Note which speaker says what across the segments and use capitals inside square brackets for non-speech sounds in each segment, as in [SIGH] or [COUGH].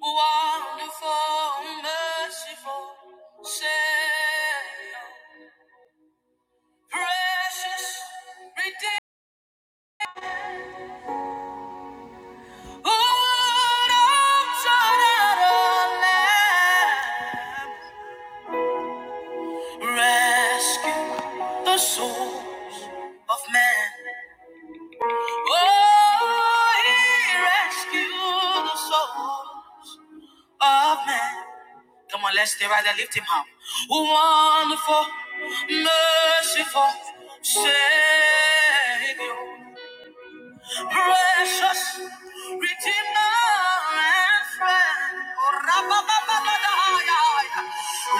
Speaker 1: Wonderful, merciful Savior, precious, redeemed. Ooh, don't throw Rescue the souls of men. Oh, he rescued the souls of men. Come on, let's stay right there. Lift him up. Wonderful, merciful Savior precious Redeemer and friend. Oh, rabba-ba-ba-ba-da-ya-ya.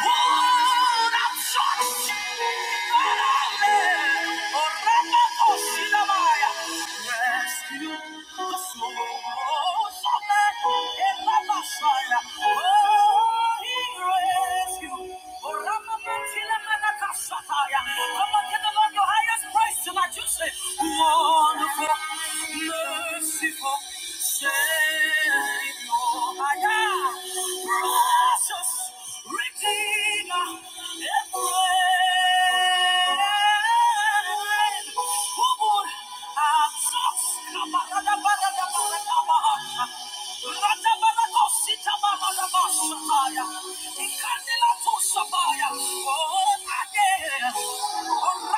Speaker 1: Would I touch your hand? Oh, rabba-ba-ba-ba-da-ya. Rescue the souls of men in the Messiah. Oh, he rescued. Oh, rabba-ba-ba-ba-da-ya. Come on, give the Lord your highest praise tonight. You say, Whoa wonderful, merciful Savior. I am precious Redeemer and friend. Who would have Oh, again. Oh,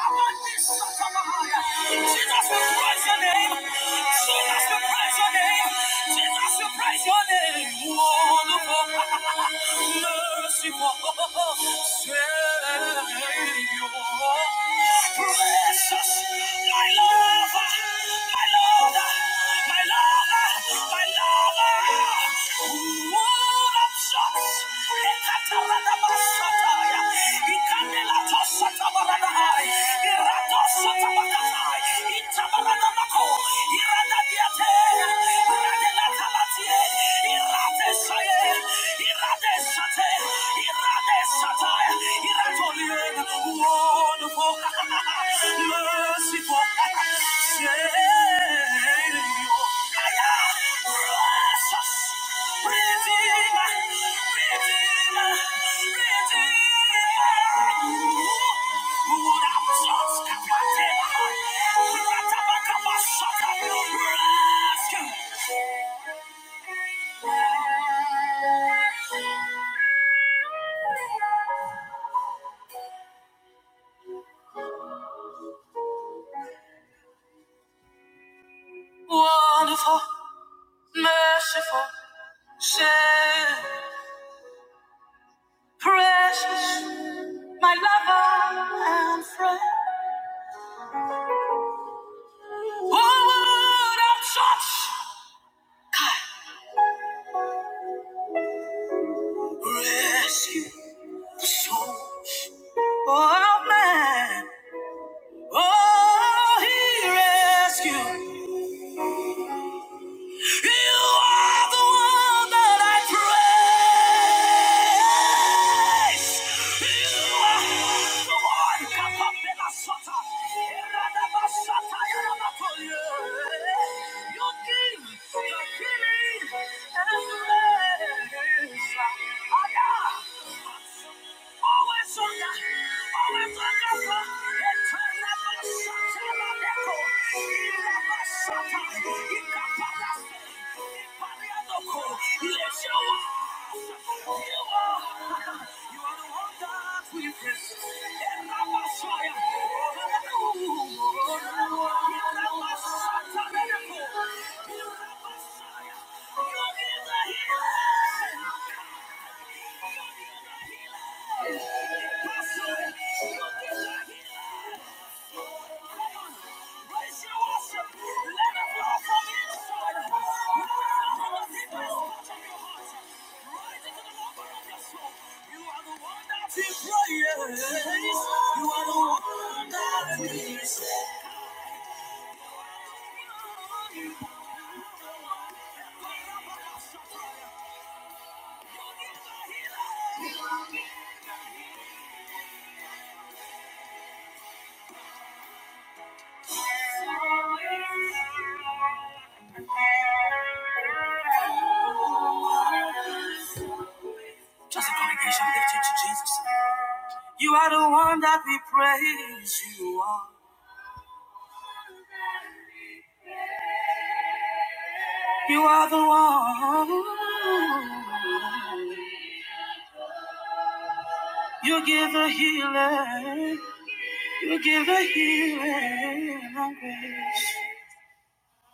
Speaker 1: Rabbi, Jesus, we praise your name. Jesus, we praise your name. Jesus, we praise your name. Wonderful, [LAUGHS] merciful Savior. Precious, my lover, my lover, my lover, my lover. Word of shots. Ekatarada basataya. Ikanela tosatabaradahai. Irato Sotabakatai, Itabaranamako, Redeemer, Redeemer, Redeemer. you. You would have just rescue. Wonderful, merciful, Savior, precious, my lover and friend. Who would have such rescue the souls of man? Oh, he rescued. You are the one that I praise. Always on the Always on the healer. You're the healer. Just a congregation lifted to Jesus. You are the one that we praise. You are. You are the one. You give the healing. You give the healing and grace.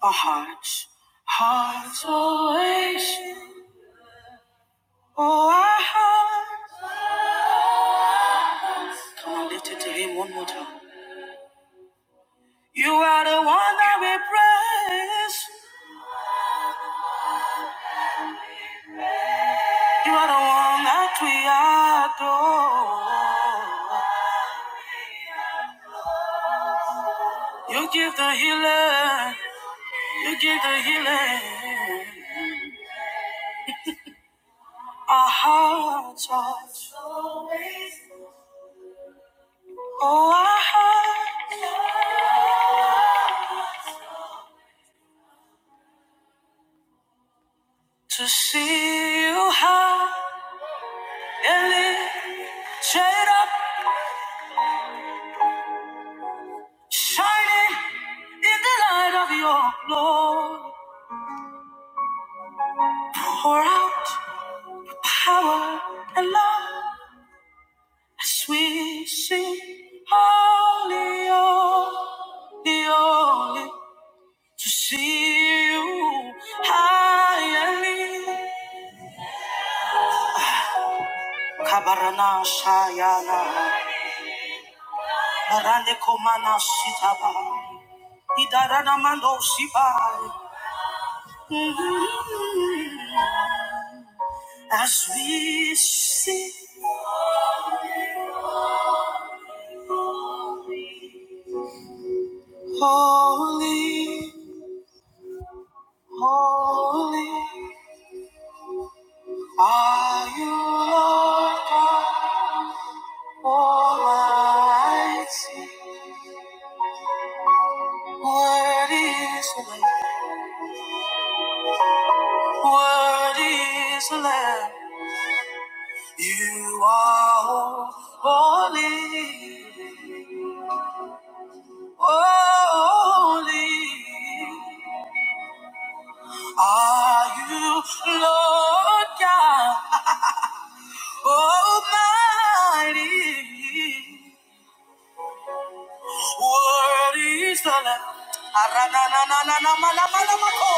Speaker 1: Our hearts, hearts always. Oh, our hearts. Come on, lift it to Him one more time. You are the one that we praise. You are the one that we adore. You give the healing. You give the healing. Our hearts are always. Oh, our hearts to see you high and lifted up, shining in the light of your glory. Pour out power and love as we sing holy, holy, holy. To see you high and lifted Kabarana Shayana Barande Komana Sitaba Idarana Mando Sibai As we sing Holy, holy Are you Lord God Almighty Word is the Lamb Word is the Lamb You are holy Holy are you, Lord God Almighty. Worthy is the Lamb. Arananananamanamanamako.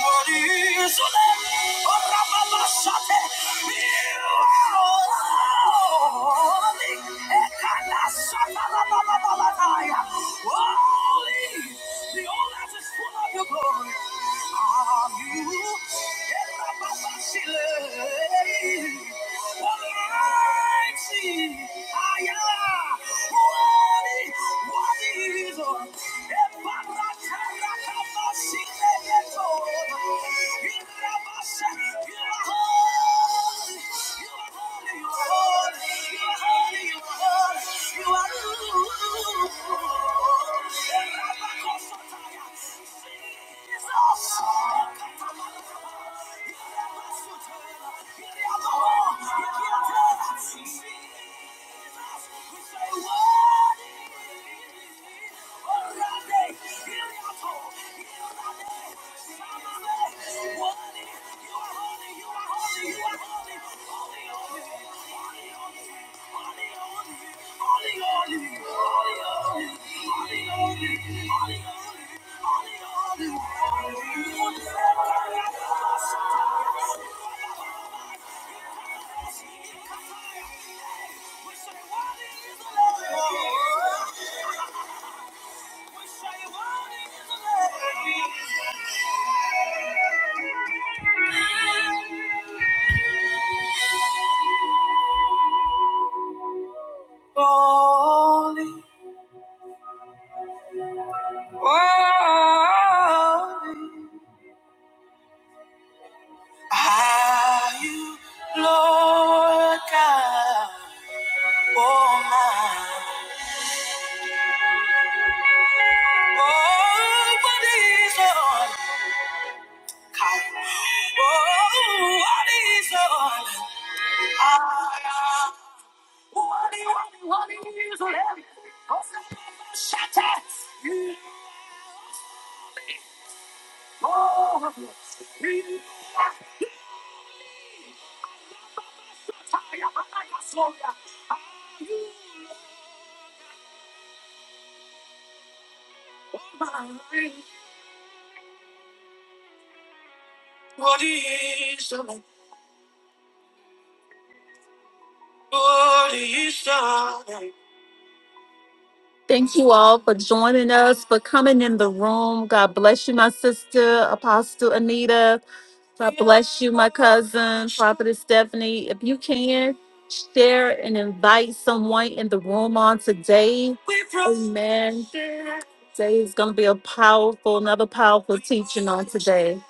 Speaker 1: Worthy is the Lamb. Orababasate. You are holy. Ekanasatarabababababaya. Holy. The whole earth is full of your glory. Are you? Erababasile. Almighty. Aya. Jesus! Holy, holy are you, Lord God Almighty. Oh, what is your Oh,
Speaker 2: Thank you all for joining us, for coming in the room. God bless you, my sister, Apostle Anita. God bless you, my cousin, Prophetess Stephanie. If you can, share and invite someone in the room on today. Amen. Today is going to be a powerful, another powerful teaching on today.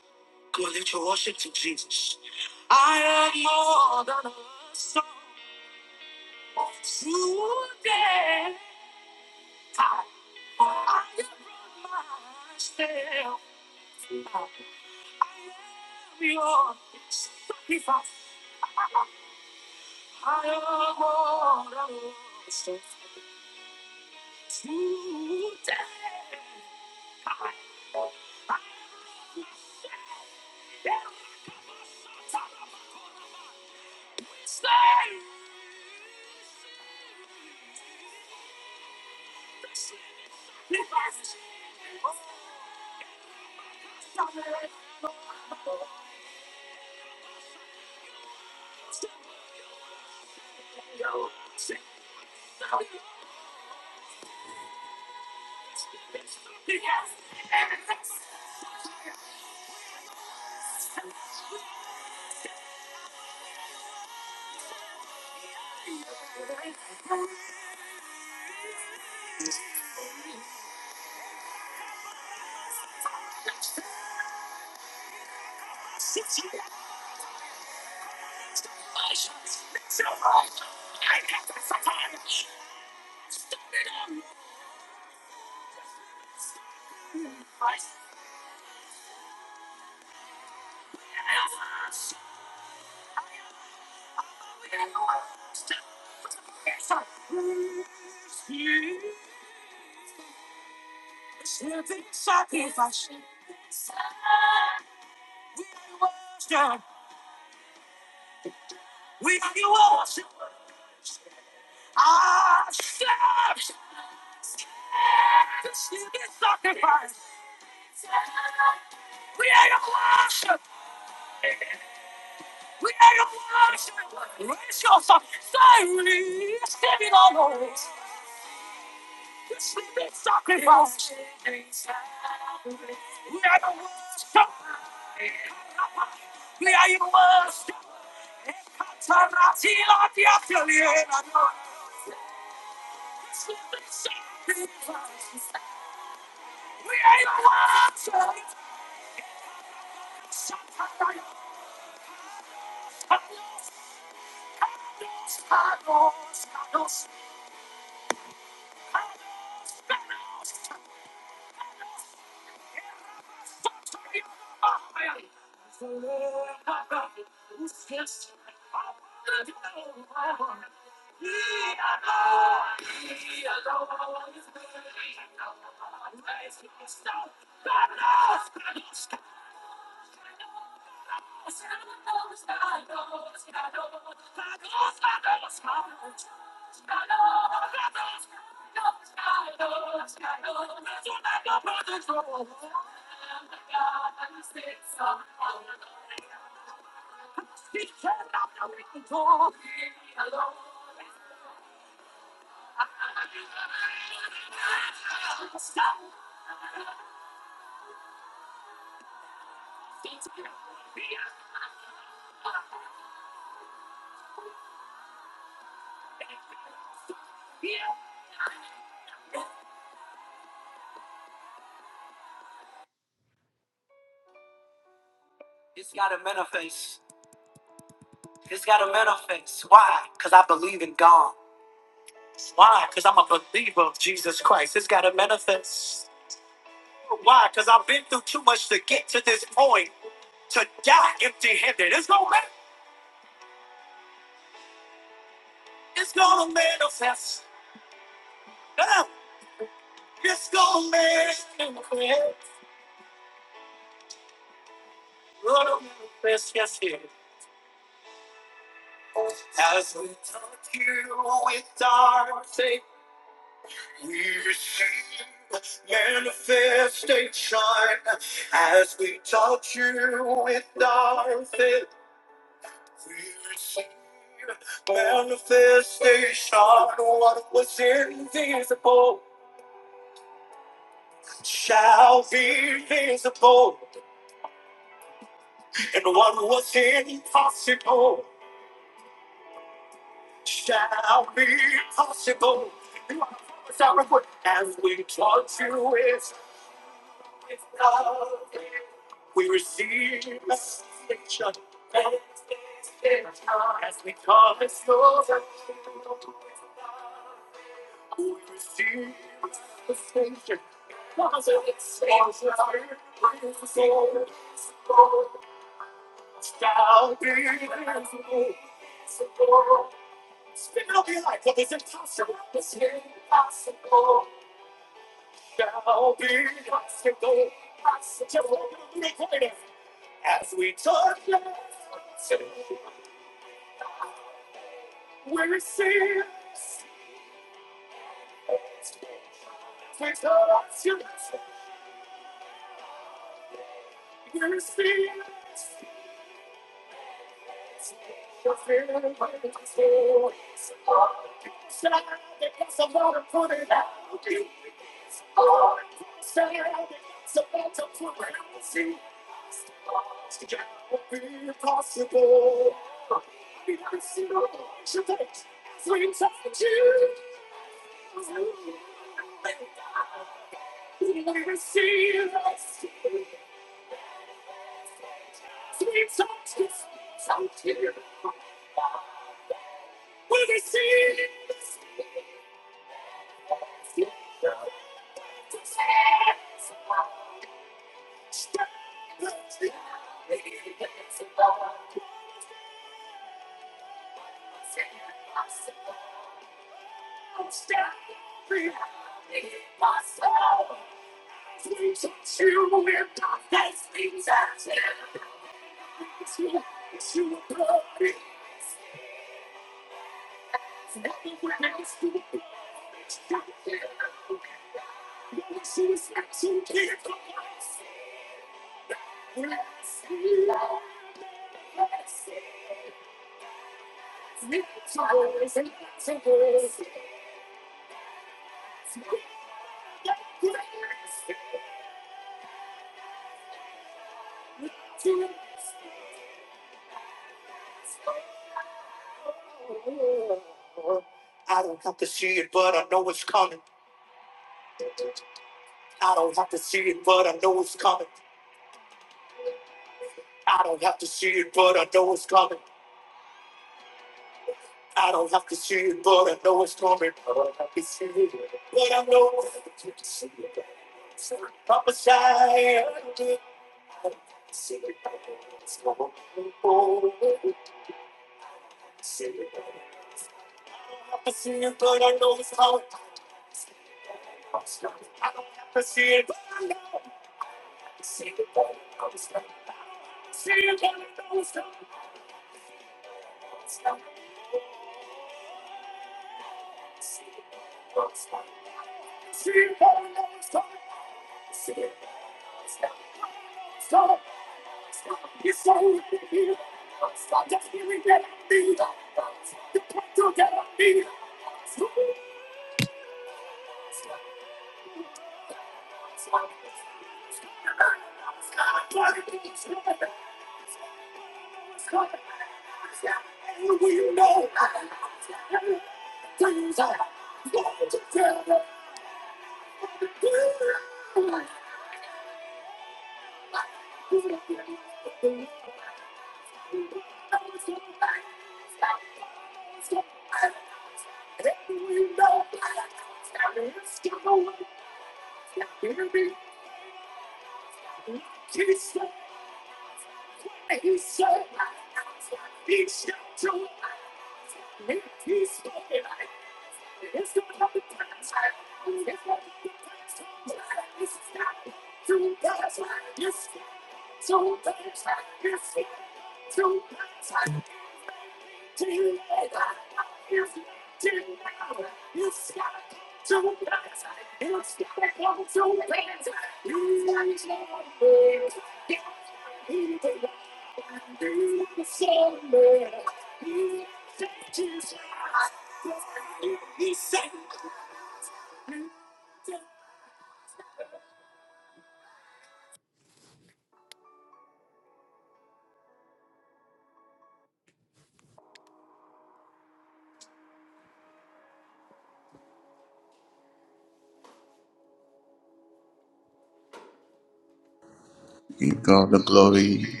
Speaker 1: Give God the glory,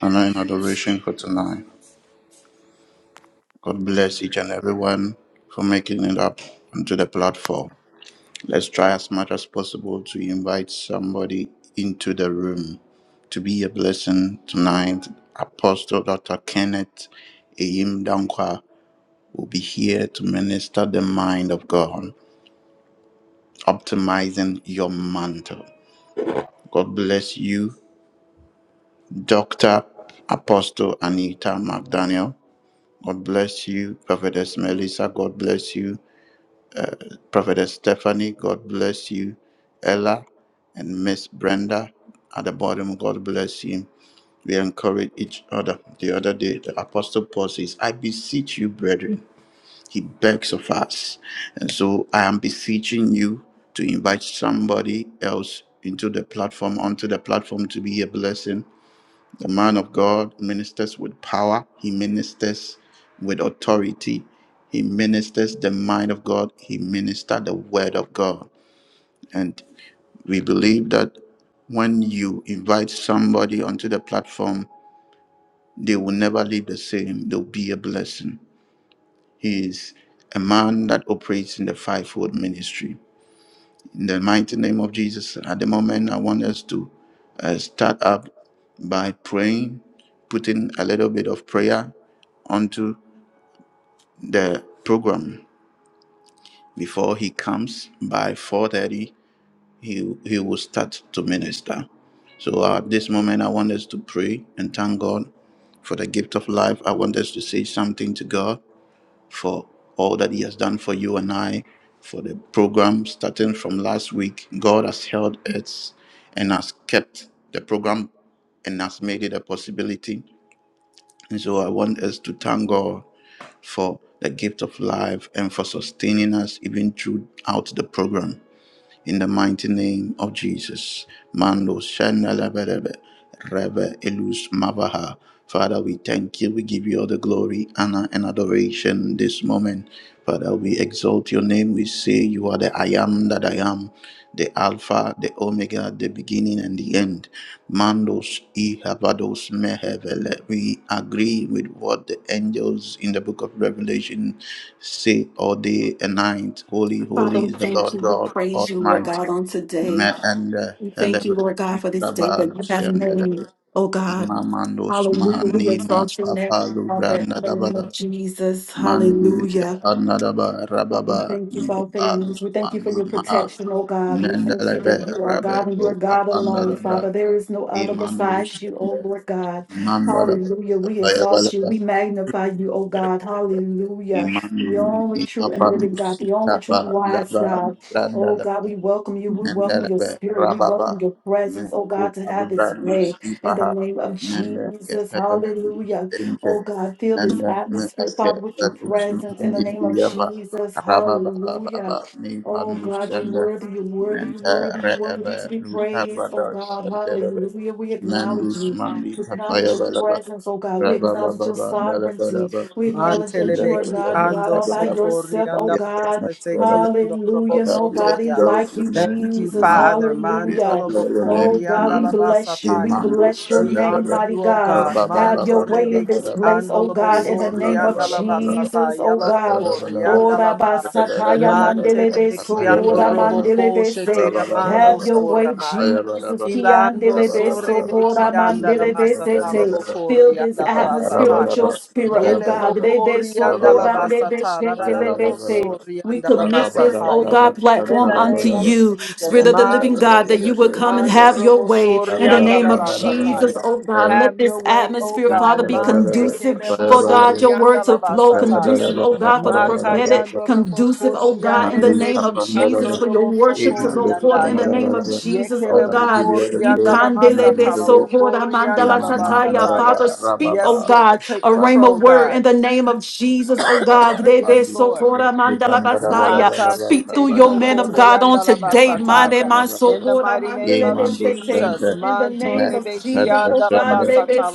Speaker 1: honor, and adoration for tonight. God bless each and everyone for making it up onto the platform. Let's try as much as possible to invite somebody into the room to be a blessing tonight. Apostle Dr. Kenneth Eim Dankwa will be here to minister the mind of God, optimizing your mantle. God bless you Dr. Apostle Anita McDaniel. God bless you. Prophetess Melissa, God bless you. Prophetess Stephanie, God bless you. Ella and Miss Brenda at the bottom, God bless you. We encourage each other. The other day, the Apostle Paul says, I beseech you, brethren. He begs of us. And so I am beseeching you to invite somebody else into the platform, onto the platform to be a blessing the man of God ministers with power, he ministers with authority, he ministers the mind of God, he ministers the word of God. And we believe that when you invite somebody onto the platform, they will never leave the same. They'll be a blessing. He is a man that operates in the fivefold ministry. In the mighty name of Jesus, at the moment, I want us to uh, start up by praying, putting a little bit of prayer onto the program before he comes by 4.30 he, he will start to minister so uh, at this moment i want us to pray and thank god for the gift of life i want us to say something to god for all that he has done for you and i for the program starting from last week god has held it and has kept the program and has made it a possibility and so i want us to thank god for the gift of life and for sustaining us even throughout the program. In the mighty name of Jesus. Mando Shandalabarebe Rebe Elus Mavaha, Father, we thank you. We give you all the glory, honor, and adoration this moment. Father, we exalt your name. We say you are the I am that I am the Alpha, the Omega, the beginning and the end. Mandos e havados mehevele. We agree with what the angels in the book of Revelation say all day and night. Holy,
Speaker 2: Father,
Speaker 1: holy
Speaker 2: we
Speaker 1: is the
Speaker 2: thank
Speaker 1: Lord
Speaker 2: you. We
Speaker 1: God
Speaker 2: praise you, Lord
Speaker 1: Almighty.
Speaker 2: God, on
Speaker 1: Me
Speaker 2: today.
Speaker 1: and
Speaker 2: We thank you,
Speaker 1: heleve
Speaker 2: Lord God, for this day that
Speaker 1: travel
Speaker 2: you have made.
Speaker 1: sendele.
Speaker 2: Oh God.
Speaker 1: Imamandos
Speaker 2: Hallelujah. We
Speaker 1: manina
Speaker 2: exalt your name,
Speaker 1: tapalu
Speaker 2: Father, in the name of
Speaker 1: branda
Speaker 2: Jesus.
Speaker 1: Mandibria
Speaker 2: Hallelujah.
Speaker 1: Anadaba
Speaker 2: Oh God, we
Speaker 1: Rababa
Speaker 2: thank you for our families.
Speaker 1: Nepalus
Speaker 2: We thank you for
Speaker 1: Mandi
Speaker 2: your
Speaker 1: Maha
Speaker 2: protection, oh God. We thank you
Speaker 1: Nendelebe
Speaker 2: that you are
Speaker 1: Rabbe
Speaker 2: God and you are
Speaker 1: Boka
Speaker 2: God alone,
Speaker 1: Pandalabra
Speaker 2: Father. There is no other
Speaker 1: Imandus
Speaker 2: besides you, oh Lord God.
Speaker 1: Mandalaba
Speaker 2: Hallelujah. We exalt you.
Speaker 1: Payabalaba
Speaker 2: We magnify you, oh God. Hallelujah.
Speaker 1: Iman
Speaker 2: The only true and living God,
Speaker 1: Ipapandus
Speaker 2: the only true and
Speaker 1: Kapa
Speaker 2: wise
Speaker 1: Laba
Speaker 2: God. Oh God,
Speaker 1: Brandalaba
Speaker 2: we welcome you. We welcome your
Speaker 1: Nendelebe
Speaker 2: spirit. We
Speaker 1: Rababa
Speaker 2: welcome your presence, oh
Speaker 1: Nuku
Speaker 2: God, to have its
Speaker 1: Alubrandis
Speaker 2: way in the
Speaker 1: Ipaha
Speaker 2: name of
Speaker 1: Nende ke
Speaker 2: Jesus.
Speaker 1: Kepelus
Speaker 2: Hallelujah.
Speaker 1: Ente
Speaker 2: Oh God, fill this
Speaker 1: Nende Nuke
Speaker 2: atmosphere, Father, with your
Speaker 1: Pelus
Speaker 2: presence in the name
Speaker 1: Mahandi
Speaker 2: of
Speaker 1: Yaba
Speaker 2: Jesus.
Speaker 1: Rababa bababa
Speaker 2: Hallelujah.
Speaker 1: Baba
Speaker 2: Oh
Speaker 1: Nipanu
Speaker 2: God, you're
Speaker 1: Sende
Speaker 2: worthy, you're worthy, you're
Speaker 1: Mente
Speaker 2: worthy, you're worthy
Speaker 1: Reebe
Speaker 2: to be praised. Oh
Speaker 1: Lukavada
Speaker 2: God,
Speaker 1: Sendelebe
Speaker 2: hallelujah. We acknowledge
Speaker 1: Nandus
Speaker 2: you.
Speaker 1: Mandi
Speaker 2: We acknowledge your
Speaker 1: Kapayabalaba
Speaker 2: presence, oh God. We
Speaker 1: Rababa
Speaker 2: acknowledge your
Speaker 1: Baba Nelebe
Speaker 2: sovereignty.
Speaker 1: Rababa
Speaker 2: We acknowledge that you are
Speaker 3: Mantelebeki
Speaker 2: God and
Speaker 1: Nelebe
Speaker 2: God
Speaker 3: ando
Speaker 2: all by
Speaker 1: Rababa
Speaker 3: sotori
Speaker 2: yourself, oh
Speaker 3: anda
Speaker 1: Yes,
Speaker 2: God.
Speaker 1: our Father,
Speaker 3: labasateki ando robo
Speaker 2: Hallelujah.
Speaker 1: Father, we
Speaker 2: Nobody
Speaker 3: sotoria.
Speaker 1: exalt
Speaker 2: like
Speaker 1: your
Speaker 2: you,
Speaker 1: name
Speaker 3: Thank you,
Speaker 2: Jesus.
Speaker 1: tonight.
Speaker 3: Father.
Speaker 1: We
Speaker 2: Hallelujah.
Speaker 1: adore your
Speaker 2: Oh
Speaker 1: name
Speaker 3: Mantelobokori
Speaker 2: God,
Speaker 3: anda
Speaker 2: we
Speaker 1: tonight.
Speaker 2: bless you. We
Speaker 3: labasataya.
Speaker 1: Imando
Speaker 2: bless your
Speaker 3: We
Speaker 1: shandara
Speaker 2: name,
Speaker 3: honor
Speaker 2: mighty
Speaker 3: you, O
Speaker 2: God.
Speaker 3: God.
Speaker 2: Have your way in this
Speaker 3: Mantorebeki
Speaker 1: rababababababababab.
Speaker 2: place,
Speaker 3: ando
Speaker 2: oh God, in the
Speaker 3: lobosori
Speaker 2: name of
Speaker 3: anda
Speaker 1: Ipanarabarabarab.
Speaker 2: Jesus,
Speaker 3: labasataya
Speaker 2: oh God.
Speaker 3: labokori
Speaker 1: Rabarabarab.
Speaker 3: anda
Speaker 2: Ora
Speaker 3: laba.
Speaker 2: basakaya
Speaker 1: Rabarabarab.
Speaker 2: mandelebe
Speaker 3: Mantelebeki ando
Speaker 2: sokora
Speaker 1: Ayabarabarab.
Speaker 3: roboko
Speaker 2: mandelebe se.
Speaker 3: shetela mando
Speaker 2: Have your
Speaker 1: Rabarabarab.
Speaker 2: way,
Speaker 3: soramaya.
Speaker 2: Jesus.
Speaker 1: Ayabarabarab.
Speaker 3: Ilando
Speaker 2: Kiandelebe
Speaker 1: Rabarabarab.
Speaker 3: sorebe
Speaker 2: sokora
Speaker 3: kianda la
Speaker 1: Makududin
Speaker 2: mandelebe se
Speaker 3: masatala
Speaker 1: shandara.
Speaker 2: te. Fill
Speaker 3: bokori
Speaker 2: this
Speaker 3: anda la
Speaker 2: atmosphere with
Speaker 3: basataya.
Speaker 2: your
Speaker 1: Ipanarabarabarab.
Speaker 2: spirit, oh
Speaker 3: Yele
Speaker 2: God.
Speaker 1: Ayabarabarab.
Speaker 2: Lebe
Speaker 3: bokori anda la
Speaker 2: sokora
Speaker 1: Rabarabarab.
Speaker 2: ndebe
Speaker 1: Father, we give you all the glory
Speaker 3: basatara da da da
Speaker 2: shetelebe se.
Speaker 3: bosori
Speaker 2: We
Speaker 3: anda la
Speaker 1: honor, and
Speaker 2: commit
Speaker 1: all
Speaker 2: this, oh
Speaker 3: basataya.
Speaker 2: God,
Speaker 3: In
Speaker 2: platform
Speaker 3: the
Speaker 2: unto
Speaker 3: name of
Speaker 2: you.
Speaker 3: Jesus,
Speaker 2: Spirit of the
Speaker 3: man
Speaker 2: living
Speaker 3: de
Speaker 2: God, that you would come and
Speaker 3: ando
Speaker 2: have your
Speaker 3: robo
Speaker 2: way
Speaker 3: sori
Speaker 2: in the
Speaker 3: anda
Speaker 2: name
Speaker 3: la
Speaker 2: of Jesus,
Speaker 3: basataya.
Speaker 2: oh God.
Speaker 3: Have
Speaker 2: Let
Speaker 3: your
Speaker 2: this
Speaker 3: way, O
Speaker 2: atmosphere,
Speaker 3: God.
Speaker 2: Father, be
Speaker 3: man
Speaker 2: conducive
Speaker 3: tekele
Speaker 2: for God,
Speaker 3: bokori
Speaker 2: your
Speaker 3: anda
Speaker 2: word
Speaker 3: la
Speaker 2: to flow
Speaker 3: basataya.
Speaker 2: conducive, oh God, for the prophetic,
Speaker 3: Makayando robo
Speaker 2: conducive, oh
Speaker 3: koshi
Speaker 2: God, in
Speaker 3: ande
Speaker 2: the
Speaker 3: de
Speaker 2: name
Speaker 3: beki
Speaker 2: of
Speaker 3: ando
Speaker 2: Jesus, for your
Speaker 3: robo
Speaker 2: worship to
Speaker 3: sotori
Speaker 2: go forth in the
Speaker 3: andaya.
Speaker 2: name of Jesus,
Speaker 3: Yekele
Speaker 2: oh God.
Speaker 3: bokori
Speaker 2: You
Speaker 3: anda la
Speaker 2: candelebe
Speaker 1: the adoration.
Speaker 2: sokora
Speaker 3: bokori
Speaker 1: In
Speaker 3: anda
Speaker 2: mandala
Speaker 1: my mouth, da,
Speaker 2: sataya.
Speaker 1: da,
Speaker 3: basataya.
Speaker 2: Father,
Speaker 1: ba, ra, ba,
Speaker 2: speak, oh
Speaker 3: Yes,
Speaker 1: ba, make me
Speaker 2: God,
Speaker 3: Lord. Take
Speaker 2: a rhema
Speaker 3: control,
Speaker 2: word
Speaker 3: God.
Speaker 2: in
Speaker 1: family,
Speaker 2: the name of
Speaker 1: Baba
Speaker 2: Jesus, oh God.
Speaker 3: [CLEARS THROAT] [COUGHS]
Speaker 2: Debe
Speaker 3: yes, Lord.
Speaker 2: sokora mandala basaya.
Speaker 3: Manta
Speaker 2: Speak through
Speaker 3: shetele
Speaker 2: your men of
Speaker 3: bokori
Speaker 2: God on
Speaker 3: anda la
Speaker 2: today. Mande
Speaker 3: basataya.
Speaker 2: man
Speaker 3: In the
Speaker 2: sokora
Speaker 3: mighty name of
Speaker 2: mandelebe sete.
Speaker 3: Jesus.
Speaker 2: In the
Speaker 3: Manto
Speaker 2: name of
Speaker 3: rebeki
Speaker 2: Jesus. Jesus, oh
Speaker 3: anda
Speaker 2: God.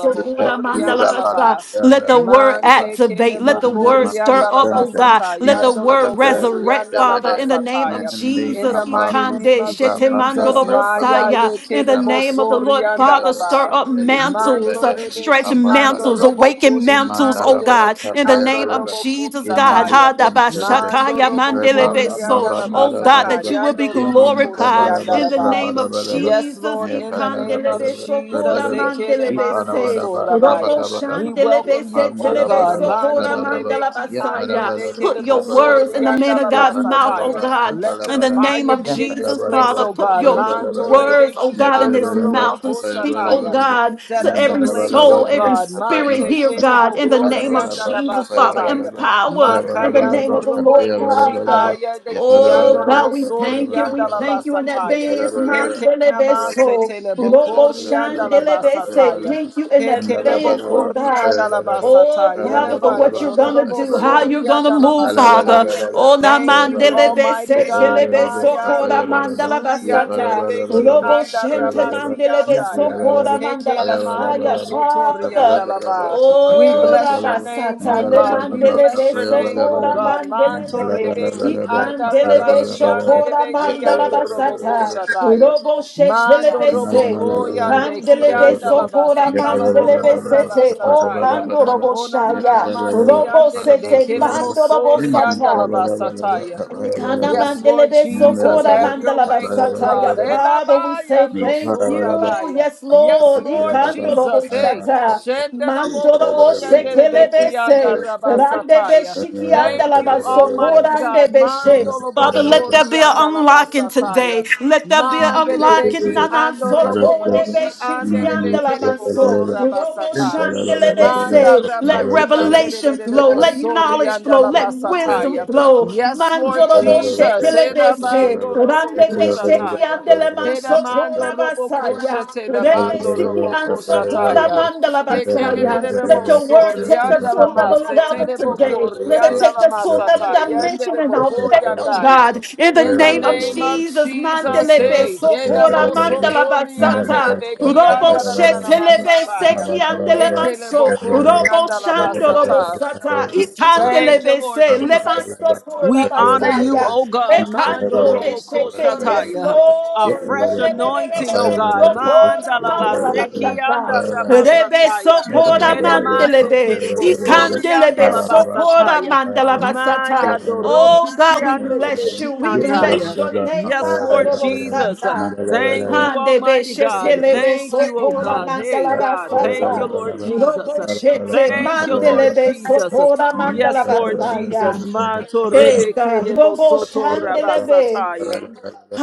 Speaker 3: bokori anda ba.
Speaker 2: Let the word
Speaker 3: Mante kele
Speaker 2: activate. Let the word stir
Speaker 3: bokorianda la
Speaker 2: up, oh God.
Speaker 3: basata,
Speaker 2: Let the
Speaker 3: yando
Speaker 2: word resurrect,
Speaker 3: bokorianda la
Speaker 2: Father, in the name of
Speaker 3: masataya. In
Speaker 2: Jesus.
Speaker 3: the mighty name
Speaker 2: Ikande
Speaker 3: of
Speaker 2: shete
Speaker 3: Jesus,
Speaker 2: mandoro
Speaker 3: Maya
Speaker 2: bosaya.
Speaker 3: ye
Speaker 2: In
Speaker 3: kele
Speaker 2: the name of the
Speaker 1: Rabantus
Speaker 2: Lord,
Speaker 3: bosorianda
Speaker 2: Father,
Speaker 3: la
Speaker 1: Andalaba,
Speaker 2: stir
Speaker 3: ba.
Speaker 2: up
Speaker 1: Melu
Speaker 2: mantles,
Speaker 3: Manto
Speaker 1: Brevada,
Speaker 2: uh, stretch
Speaker 3: rebeki
Speaker 1: Likapa
Speaker 3: ando
Speaker 2: mantles,
Speaker 1: Dalaba,
Speaker 3: robo
Speaker 2: awaken
Speaker 3: koshi
Speaker 2: mantles,
Speaker 3: ande
Speaker 2: oh
Speaker 1: Imandalabra,
Speaker 2: God.
Speaker 3: rebeki
Speaker 2: In the
Speaker 1: Kapaya
Speaker 3: ando
Speaker 2: name of
Speaker 1: Balaba,
Speaker 3: robo
Speaker 2: Jesus, God.
Speaker 1: Imandus
Speaker 3: koshataya.
Speaker 2: Ha da
Speaker 1: and
Speaker 2: ba
Speaker 1: Telebe,
Speaker 3: Mando
Speaker 2: shakaya
Speaker 3: robo
Speaker 1: Reba
Speaker 3: korianda
Speaker 1: Baba
Speaker 3: la
Speaker 2: Oh God,
Speaker 3: basaka,
Speaker 2: that
Speaker 1: Dalabalaba,
Speaker 2: you will
Speaker 3: yando
Speaker 2: be
Speaker 3: robo koshi
Speaker 2: glorified
Speaker 3: anda
Speaker 1: Imandalabalaba,
Speaker 2: in the
Speaker 3: la
Speaker 2: the
Speaker 3: ba.
Speaker 2: name of
Speaker 1: Rabalabalaba,
Speaker 3: Yes,
Speaker 2: Jesus,
Speaker 3: Lord, in the name of
Speaker 2: ikandelebe
Speaker 1: Nevandalabalaba,
Speaker 2: sokora
Speaker 3: Jesus,
Speaker 1: Rebelebe,
Speaker 2: mandelebe
Speaker 3: Ekelemando
Speaker 2: se,
Speaker 1: Ipalabalaba,
Speaker 2: robo
Speaker 3: Sorabaya. we
Speaker 1: Rabalabalaba,
Speaker 2: shandelebe
Speaker 3: welcome
Speaker 1: Yep,
Speaker 3: you,
Speaker 2: se
Speaker 3: O
Speaker 2: telebe
Speaker 3: God.
Speaker 2: sokora mandala
Speaker 3: Mantorebeki
Speaker 2: basaya. Put
Speaker 3: andelebekebo
Speaker 2: your words in the man of God's mouth, oh
Speaker 3: soriandalabasataya.
Speaker 2: God,
Speaker 3: Let your
Speaker 2: in the name
Speaker 3: fire
Speaker 2: of
Speaker 3: be in this
Speaker 2: Jesus,
Speaker 3: place,
Speaker 2: Father.
Speaker 3: O
Speaker 2: Put
Speaker 3: God.
Speaker 2: your words, oh
Speaker 3: Mantorebeki
Speaker 2: God, in his mouth to speak, oh
Speaker 3: andorobokoshataya.
Speaker 2: God,
Speaker 3: Set
Speaker 2: to
Speaker 3: us
Speaker 2: every
Speaker 3: ablaze, O
Speaker 2: soul, every
Speaker 3: God.
Speaker 2: spirit
Speaker 3: Mante
Speaker 2: here, God,
Speaker 3: kelebo
Speaker 2: in the name of
Speaker 3: korianda da
Speaker 2: Jesus, Father.
Speaker 3: basataya.
Speaker 2: Empower in the name
Speaker 3: Makayando
Speaker 2: of the
Speaker 3: robo
Speaker 2: Lord,
Speaker 3: koshi
Speaker 2: Father.
Speaker 3: aya de
Speaker 2: Oh
Speaker 3: kiando robo
Speaker 2: God, we thank you.
Speaker 3: sorianda
Speaker 2: We
Speaker 3: la
Speaker 2: thank you in
Speaker 3: basataya.
Speaker 2: advance.
Speaker 3: Heke namase
Speaker 2: Mandelebeso.
Speaker 1: yeah,
Speaker 3: telebo
Speaker 2: Robo
Speaker 3: korianda la
Speaker 2: shandelebese.
Speaker 3: basataya.
Speaker 2: Thank you in
Speaker 3: Heke lebo
Speaker 2: advance, oh God.
Speaker 3: korianda la
Speaker 2: Oh,
Speaker 3: basataya.
Speaker 2: Father, for what
Speaker 3: Elebando
Speaker 2: you're gonna
Speaker 3: robo
Speaker 2: do, how you're gonna
Speaker 3: sorianda la
Speaker 2: move, Father.
Speaker 3: basataya.
Speaker 2: Oh, na
Speaker 3: Thank you, Almighty
Speaker 2: mandelebese,
Speaker 3: God.
Speaker 2: telebeso,
Speaker 3: Maya
Speaker 2: kora
Speaker 3: dobo
Speaker 2: mandala
Speaker 3: suriande
Speaker 2: basata.
Speaker 3: lebeki
Speaker 2: Robo
Speaker 3: anda
Speaker 2: shente
Speaker 3: ramasi
Speaker 2: mandelebeso,
Speaker 3: andaya. Hekenamando
Speaker 2: Rabasaya,
Speaker 3: sotorianda
Speaker 2: Father.
Speaker 3: laba. We
Speaker 2: Oh,
Speaker 3: bless your name,
Speaker 2: Rabasata,
Speaker 3: O
Speaker 2: Le
Speaker 3: God. We
Speaker 2: Mandele
Speaker 3: bless
Speaker 2: de
Speaker 3: your name, O
Speaker 2: Socora
Speaker 3: God.
Speaker 2: Mandele
Speaker 3: Manto
Speaker 2: de
Speaker 3: rebeki anda
Speaker 2: Icandele de
Speaker 3: rabasi ande
Speaker 2: Shocora
Speaker 3: lebeki
Speaker 2: Mandala
Speaker 3: ando roboko
Speaker 2: Basata,
Speaker 3: shataya.
Speaker 2: Robo Shechele
Speaker 3: Mando
Speaker 2: de
Speaker 1: Thank
Speaker 2: Se,
Speaker 3: roboko yande ki
Speaker 2: Pandele de
Speaker 3: anda
Speaker 2: Socora
Speaker 3: labasa
Speaker 2: Mandele de
Speaker 3: talaboko
Speaker 2: Sete, O
Speaker 3: rabasataya.
Speaker 2: Pandorobo
Speaker 3: Oh na na na na
Speaker 2: Shaya, Robo
Speaker 3: masiandele
Speaker 2: Sete
Speaker 3: bekele
Speaker 2: Mandorobo
Speaker 3: mosorianda
Speaker 2: Sata.
Speaker 3: la basataya.
Speaker 2: Ikana
Speaker 3: Yes, Lord
Speaker 2: mandelebe
Speaker 3: Jesus,
Speaker 2: sokora
Speaker 3: have your
Speaker 2: mandala
Speaker 3: way, oh
Speaker 2: basata ya
Speaker 3: God.
Speaker 2: Father, we
Speaker 3: Edabaya
Speaker 2: say
Speaker 3: ando
Speaker 2: thank you.
Speaker 3: sorabaya.
Speaker 2: Yes,
Speaker 3: Yes,
Speaker 2: Lord.
Speaker 3: Lord
Speaker 2: Ikandorobo
Speaker 3: Jesus, hey.
Speaker 2: shata.
Speaker 3: Shendela
Speaker 2: Mandorobo
Speaker 3: bokoya ndele
Speaker 2: shekelebe
Speaker 3: bekianda
Speaker 2: se. Randebe
Speaker 3: rabasataya.
Speaker 2: shiki
Speaker 3: Thank
Speaker 2: andala
Speaker 3: you, Almighty
Speaker 2: basokora
Speaker 3: God.
Speaker 2: andebe she.
Speaker 3: Mandolo
Speaker 2: Father, let there be an
Speaker 3: bosorianda la
Speaker 2: unlocking
Speaker 1: you.
Speaker 2: today.
Speaker 3: basataya.
Speaker 2: Let there be an unlocking.
Speaker 3: Mandelebeki
Speaker 1: Thank
Speaker 2: Nana
Speaker 3: ando robokoshi
Speaker 2: sotorebe shiti
Speaker 3: andelebeke
Speaker 2: andala
Speaker 3: debo
Speaker 2: manso.
Speaker 3: sora
Speaker 2: Robo
Speaker 3: basata.
Speaker 2: shandelebe
Speaker 3: Manda
Speaker 2: se. Let
Speaker 3: ramaki
Speaker 2: revelation flow.
Speaker 3: andelebo
Speaker 2: Let
Speaker 3: sori
Speaker 2: knowledge flow.
Speaker 3: andala
Speaker 2: Let wisdom
Speaker 3: basataya.
Speaker 2: flow.
Speaker 3: Yes, Lord
Speaker 2: Mandorobo
Speaker 3: Jesus.
Speaker 2: shekele
Speaker 3: Ela
Speaker 2: deshe,
Speaker 3: mando
Speaker 2: rande deshe ki
Speaker 3: robokoshataya.
Speaker 2: andele
Speaker 3: Heda
Speaker 2: manso
Speaker 3: mando
Speaker 2: tora
Speaker 3: robo
Speaker 1: you.
Speaker 3: koshe
Speaker 2: basaya,
Speaker 1: Thank
Speaker 2: rebe siki anso tora mandala basaya.
Speaker 3: Hekelelele
Speaker 2: Let your
Speaker 3: moso
Speaker 2: word take us
Speaker 3: rianda
Speaker 2: to
Speaker 3: la
Speaker 2: another
Speaker 3: masa
Speaker 2: level
Speaker 3: tele
Speaker 2: today. Let it
Speaker 3: rianda
Speaker 2: take
Speaker 3: la
Speaker 2: us to another
Speaker 3: masata yende
Speaker 2: dimension
Speaker 3: le
Speaker 2: in our faith, oh
Speaker 3: yandaya.
Speaker 2: God. In the
Speaker 3: In the
Speaker 2: name of
Speaker 3: name of
Speaker 2: Jesus,
Speaker 3: Jesus,
Speaker 2: mandele
Speaker 3: hey,
Speaker 2: beso
Speaker 3: yeda
Speaker 2: tora mandala
Speaker 3: koriande le
Speaker 2: basata, robo
Speaker 3: yanda la na na na
Speaker 2: shekele bese
Speaker 3: masataya.
Speaker 2: ki andele
Speaker 3: Ekele
Speaker 2: manso,
Speaker 1: you.
Speaker 2: robo
Speaker 3: rianda la
Speaker 1: Yeah,
Speaker 2: shando robo
Speaker 3: basata.
Speaker 2: sata, itandele
Speaker 3: Thank you, Lord
Speaker 2: bese,
Speaker 3: Jesus.
Speaker 2: lebanso
Speaker 3: We honor you,
Speaker 2: Rabasaya.
Speaker 3: O God. Mando
Speaker 2: Ekando
Speaker 3: robo
Speaker 2: beshete. Yes,
Speaker 3: koshataya. A
Speaker 2: Lord.
Speaker 3: fresh anointing, O
Speaker 2: Rebebebebebe
Speaker 3: God. Manda
Speaker 2: sokora mandala
Speaker 3: labaseki anda
Speaker 2: basata. Rebe
Speaker 3: rabasataya.
Speaker 2: sokora
Speaker 3: Hedemase
Speaker 2: mandelebe.
Speaker 3: kerebo sori anda
Speaker 2: Ikandelebe sokora
Speaker 3: labasataya.
Speaker 2: mandala basata.
Speaker 3: Maya
Speaker 2: Oh
Speaker 3: doroku
Speaker 2: God, we
Speaker 3: shiande
Speaker 2: bless you.
Speaker 3: debeki
Speaker 2: We bless
Speaker 3: andaya.
Speaker 2: your name,
Speaker 3: Yes, Lord
Speaker 2: mandala
Speaker 3: Jesus.
Speaker 2: basata.
Speaker 3: Thank you,
Speaker 2: Hande
Speaker 3: Almighty
Speaker 2: beshete
Speaker 3: God.
Speaker 2: lebe
Speaker 3: Thank you,
Speaker 1: yeah,
Speaker 3: O
Speaker 2: sokora
Speaker 3: God. Hey,
Speaker 2: mandala
Speaker 3: God. Thank you,
Speaker 2: basata.
Speaker 3: Lord Jesus.
Speaker 2: Robo shete
Speaker 3: Thank you, Lord
Speaker 2: mandelebe
Speaker 3: Jesus.
Speaker 2: sokora mandala
Speaker 3: Yes, Lord
Speaker 2: basaya.
Speaker 3: Jesus. Manto
Speaker 2: Hey
Speaker 3: rebe
Speaker 2: God,
Speaker 3: kedebo
Speaker 2: Robo
Speaker 3: soto
Speaker 2: Shandelebe,
Speaker 3: rabasataya.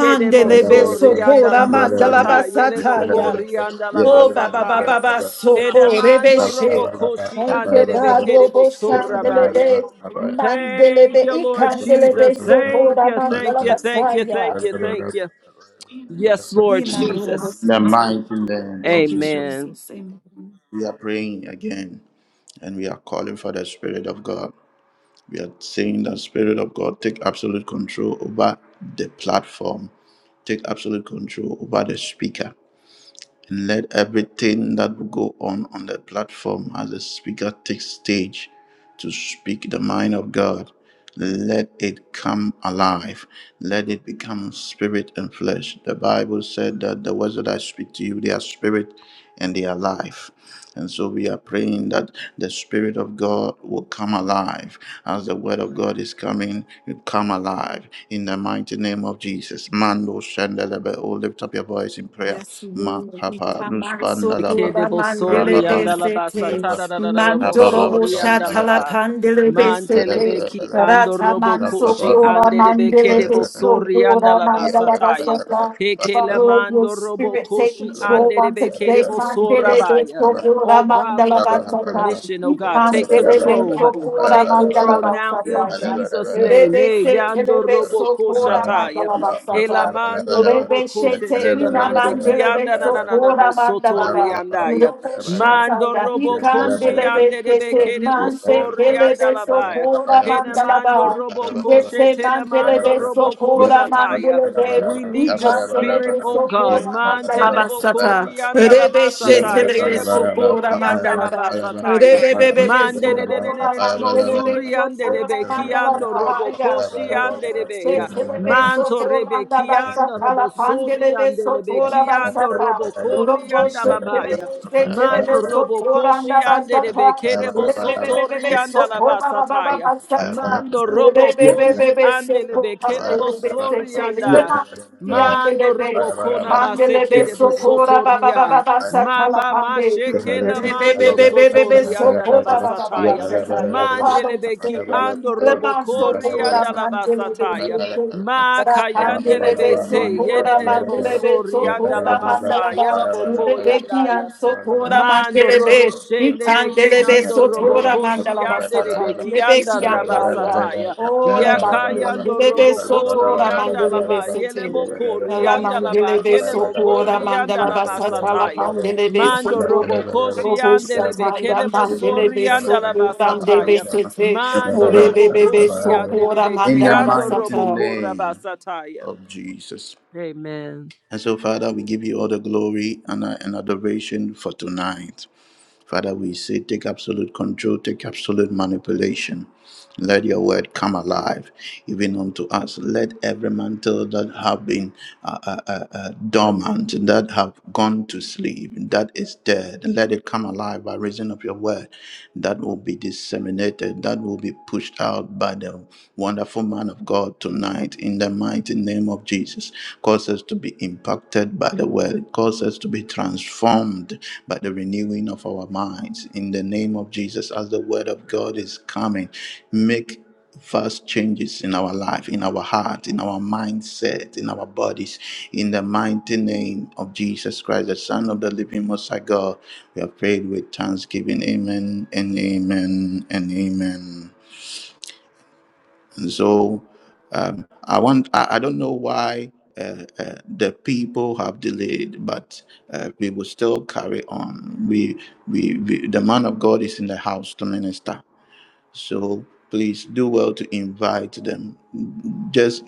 Speaker 3: Kedebo sorianda la
Speaker 2: Sokora Mandalaba
Speaker 3: masata. Yelebo
Speaker 2: Sataya.
Speaker 3: korianda la
Speaker 2: Oh Baba Baba
Speaker 3: masata.
Speaker 2: Baba Sokorebe
Speaker 3: Hedamando
Speaker 2: She.
Speaker 3: robo koshi
Speaker 2: Thank
Speaker 3: ande
Speaker 2: you,
Speaker 3: rebe
Speaker 2: God,
Speaker 3: kedebo
Speaker 2: Robo
Speaker 3: sorabaya.
Speaker 2: Shandelebe,
Speaker 3: Thank
Speaker 2: Mandelebe,
Speaker 3: you, Lord
Speaker 2: Ikandelebe
Speaker 3: Jesus. Thank
Speaker 2: Sokora
Speaker 3: you, thank you,
Speaker 2: Mandalaba
Speaker 3: thank you,
Speaker 2: Saya.
Speaker 3: thank you, thank you. Yes, Lord
Speaker 2: Imandurobo
Speaker 3: Jesus.
Speaker 2: Sataya. Thank you,
Speaker 3: Amen.
Speaker 2: Jesus. Amen.
Speaker 1: we are praying again and we are calling for the Spirit of God. We are saying that Spirit of God take absolute control over the platform, take absolute control over the speaker and Let everything that will go on on the platform as the speaker takes stage to speak the mind of God, let it come alive. Let it become spirit and flesh. The Bible said that the words that I speak to you, they are spirit and they are life. And so we are praying that the Spirit of God will come alive. As the Word of God is coming, it come alive in the mighty name of Jesus. Mando Shandelebe, oh, lift up your voice in prayer.
Speaker 2: Yes, Lord.
Speaker 1: Ruspandalaba,
Speaker 2: Ikamansokoba
Speaker 3: Kedebo
Speaker 2: mandele
Speaker 3: sori
Speaker 1: Rababam,
Speaker 3: andalaba
Speaker 2: besete.
Speaker 1: Yapa,
Speaker 3: satadadadadabo
Speaker 1: Rabababa,
Speaker 2: Mandorobo
Speaker 3: sori
Speaker 2: shatala
Speaker 1: Nalaba,
Speaker 3: andalaba.
Speaker 2: pandele besete.
Speaker 3: Mantelebeki
Speaker 1: Nalabalaba,
Speaker 2: Rata
Speaker 3: andorobo koshi
Speaker 1: Rababam,
Speaker 2: mansokora
Speaker 3: anderebe
Speaker 2: mandele
Speaker 3: kedebo sori
Speaker 2: besokora
Speaker 3: andalaba
Speaker 2: mandala
Speaker 3: sataya.
Speaker 2: basata.
Speaker 3: Hekele
Speaker 2: Father, let your
Speaker 3: mandorobo
Speaker 2: spirit take
Speaker 3: koshi
Speaker 2: control on
Speaker 3: anderebe
Speaker 2: today.
Speaker 1: Yapa,
Speaker 3: kedebo
Speaker 2: Mandele
Speaker 3: sorabaya.
Speaker 1: Nalabalaba,
Speaker 3: Oh
Speaker 2: besokora
Speaker 3: God, we
Speaker 2: mandala
Speaker 3: give you
Speaker 2: basata.
Speaker 3: permission. Oh God, take
Speaker 2: Ikandele
Speaker 3: control.
Speaker 2: besokora
Speaker 3: Take
Speaker 2: mandala
Speaker 3: control now in
Speaker 2: basata.
Speaker 3: Jesus' name.
Speaker 2: Rebe
Speaker 3: Eh,
Speaker 2: se telebe
Speaker 3: Yandorobo
Speaker 2: sokora
Speaker 3: koshataya.
Speaker 2: mandala basata.
Speaker 3: Elamando robo
Speaker 2: Urebe
Speaker 3: koshe
Speaker 2: shete ina
Speaker 3: telemande
Speaker 2: mandele be
Speaker 3: kianda na na na na mo
Speaker 2: sokora manda
Speaker 3: soto
Speaker 2: baba.
Speaker 3: rianda ya.
Speaker 2: Urobo shata
Speaker 3: Mando
Speaker 2: ya
Speaker 3: robo koshi
Speaker 2: ikandele be
Speaker 3: ande de
Speaker 2: sete
Speaker 3: beke de bo
Speaker 2: manse
Speaker 3: sori
Speaker 2: kele
Speaker 3: anda
Speaker 2: be
Speaker 3: la baya.
Speaker 2: sokora
Speaker 3: Hene
Speaker 2: manda
Speaker 3: mando
Speaker 2: baba.
Speaker 3: robo
Speaker 1: Yes,
Speaker 3: koshe
Speaker 2: Yete mandele
Speaker 3: telemando
Speaker 2: be
Speaker 1: Yep.
Speaker 3: robo
Speaker 1: Yep.
Speaker 2: sokora
Speaker 3: kosha taya.
Speaker 2: mandele be
Speaker 3: We need your
Speaker 2: ikandele
Speaker 3: spirit,
Speaker 2: be
Speaker 3: oh
Speaker 1: Yep.
Speaker 3: God.
Speaker 2: sokora
Speaker 3: Man
Speaker 2: manda baba
Speaker 3: telebo
Speaker 2: sata.
Speaker 3: la
Speaker 2: Urebe
Speaker 3: masata,
Speaker 2: shete le
Speaker 3: yelebo
Speaker 2: sokora
Speaker 3: korianda
Speaker 2: manda
Speaker 3: la
Speaker 2: baba.
Speaker 3: basataya.
Speaker 2: Rebebebebe,
Speaker 3: Man de de de de de
Speaker 2: socorra,
Speaker 3: de
Speaker 2: mandelebe,
Speaker 3: mosuri ande de be
Speaker 2: socorra, mandala,
Speaker 3: kiando robo
Speaker 2: bahaya.
Speaker 3: koshi
Speaker 2: Robo,
Speaker 3: ande de be ya.
Speaker 2: shekelebe,
Speaker 3: Man rebe
Speaker 2: socorra, da,
Speaker 3: kiando
Speaker 2: batsata, la,
Speaker 3: robo sori
Speaker 2: pandelebe,
Speaker 3: ande le be
Speaker 2: socorra,
Speaker 1: Yeah.
Speaker 3: kiando
Speaker 2: batsata.
Speaker 3: robo kori
Speaker 2: Robo,
Speaker 3: anda la baya.
Speaker 2: shekelebe,
Speaker 3: Mando
Speaker 2: setelebe,
Speaker 3: robo
Speaker 2: socorra, da,
Speaker 3: koshi ande de be
Speaker 2: batsata.
Speaker 3: kerebo sotori
Speaker 2: Rebebebebe,
Speaker 3: anda la
Speaker 2: socorra, ba, ba, ba,
Speaker 3: basataya.
Speaker 2: batsata.
Speaker 3: Mando robo koshi
Speaker 2: Rebebebebe,
Speaker 3: andele
Speaker 2: socorra,
Speaker 3: bekele bo
Speaker 2: mandelebe,
Speaker 3: sori
Speaker 2: setelebe,
Speaker 3: anda. Mando
Speaker 2: mandelebe,
Speaker 3: robo kona maseke
Speaker 2: Kandelebe,
Speaker 1: Yeah.
Speaker 3: de bo
Speaker 1: Yeah.
Speaker 2: socorra, ba, ba, ba,
Speaker 3: sotoria.
Speaker 2: ba, batsata, la,
Speaker 3: Mamba
Speaker 2: pande.
Speaker 3: mashekela mando sotori anda la basataya. Mandele beki ando robo kori anda la basataya. Ma kayandele bese yede de de bo sori anda la masa yela boko yandaya. Mando robo shende
Speaker 1: Yep, in
Speaker 3: mekiando robo koshi ande de mekianda rabasataya.
Speaker 2: Oh, the Bakian, the
Speaker 3: Yakayando
Speaker 2: Bebe
Speaker 3: robo kori
Speaker 2: Sotora
Speaker 3: anda
Speaker 2: Mandelebe
Speaker 3: lama
Speaker 2: City.
Speaker 3: yelebo kori
Speaker 2: La
Speaker 3: anda
Speaker 2: mandele
Speaker 3: lama
Speaker 2: beso
Speaker 3: kelebo
Speaker 2: pura
Speaker 3: kori anda
Speaker 2: mandala
Speaker 3: lama
Speaker 2: basata la
Speaker 3: sataya.
Speaker 2: pandele beso
Speaker 3: Mando
Speaker 2: pura
Speaker 3: robo koshi
Speaker 2: robo
Speaker 3: ande
Speaker 2: sata
Speaker 3: lebe
Speaker 2: ya
Speaker 3: kelebo
Speaker 2: mandele
Speaker 3: sori
Speaker 2: beso
Speaker 3: anda lama
Speaker 2: pura de
Speaker 3: sataya.
Speaker 2: besete
Speaker 3: Mando
Speaker 2: ore
Speaker 3: robo
Speaker 2: bebe
Speaker 3: koshi
Speaker 2: beso
Speaker 3: ande
Speaker 2: pura
Speaker 3: lebe
Speaker 1: the
Speaker 2: mandala
Speaker 3: kiando
Speaker 1: mighty
Speaker 3: robo
Speaker 2: basata
Speaker 3: kora
Speaker 1: name
Speaker 3: basataya.
Speaker 1: of Jesus.
Speaker 3: Amen.
Speaker 1: And so, Father, we give you all the glory and uh, and adoration for tonight. Father, we say, take absolute control, take absolute manipulation. Let your word come alive, even unto us. Let every mantle that have been uh, uh, uh, uh, dormant, that have gone to sleep, that is dead, let it come alive by reason of your word. That will be disseminated, that will be pushed out by the wonderful man of God tonight in the mighty name of Jesus. Cause us to be impacted by the word that cause us to be transformed by the renewing of our minds. In the name of Jesus, as the word of God is coming, make vast changes in our life, in our heart, in our mindset, in our bodies. In the mighty name of Jesus Christ, the Son of the living Most High God, we have prayed with thanksgiving. Amen and amen and amen. And so um, I want I, I don't know why uh, uh, the people have delayed, but uh, we will still carry on. We, we we the man of God is in the house to minister. So please do well to invite them. Just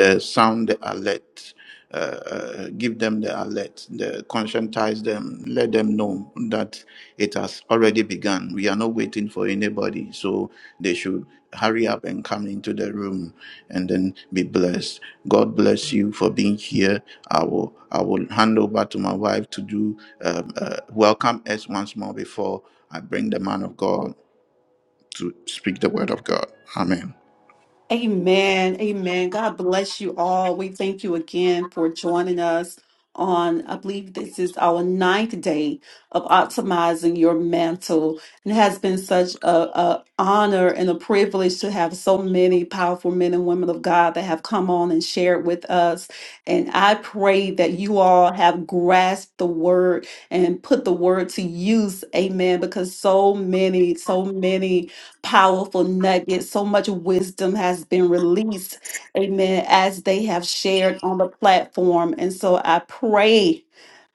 Speaker 1: uh, sound the alert. Uh, uh, give them the alert, the, conscientize them, let them know that it has already begun. We are not waiting for anybody, so they should hurry up and come into the room and then be blessed. God bless you for being here. I will I will hand over to my wife to do um, uh, welcome us once more before I bring the man of God to speak the word of God. Amen.
Speaker 2: Amen. Amen. God bless you all. We thank you again for joining us on, I believe this is our ninth day of optimizing your mantle. And it has been such a, a honor and a privilege to have so many powerful men and women of God that have come on and shared with us. And I pray that you all have grasped the word and put the word to use. Amen. Because so many, so many powerful nuggets. So much wisdom has been released, amen, as they have shared on the platform. And so I pray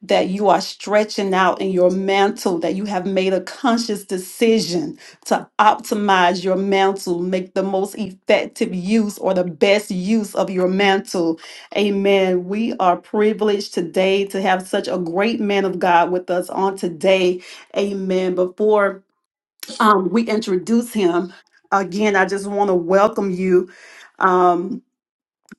Speaker 2: that you are stretching out in your mantle, that you have made a conscious decision to optimize your mantle, make the most effective use or the best use of your mantle. Amen. We are privileged today to have such a great man of God with us on today. Amen. Before um, we introduce him. Again, I just want to welcome you. Um,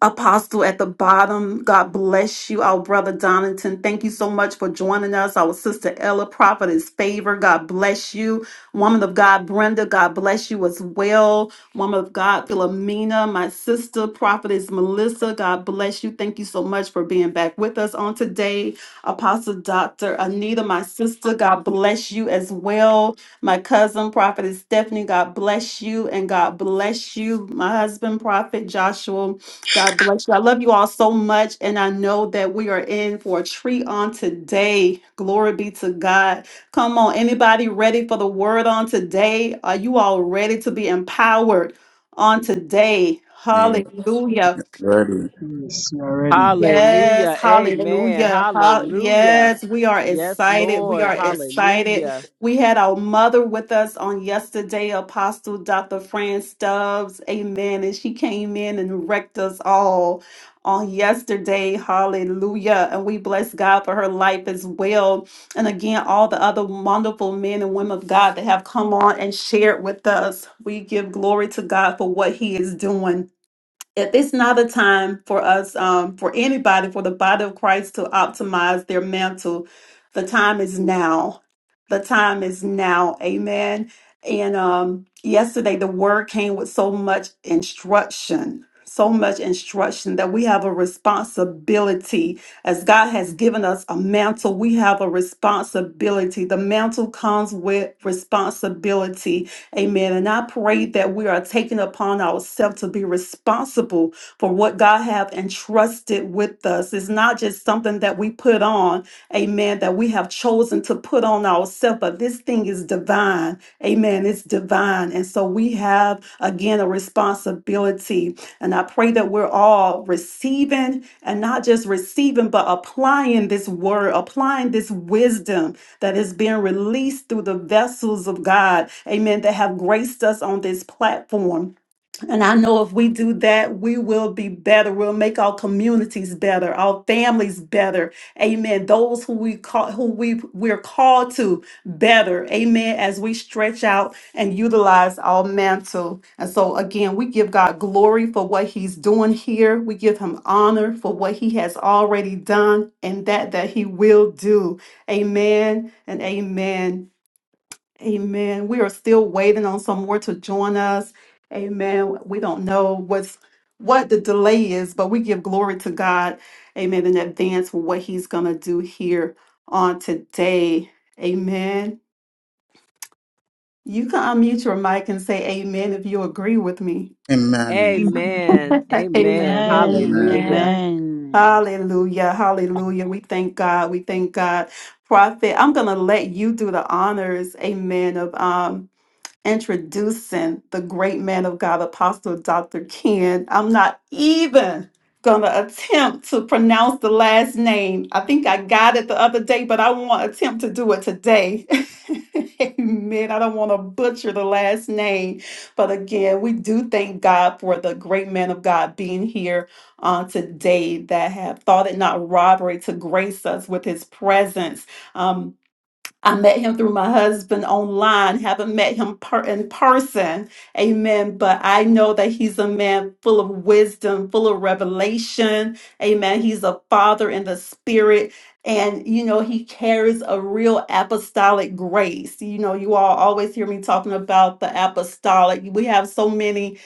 Speaker 2: Apostle at the bottom, God bless you. Our brother Donington, thank you so much for joining us. Our sister Ella, prophetess favor, God bless you. Woman of God, Brenda, God bless you as well. Woman of God, Philomena, my sister, prophetess Melissa, God bless you. Thank you so much for being back with us on today. Apostle Dr. Anita, my sister, God bless you as well. My cousin, prophetess Stephanie, God bless you and God bless you. My husband, prophet Joshua. God bless you. I love you all so much. And I know that we are in for a treat on today. Glory be to God. Come on, anybody ready for the word on today? Are you all ready to be empowered on today?
Speaker 1: Yeah.
Speaker 2: Hallelujah.
Speaker 1: Ready.
Speaker 2: Yes,
Speaker 3: Hallelujah. Amen.
Speaker 2: hallelujah. Ha-
Speaker 3: Hallelujah.
Speaker 2: Yes, we are
Speaker 3: Yes,
Speaker 2: excited. We
Speaker 3: Lord.
Speaker 2: are excited.
Speaker 3: Hallelujah.
Speaker 2: We had our mother with us on yesterday, Apostle Dr. Fran Stubbs. Amen. And she came in and wrecked us all on yesterday. Hallelujah. And we bless God for her life as well. And again, all the other wonderful men and women of God that have come on and shared with us. We give glory to God for what He is doing. If it's not a time for us, um, for anybody, for the body of Christ to optimize their mantle, the time is now. The time is now. Amen. And um, yesterday, the word came with so much instruction, so much instruction that we have a responsibility. As God has given us a mantle, we have a responsibility. The mantle comes with responsibility Amen. And I pray that we are taking upon ourselves to be responsible for what God have entrusted with us. It's not just something that we put on, amen, that we have chosen to put on ourselves, but this thing is divine. Amen. It's divine. And so we have, again, a responsibility. And I pray that we're all receiving and not just receiving, but applying this word, applying this wisdom that is being released through the vessels of God, amen, that have graced us on this platform. And I know if we do that, we will be better. We'll make our communities better, our families better. Amen. Those who we call who we we're called to better. Amen. As we stretch out and utilize our mantle. And so again, we give God glory for what he's doing here. We give him honor for what he has already done and that that he will do. Amen and amen. Amen. We are still waiting on some more to join us. Amen. We don't know what's what the delay is, but we give glory to God. Amen. In advance for what He's gonna do here on today. Amen. You can unmute your mic and say amen if you agree with me.
Speaker 1: Amen.
Speaker 4: Amen.
Speaker 3: Amen.
Speaker 2: A-
Speaker 3: Amen.
Speaker 5: Amen.
Speaker 1: Amen.
Speaker 3: Hallelujah.
Speaker 5: Amen.
Speaker 2: Hallelujah. Hallelujah. We thank God. We thank God. Prophet, I'm gonna let you do the honors, amen, of um introducing the great man of God, Apostle Dr. Ken. I'm not even going to attempt to pronounce the last name. I think I got it the other day, but I won't attempt to do it today. [LAUGHS] Amen. I don't want to butcher the last name. But again, we do thank God for the great man of God being here on today that have thought it not robbery to grace us with his presence. Um. I met him through my husband online, haven't met him per- in person. Amen. But I know that he's a man full of wisdom, full of revelation. Amen. He's a father in the spirit. And, you know, he carries a real apostolic grace. You know, you all always hear me talking about the apostolic. We have so many.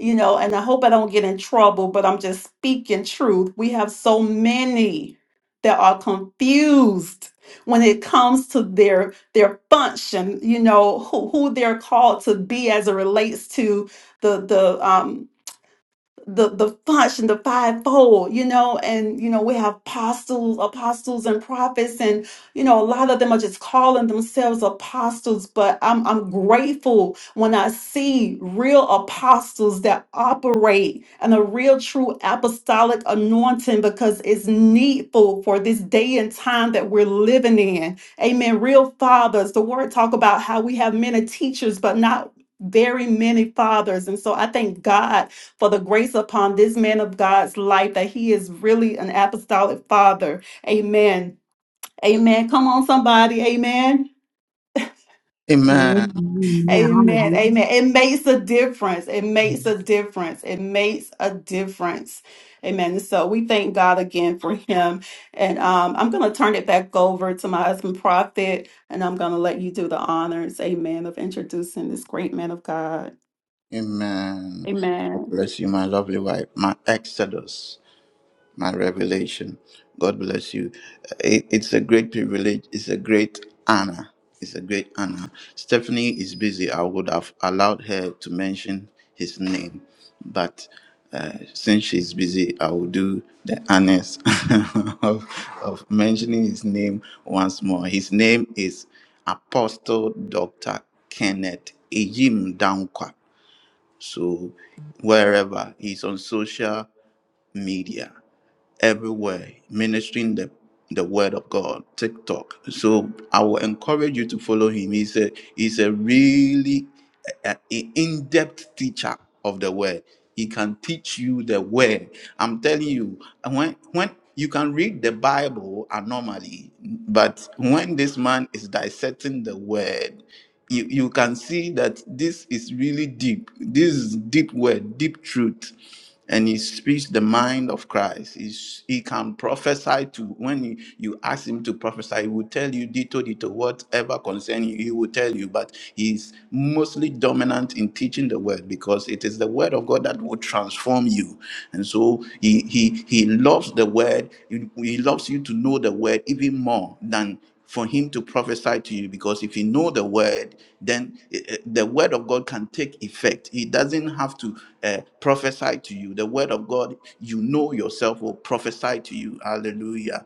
Speaker 2: You know, and I hope I don't get in trouble, but I'm just speaking truth. We have so many that are confused when it comes to their their function, you know, who, who they're called to be as it relates to the the um the the function, the fivefold, you know, and you know we have apostles, apostles, and prophets, and you know a lot of them are just calling themselves apostles. But I'm I'm grateful when I see real apostles that operate and a real true apostolic anointing because it's needful for this day and time that we're living in. Amen. Real fathers, the word talk about how we have many teachers, but not very many fathers, and so I thank God for the grace upon this man of God's life that he is really an apostolic father. Amen. Amen. Come on, somebody. Amen.
Speaker 4: Amen.
Speaker 1: Amen.
Speaker 2: Amen.
Speaker 4: Amen.
Speaker 2: Amen. It makes a difference. It makes a difference. It makes a difference. Amen. So we thank God again for him. And um, I'm going to turn it back over to my husband, Prophet, and I'm going to let you do the honors. Amen. Of introducing this great man of God.
Speaker 1: Amen.
Speaker 2: Amen.
Speaker 1: God bless you, my lovely wife, my Exodus. my revelation. God bless you. Uh, It, it's a great privilege. It's a great honor. It's a great honor. Stephanie is busy. I would have allowed her to mention his name, but uh, since she's busy, I will do the honors [LAUGHS] of, of mentioning his name once more. His name is Apostle Dr. Kenneth Ejim Dankwa. So, wherever he's on social media, everywhere ministering the the word of God, TikTok. So I will encourage you to follow him. He's a he's a really uh, in depth teacher of the word. He can teach you the word. I'm telling you, when when you can read the Bible normally, but when this man is dissecting the word, you, you can see that this is really deep. This is deep word, deep truth. And he speaks the mind of Christ. He's, he can prophesy to when you, you ask him to prophesy, he will tell you dito dito, whatever concern you, he will tell you. But he's mostly dominant in teaching the word because it is the word of God that will transform you. And so he he he loves the word. He, he loves you to know the word even more than for him to prophesy to you because if you know the word then eh, eh, the word of god can take effect he doesn't have to uh, prophesy to you the word of god you know yourself will prophesy to you hallelujah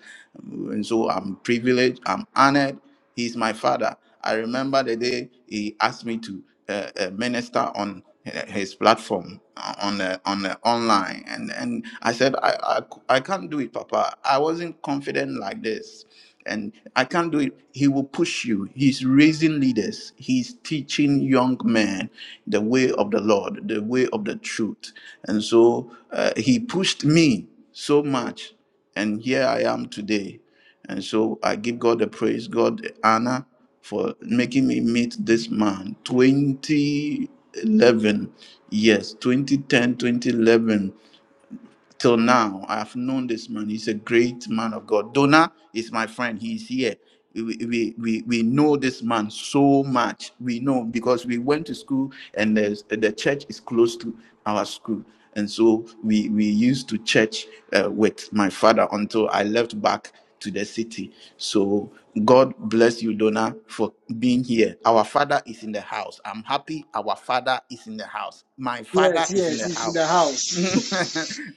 Speaker 1: and so i'm privileged i'm honored he's my father i remember the day he asked me to uh, uh, minister on uh, his platform uh, on the, on the online and and i said I I I c- i can't do it papa i wasn't confident like this and I can't do it. He will push you. He's raising leaders. He's teaching young men the way of the Lord, the way of the truth. And so uh, he pushed me so much, and here I am today. And so I give God the praise, God the honor for making me meet this man. 2011, yes, 2010, 2011 till now. I have known this man. He's a great man of God. Donna is my friend. He's here. We, we, we, we know this man so much. We know because we went to school and there's, the church is close to our school. And so we, we used to church uh, with my father until I left back to the city. So God bless you, Donna, for being here. Our father is in the house. I'm happy our father is in the house. My father is in the house. [LAUGHS]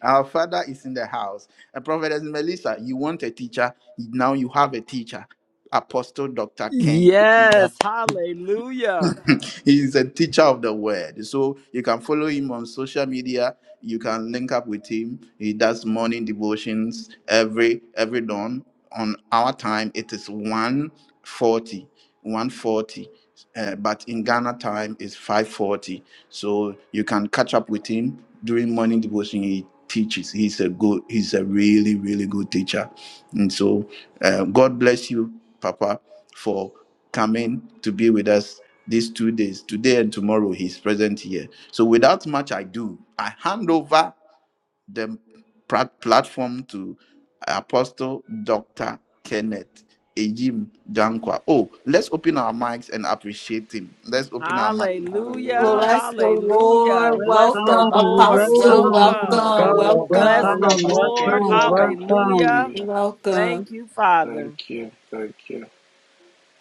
Speaker 1: Our father is in the house. A prophetess Melissa, you want a teacher. Now you have a teacher. Apostle Dr. Ken.
Speaker 3: Yes. Hallelujah.
Speaker 1: [LAUGHS] He's a teacher of the word. So you can follow him on social media. You can link up with him. He does morning devotions every every dawn. On our time, it is 140. 140. Uh, but in Ghana time is 540. So you can catch up with him during morning devotion. He teaches. He's a good, he's a really, really good teacher. And so uh, God bless you, Papa, for coming to be with us these two days, today and tomorrow. He's present here. So, without much ado, I hand over the plat- platform to Apostle Dr. Kenneth Ejim Dankwa. Oh, let's open our mics and appreciate him. Let's open our mics.
Speaker 3: Hallelujah.
Speaker 6: Hallelujah.
Speaker 2: Bless the
Speaker 3: Hallelujah.
Speaker 2: Lord.
Speaker 3: Bless the
Speaker 2: Welcome,
Speaker 5: Welcome,
Speaker 3: Lord.
Speaker 2: Apostle.
Speaker 7: Hallelujah,
Speaker 5: welcome, welcome,
Speaker 3: Welcome.
Speaker 2: Welcome,
Speaker 7: hallelujah.
Speaker 3: Bless
Speaker 2: welcome,
Speaker 3: the
Speaker 5: Welcome,
Speaker 7: Welcome,
Speaker 3: Lord.
Speaker 5: welcome,
Speaker 7: hallelujah,
Speaker 5: welcome.
Speaker 7: hallelujah.
Speaker 3: Hallelujah.
Speaker 6: Hallelujah.
Speaker 2: welcome.
Speaker 3: Thank you, Father.
Speaker 6: Thank you. Thank you.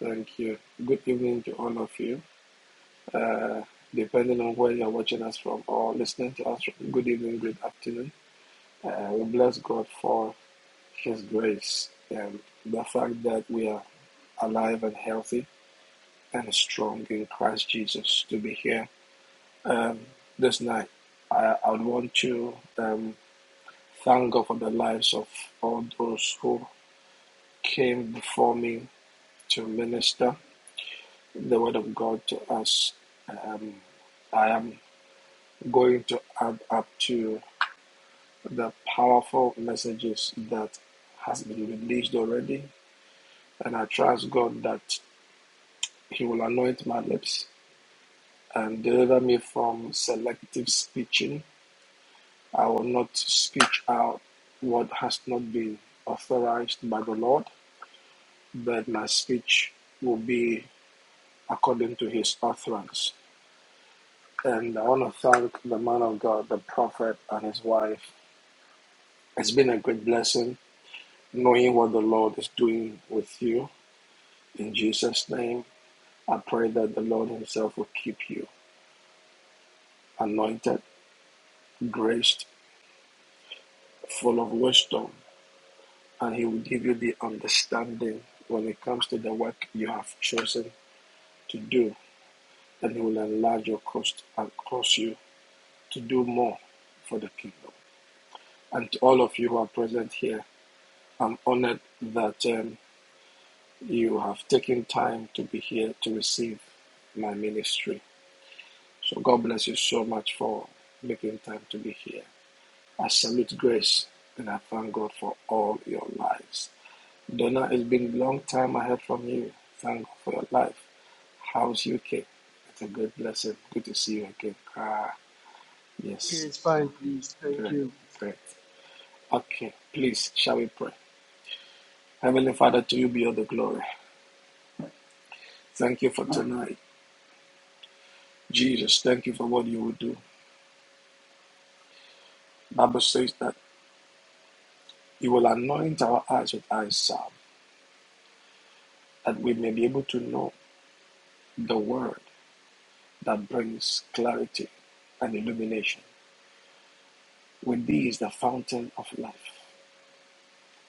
Speaker 6: Thank you. Good evening to all of you. Uh, depending on where you're watching us from or listening to us, good evening, good afternoon. Uh, we bless God for His grace and the fact that we are alive and healthy and strong in Christ Jesus to be here um, this night. I, I would want to um, thank God for the lives of all those who came before me to minister the word of God to us. Um, I am going to add up to the powerful messages that has been released already, and I trust God that He will anoint my lips and deliver me from selective speaking. I will not speak out what has not been authorized by the Lord, but my speech will be according to His utterance And I want to thank the man of God, the prophet, and his wife. It's been a great blessing knowing what the Lord is doing with you. In Jesus' name, I pray that the Lord Himself will keep you anointed, graced, full of wisdom, and He will give you the understanding when it comes to the work you have chosen to do. And He will enlarge your coast and cause you to do more for the kingdom. And to all of you who are present here, I'm honored that. Um, you have taken time to be here to receive my ministry. So God bless you so much for making time to be here. I salute grace and I thank God for all your lives. Donna, it's been a long time I heard from you. Thank God for your life. How's UK? It's a great blessing. Good to see you again. Ah, yes. Great. Great. Okay. Please, shall we pray? Heavenly Father, to you be all the glory. Thank you for tonight. Jesus, thank you for what you will do. Bible says that He will anoint our eyes with eye salve that we may be able to know the word that brings clarity and illumination. With thee is the fountain of life,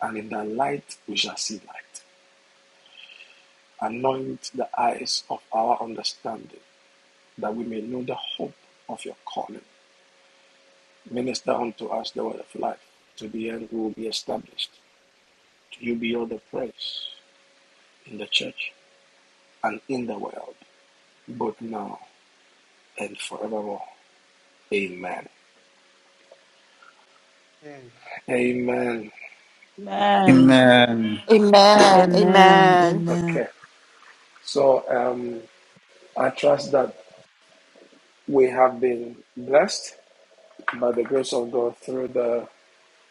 Speaker 6: and in thy light we shall see light. Anoint the eyes of our understanding that we may know the hope of your calling. Minister unto us the word of life. To the end we will be established. To you be all the praise in the church and in the world, both now and forevermore. Amen. Amen.
Speaker 5: Amen.
Speaker 2: Amen.
Speaker 8: Amen.
Speaker 2: Amen.
Speaker 8: Amen.
Speaker 6: Okay. So um, I trust that we have been blessed by the grace of God through the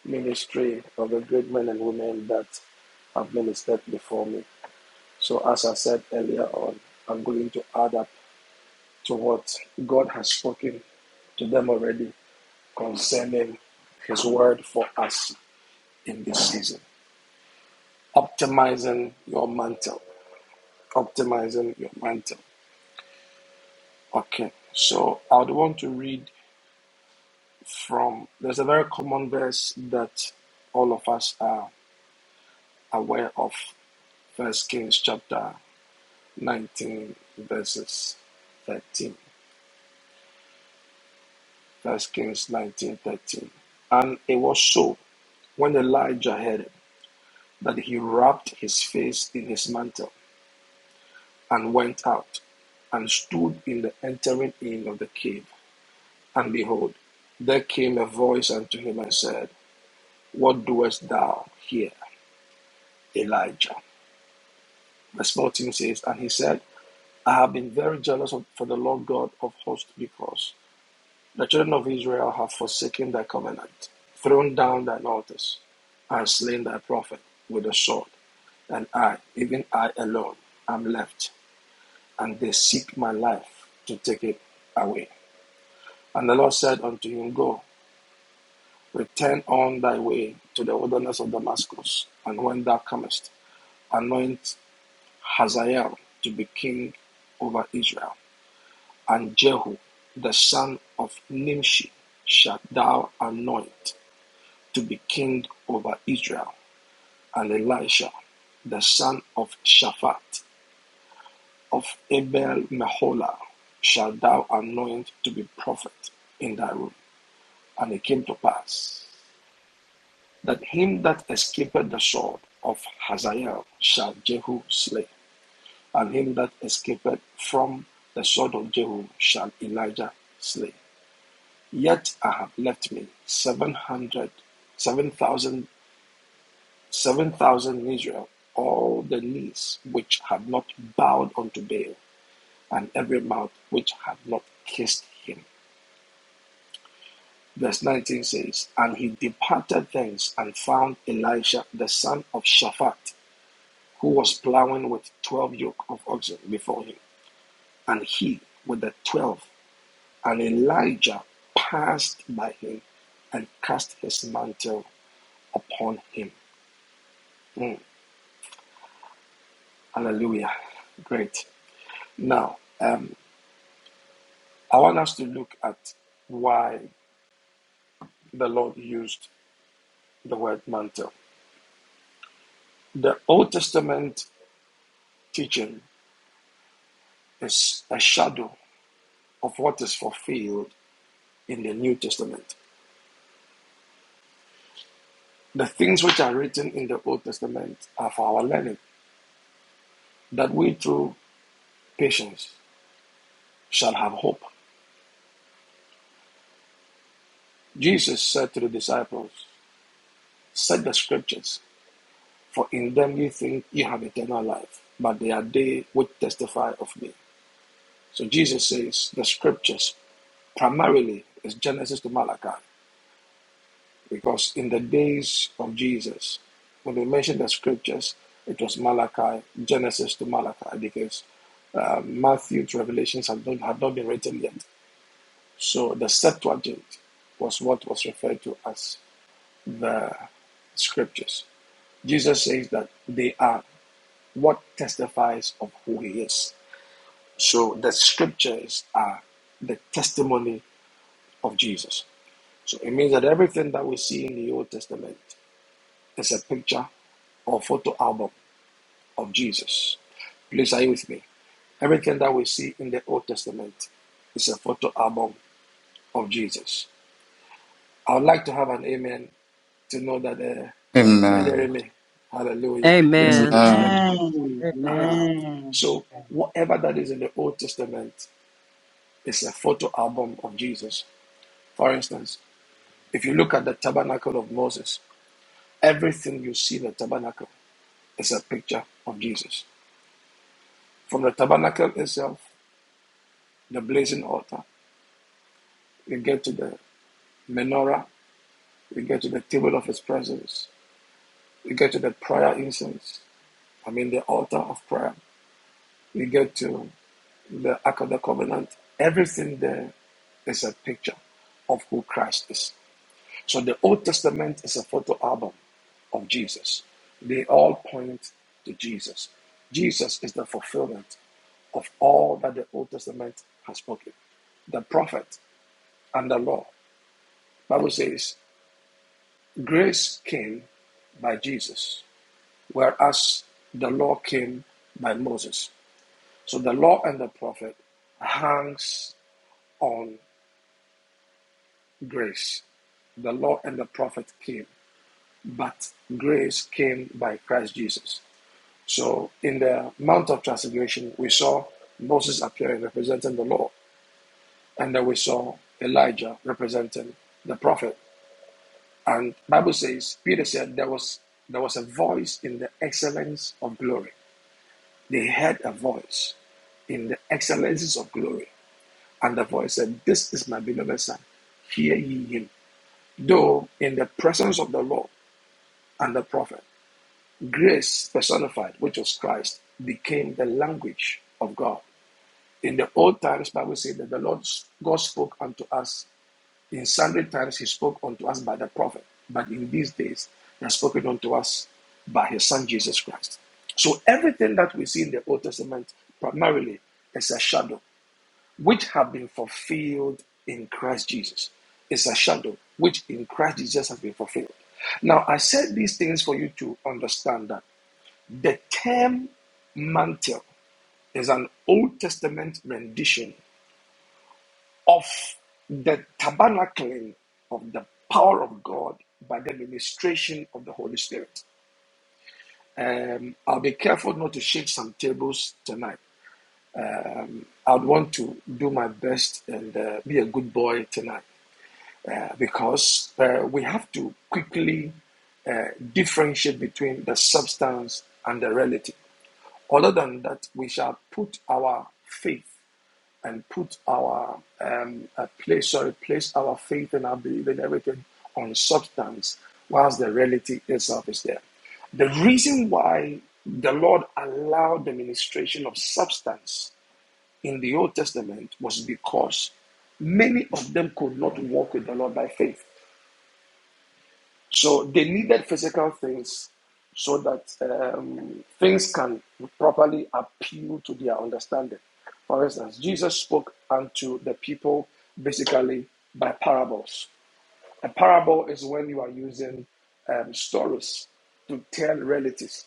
Speaker 6: ministry of the great men and women that have ministered before me. So, as I said earlier on, I'm going to add up to what God has spoken to them already concerning His word for us in this season. Optimizing your mantle. Optimizing your mantle. Okay. So, I would want to read from there's a very common verse that all of us are aware of first kings chapter 19 verses 13 first kings 19 13, and it was so when elijah heard it that he wrapped his face in his mantle and went out and stood in the entering in of the cave and behold there came a voice unto him and said what doest thou here elijah verse 14 says and he said I have been very jealous of, for the Lord God of hosts because the children of Israel have forsaken thy covenant, thrown down thine altars, and slain thy prophet with the sword. And I, even I alone, am left, and they seek my life to take it away. And the Lord said unto him, Go, return on thy way to the wilderness of Damascus, and when thou comest, anoint Hazael to be king over Israel. And Jehu, the son of Nimshi, shalt thou anoint to be king over Israel, and Elisha, the son of Shaphat of Abel Meholah, shalt thou anoint to be prophet in thy room. And it came to pass that him that escaped the sword of Hazael shall Jehu slay, and him that escaped from the sword of Jehu shall Elijah slay. Yet I have left me seven hundred, seven thousand, seven thousand in Israel, all the knees which have not bowed unto Baal, and every mouth which had not kissed him. Verse 19 says, And he departed thence and found Elisha the son of Shaphat, who was plowing with twelve yoke of oxen before him, and he with the twelve. And Elijah passed by him and cast his mantle upon him. Hmm. Hallelujah. Great. Now, um, I want us to look at why the Lord used the word mantle. The Old Testament teaching is a shadow of what is fulfilled in the New Testament. The things which are written in the Old Testament are for our learning, that we through patience shall have hope. Jesus said to the disciples, Set the scriptures, for in them you think you have eternal life, but they are they which testify of me. So Jesus says the scriptures primarily is Genesis to Malachi because in the days of Jesus, when they mentioned the scriptures, it was Malachi, Genesis to Malachi because uh, Matthew's revelations had not, had not been written yet. So the Septuagint was what was referred to as the scriptures. Jesus says that they are what testifies of who he is. So the scriptures are the testimony of Jesus. So it means that everything that we see in the Old Testament is a picture or photo album of Jesus. Please are you with me? Everything that we see in the Old Testament is a photo album of Jesus. I would like to have an amen to know that uh, you are
Speaker 1: Amen.
Speaker 6: hearing me. Hallelujah. Yes,
Speaker 3: Amen.
Speaker 6: please. Thank
Speaker 1: Amen.
Speaker 6: you.
Speaker 5: Amen.
Speaker 3: Amen.
Speaker 5: Amen.
Speaker 6: So, whatever that is in the Old Testament is a photo album of Jesus. For instance, if you look at the tabernacle of Moses, everything you see in the tabernacle is a picture of Jesus. From the tabernacle itself, the blazing altar, we get to the menorah, we get to the table of his presence, we get to the prayer incense, I mean the altar of prayer, we get to the Ark of the Covenant. Everything there is a picture of who Christ is. So the Old Testament is a photo album of Jesus. They all point to Jesus. Jesus is the fulfillment of all that the Old Testament has spoken, the prophet and the law. Bible says grace came by Jesus, whereas the law came by Moses. So the law and the prophet hangs on grace. The law and the prophet came, but grace came by Christ Jesus. So in the Mount of Transfiguration, we saw Moses appearing representing the law, and then we saw Elijah representing the prophet. And Bible says, Peter said there was there was a voice in the excellence of glory. They heard a voice in the excellences of glory. And the voice said, This is my beloved son. Hear ye him. Though in the presence of the Lord and the prophet, grace personified, which was Christ, became the language of God. In the old times, Bible says that the Lord God spoke unto us In sundry times he spoke unto us by the prophet, but in these days he has spoken unto us by his son Jesus Christ. So everything that we see in the Old Testament primarily is a shadow which have been fulfilled in Christ Jesus. It's a shadow which in Christ Jesus has been fulfilled. Now I said these things for you to understand that the term mantle is an Old Testament rendition of the tabernacling of the power of God by the ministration of the Holy Spirit. Um, I'll be careful not to shake some tables tonight. I'd want to do my best and uh, be a good boy tonight uh, because uh, we have to quickly uh, differentiate between the substance and the reality. Other than that, we shall put our faith and put our um, uh, place, sorry, place our faith and our belief and everything on substance, whilst the reality itself is there. The reason why the Lord allowed the ministration of substance in the Old Testament was because many of them could not walk with the Lord by faith. So they needed physical things so that um, things can properly appeal to their understanding. For instance, Jesus spoke unto the people basically by parables. A parable is when you are using um, stories to tell realities.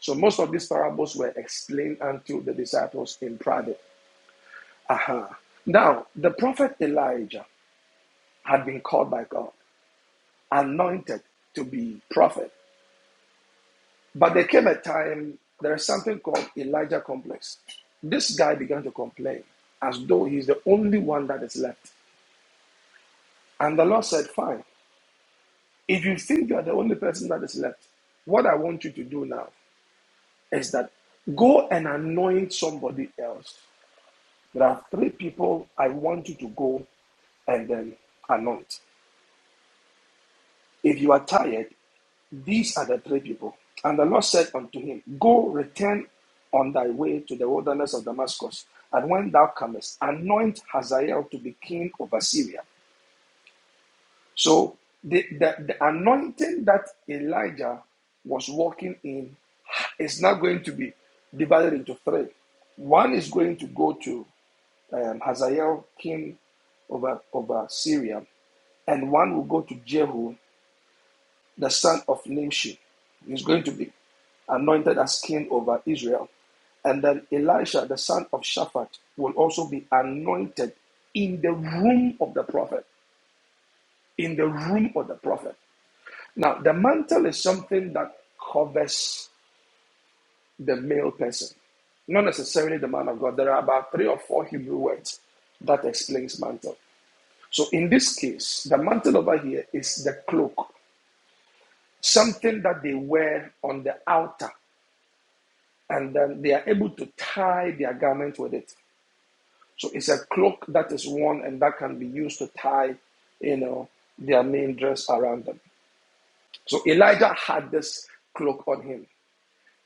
Speaker 6: So most of these parables were explained unto the disciples in private. Aha. Uh-huh. Now, the prophet Elijah had been called by God, anointed to be prophet. But there came a time, there is something called Elijah complex. This guy began to complain as though he's the only one that is left. And the Lord said, Fine, if you think you are the only person that is left, what I want you to do now is that go and anoint somebody else. There are three people I want you to go and then anoint. If you are tired, these are the three people. And the Lord said unto him, Go, return on thy way to the wilderness of Damascus. And when thou comest, anoint Hazael to be king over Syria. So the, the, the anointing that Elijah was walking in is now going to be divided into three. One is going to go to um, Hazael, king over, over Syria, and one will go to Jehu, the son of Nimshi, is going to be anointed as king over Israel. And then Elisha, the son of Shaphat, will also be anointed in the room of the prophet. In the room of the prophet. Now, the mantle is something that covers the male person, not necessarily the man of God. There are about three or four Hebrew words that explains mantle. So, in this case, the mantle over here is the cloak, something that they wear on the altar and then they are able to tie their garment with it. So it's a cloak that is worn and that can be used to tie, you know, their main dress around them. So Elijah had this cloak on him.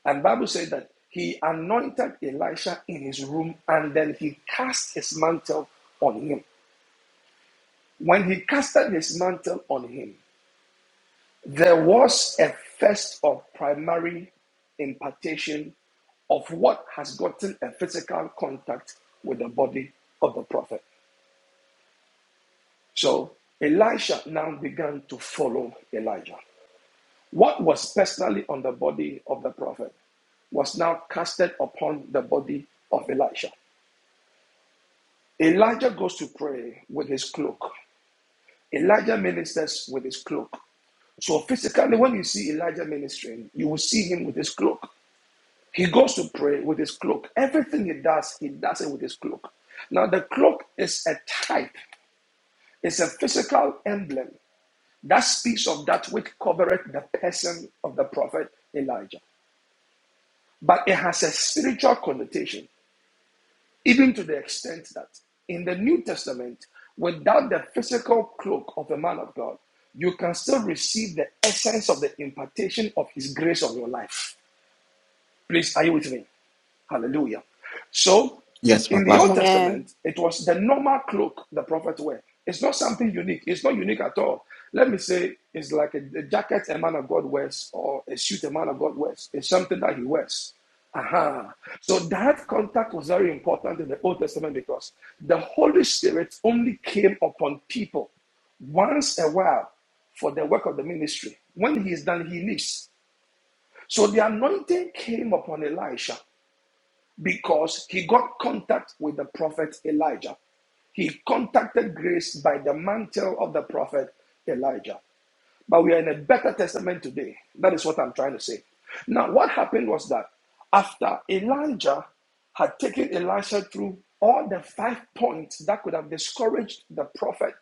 Speaker 6: And the Bible said that he anointed Elisha in his room and then he cast his mantle on him. When he casted his mantle on him, There was a first of primary impartation of what has gotten a physical contact with the body of the prophet. So Elisha now began to follow Elijah. What was personally on the body of the prophet was now casted upon the body of Elisha. Elijah goes to pray with his cloak. Elijah ministers with his cloak. So physically, when you see Elijah ministering, you will see him with his cloak. He goes to pray with his cloak. Everything he does, he does it with his cloak. Now, the cloak is a type, it's a physical emblem that speaks of that which covereth the person of the prophet Elijah. But it has a spiritual connotation, even to the extent that in the New Testament, without the physical cloak of a man of God, you can still receive the essence of the impartation of his grace on your life. Please, are you with me? Hallelujah. So,
Speaker 1: Yes,
Speaker 6: in the
Speaker 1: Papa.
Speaker 6: Old
Speaker 2: Amen.
Speaker 6: Testament, it was the normal cloak the prophet wear. It's not something unique. It's not unique at all. Let me say, it's like a, a jacket a man of God wears or a suit a man of God wears. It's something that he wears. Aha. So that contact was very important in the Old Testament because the Holy Spirit only came upon people once a while for the work of the ministry. When he is done, he leaves. So the anointing came upon Elisha because he got contact with the prophet Elijah. He contacted grace by the mantle of the prophet Elijah. But we are in a better testament today. That is what I'm trying to say. Now, what happened was that after Elijah had taken Elisha through all the five points that could have discouraged the prophet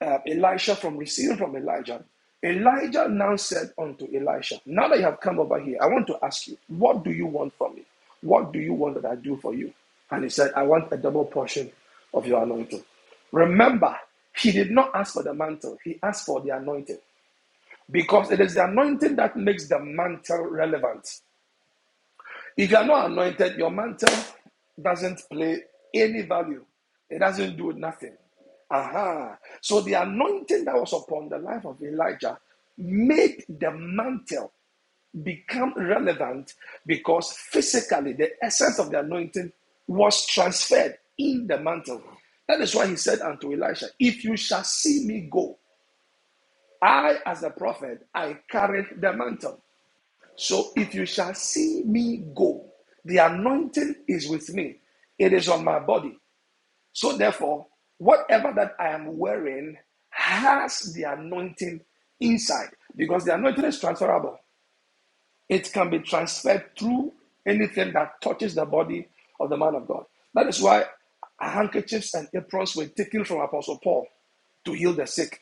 Speaker 6: uh, Elisha from receiving from Elijah, Elijah now said unto Elisha, Now that you have come over here, I want to ask you, what do you want from me? What do you want that I do for you? And he said, I want a double portion of your anointing. Remember, he did not ask for the mantle, he asked for the anointing because it is the anointing that makes the mantle relevant. If you are not anointed, your mantle doesn't play any value. It doesn't do nothing. Aha. So the anointing that was upon the life of Elijah made the mantle become relevant because physically the essence of the anointing was transferred in the mantle. That is why he said unto Elisha, If you shall see me go, I, as a prophet, I carried the mantle. So if you shall see me go, the anointing is with me, it is on my body. So therefore, whatever that I am wearing has the anointing inside because the anointing is transferable. It can be transferred through anything that touches the body of the man of God. That is why handkerchiefs and aprons were taken from Apostle Paul to heal the sick.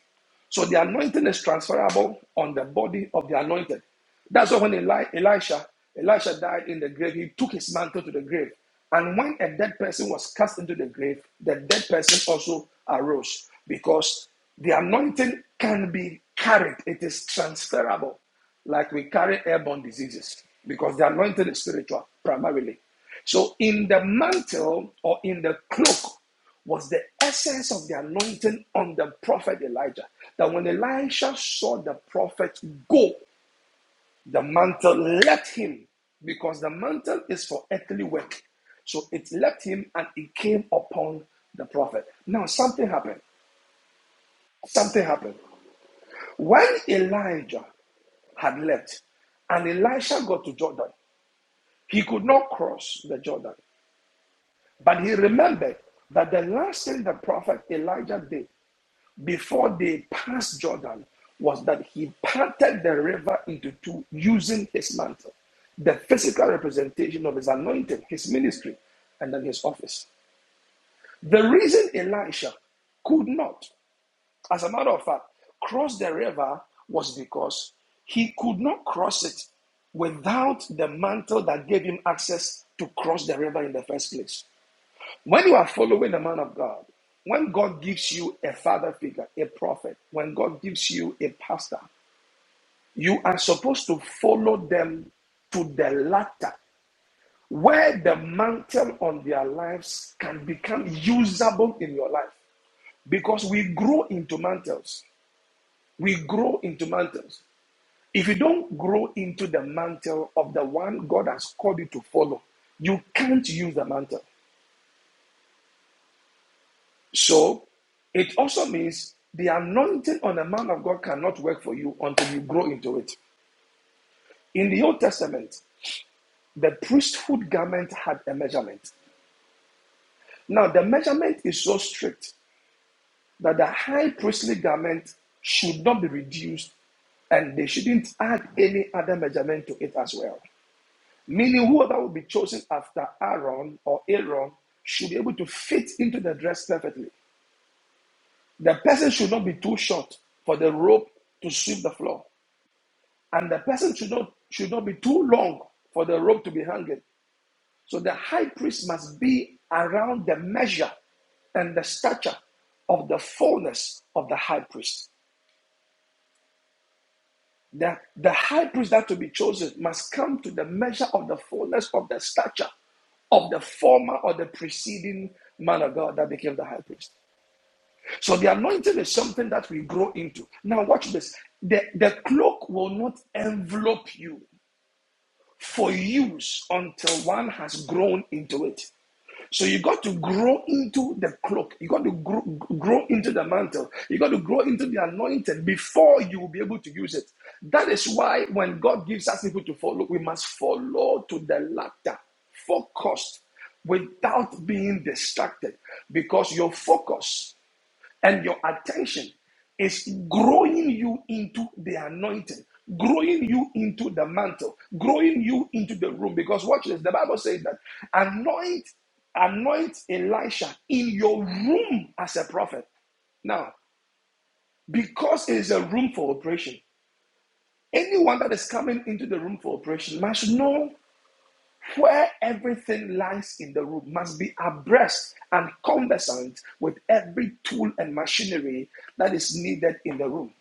Speaker 6: So the anointing is transferable on the body of the anointed. That's why when Eli- Elisha, Elisha died in the grave, he took his mantle to the grave. And when a dead person was cast into the grave, the dead person also arose because the anointing can be carried, it is transferable like we carry airborne diseases because the anointing is spiritual primarily. So, in the mantle or in the cloak was the essence of the anointing on the prophet Elijah. That when Elisha saw the prophet go, the mantle left him because the mantle is for earthly work. So it left him and it came upon the prophet. Now, something happened. Something happened. When Elijah had left and Elisha got to Jordan, He could not cross the Jordan, but he remembered that the last thing the prophet Elijah did before they passed Jordan was that he parted the river into two using his mantle, the physical representation of his anointing, his ministry, and then his office. The reason Elisha could not as a matter of fact, cross the river was because he could not cross it without the mantle that gave him access to cross the river in the first place. When you are following the man of God, when God gives you a father figure, a prophet, when God gives you a pastor, you are supposed to follow them to the latter, where the mantle on their lives can become usable in your life. Because we grow into mantles. We grow into mantles. If you don't grow into the mantle of the one God has called you to follow, you can't use the mantle. So it also means the anointing on a man of God cannot work for you until you grow into it. In the Old Testament, the priesthood garment had a measurement. Now, the measurement is so strict that the high priestly garment should not be reduced and they shouldn't add any other measurement to it as well. Meaning, whoever will be chosen after Aaron or Aaron should be able to fit into the dress perfectly. The person should not be too short for the rope to sweep the floor, and the person should not should not be too long for the rope to be hanging. So the high priest must be around the measure and the stature of the fullness of the high priest. The, the high priest that to be chosen must come to the measure of the fullness of the stature of the former or the preceding man of God that became the high priest. So the anointing is something that we grow into. Now, watch this the, the cloak will not envelop you for use until one has grown into it. So you got to grow into the cloak. You got to grow, grow into the mantle. You got to grow into the anointing before you will be able to use it. That is why when God gives us people to follow, we must follow to the latter, focused, without being distracted, because your focus and your attention is growing you into the anointing, growing you into the mantle, growing you into the room. Because watch this, the Bible says that anoint, anoint Elisha in your room as a prophet. Now, because it is a room for operation, anyone that is coming into the room for operation must know where everything lies in the room, must be abreast and conversant with every tool and machinery that is needed in the room.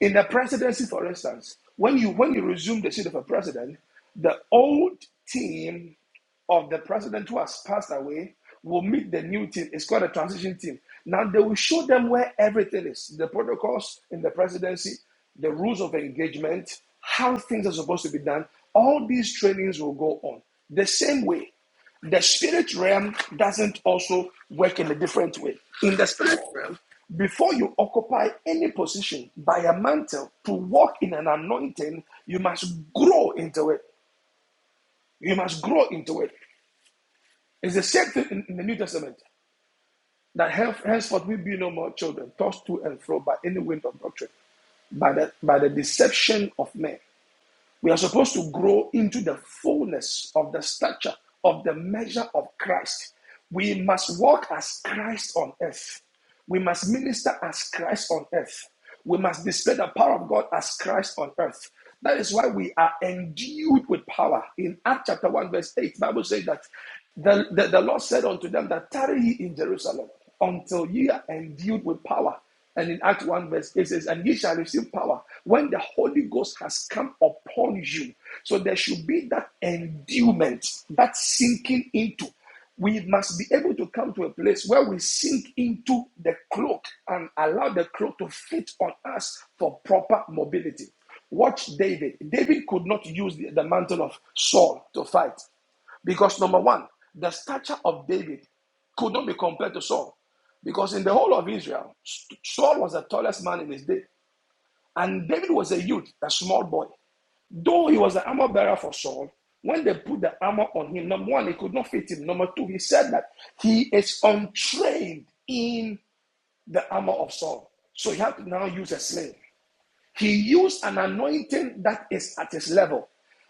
Speaker 6: In the presidency, for instance, when you when you resume the seat of a president, the old team of the president who has passed away will meet the new team. It's called a transition team. Now they will show them where everything is, the protocols in the presidency, the rules of engagement, how things are supposed to be done. All these trainings will go on. The same way, the spirit realm doesn't also work in a different way. In the spirit realm, before you occupy any position by a mantle to walk in an anointing, you must grow into it. You must grow into it. It's the same thing in, in the New Testament that henf- henceforth we be no more children, tossed to and fro by any wind of doctrine, by the, by the deception of men. We are supposed to grow into the fullness of the stature of the measure of Christ. We must walk as Christ on earth. We must minister as Christ on earth. We must display the power of God as Christ on earth. That is why we are endued with power. In Acts chapter 1, verse 8, the Bible says that the, the, the Lord said unto them that tarry ye in Jerusalem until ye are endued with power. And in Acts 1, verse it says, And ye shall receive power when the Holy Ghost has come upon you. So there should be that endowment, that sinking into. We must be able to come to a place where we sink into the cloak and allow the cloak to fit on us for proper mobility. Watch David. David could not use the, the mantle of Saul to fight because, number one, the stature of David could not be compared to Saul. Because in the whole of Israel, Saul was the tallest man in his day. And David was a youth, a small boy. Though he was the armor bearer for Saul, when they put the armor on him, number one, it could not fit him. Number two, he said that he is untrained in the armor of Saul. So he had to now use a slave. He used an anointing that is at his level,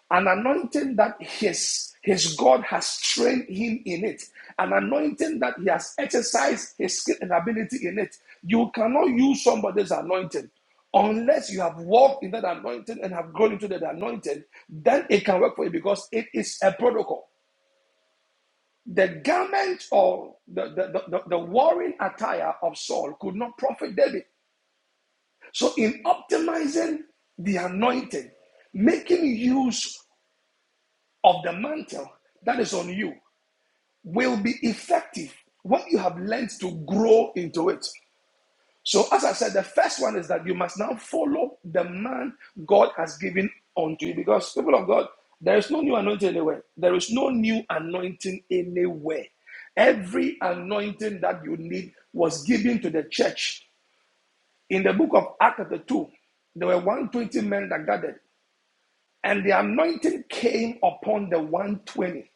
Speaker 6: an anointing that his his God has trained him in it, an anointing that he has exercised his skill and ability in it. You cannot use somebody's anointing unless you have walked in that anointing and have grown into that anointing. Then it can work for you because it is a protocol. The garment or the, the, the, the the warring attire of Saul could not profit David. So, in optimizing the anointing, making use of the mantle that is on you will be effective when you have learned to grow into it. So, as I said, the first one is that you must now follow the man God has given unto you because, people of God, there is no new anointing anywhere. There is no new anointing anywhere. Every anointing that you need was given to the church in the book of Acts, chapter 2, there were 120 men that gathered, and the anointing came upon the 120.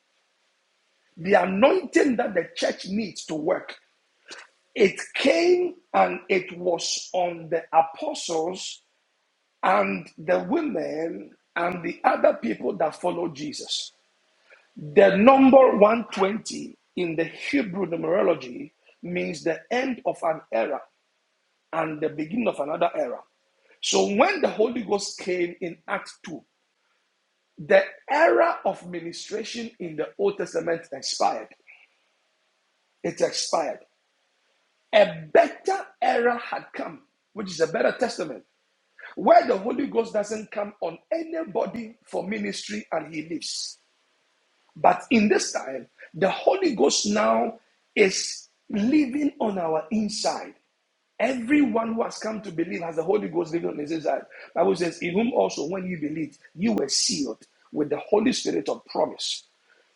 Speaker 6: The anointing that the church needs to work, it came and it was on the apostles and the women and the other people that followed Jesus. The number 120 in the Hebrew numerology means the end of an era and the beginning of another era. So when the Holy Ghost came in Acts 2, The era of ministration in the Old Testament expired. It expired. A better era had come, which is a better testament, where the Holy Ghost doesn't come on anybody for ministry and he lives. But in this time, the Holy Ghost now is living on our inside. Everyone who has come to believe has the Holy Ghost living on his inside. The Bible says, In whom also when you believed, you were sealed with the Holy Spirit of promise.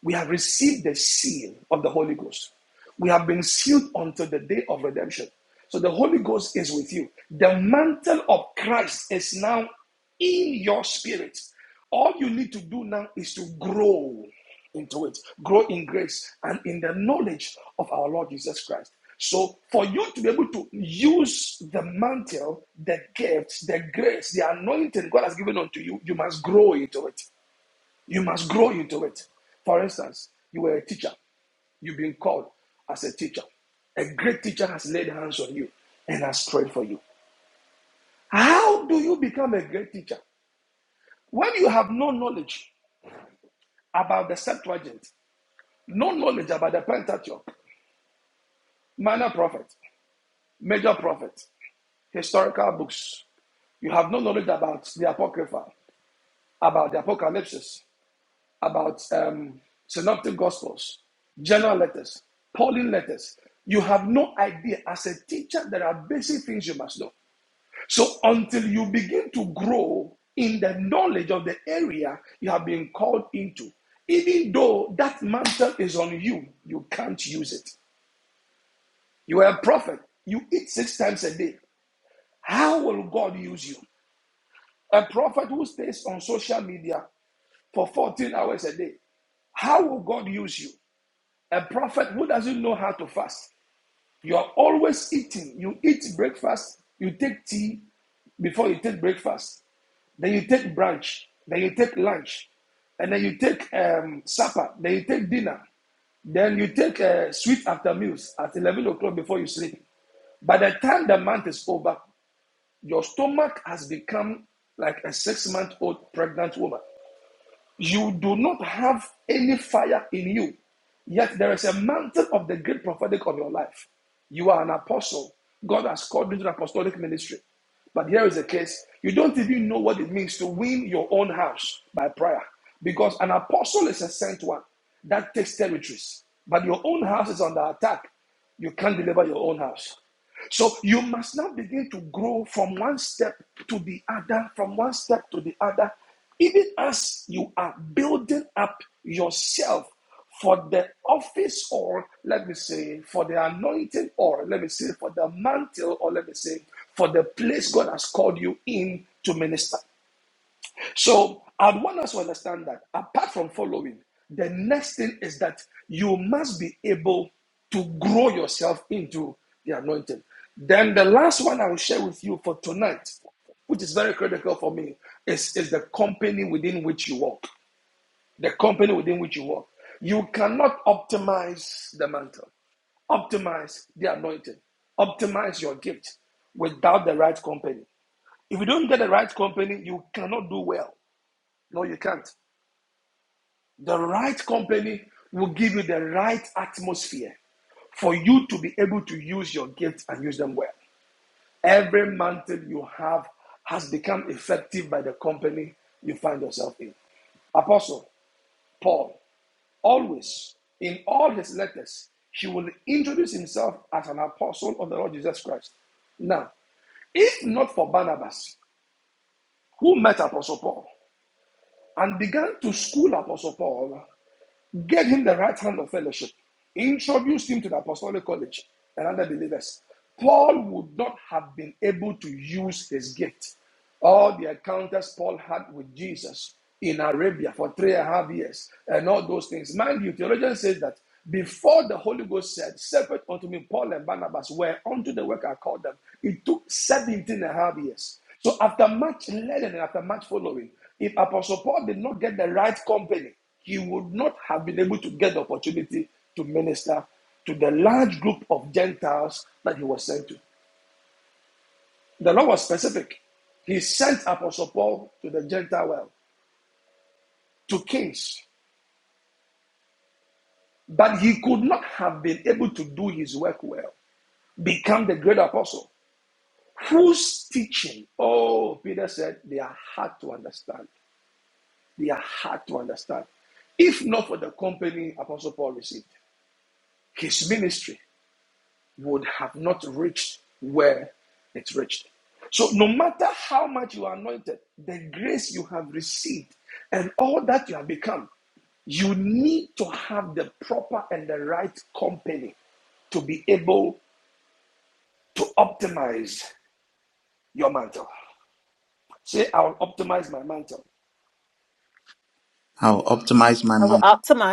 Speaker 6: We have received the seal of the Holy Ghost. We have been sealed until the day of redemption. So the Holy Ghost is with you. The mantle of Christ is now in your spirit. All you need to do now is to grow into it, grow in grace and in the knowledge of our Lord Jesus Christ. So, for you to be able to use the mantle, the gifts, the grace, the anointing God has given unto you, you must grow into it. You must grow into it. For instance, you were a teacher. You've been called as a teacher. A great teacher has laid hands on you and has prayed for you. How do you become a great teacher? When you have no knowledge about the Septuagint, no knowledge about the Pentateuch, minor prophet, major prophet, historical books, you have no knowledge about the Apocrypha, about the Apocalypse. about um, synoptic gospels, general letters, Pauline letters. You have no idea. As a teacher, there are basic things you must know. So until you begin to grow in the knowledge of the area you have been called into, even though that mantle is on you, you can't use it. You are a prophet. You eat six times a day. How will God use you? A prophet who stays on social media for 14 hours a day. How will God use you? A prophet who doesn't know how to fast. You are always eating. You eat breakfast, you take tea before you take breakfast. Then you take brunch, then you take lunch, and then you take um, supper, then you take dinner, then you take uh, sweet after meals at 11 o'clock before you sleep. By the time the month is over, your stomach has become like a six month old pregnant woman. You do not have any fire in you, yet there is a mantle of the great prophetic on your life. You are an apostle. God has called you to the apostolic ministry. But here is the case you don't even know what it means to win your own house by prayer because an apostle is a sent one that takes territories. But your own house is under attack. You can't deliver your own house. So you must now begin to grow from one step to the other, from one step to the other, even as you are building up yourself for the office or let me say for the anointing or let me say for the mantle or let me say for the place God has called you in to minister. So I want us to understand that apart from following, the next thing is that you must be able to grow yourself into the anointing. Then the last one I will share with you for tonight, which is very critical for me, is, is the company within which you work. The company within which you work. You cannot optimize the mantle, optimize the anointing, optimize your gift without the right company. If you don't get the right company, you cannot do well. No, you can't. The right company will give you the right atmosphere for you to be able to use your gifts and use them well. Every mantle you have has become effective by the company you find yourself in. Apostle Paul, always in all his letters, he will introduce himself as an apostle of the Lord Jesus Christ. Now, if not for Barnabas, who met Apostle Paul and began to school Apostle Paul Get him the right hand of fellowship. Introduce him to the apostolic college and other believers. Paul would not have been able to use his gift. All the encounters Paul had with Jesus in Arabia for three and a half years and all those things. Mind you, theologian says that before the Holy Ghost said, Separate unto me Paul and Barnabas, where unto the work I called them, it took 17 and a half years. So after much learning and after much following, if Apostle Paul did not get the right company, he would not have been able to get the opportunity to minister to the large group of Gentiles that he was sent to. The Lord was specific. He sent Apostle Paul to the Gentile world, to kings, but he could not have been able to do his work well, become the great apostle, whose teaching, oh, Peter said, they are hard to understand. They are hard to understand. If not for the company Apostle Paul received, his ministry would have not reached where it reached. So, no matter how much you are anointed, the grace you have received, and all that you have become, you need to have the proper and the right company to be able to optimize your mantle. Say, I'll optimize my mantle
Speaker 1: I'll optimize my month.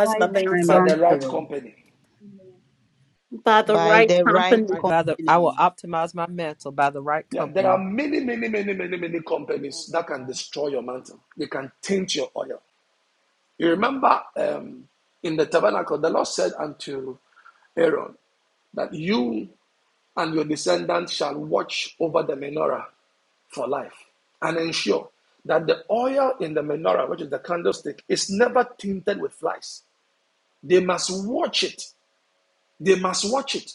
Speaker 5: Rise my
Speaker 6: by the right
Speaker 5: mantle.
Speaker 6: company.
Speaker 7: Amen.
Speaker 5: By the right
Speaker 3: By the I will
Speaker 5: company.
Speaker 3: optimize my mental by the right
Speaker 6: Yeah, there are
Speaker 3: company.
Speaker 6: many, many, many, many, many companies that can
Speaker 9: Shaba
Speaker 6: destroy your mantle. They can taint your oil. You remember um, in the tabernacle, the Lord said unto Aaron that you and your descendants shall watch over the menorah for life and ensure that the oil in the menorah, which is the candlestick, is never tinted with flies. They must watch it. They must watch it.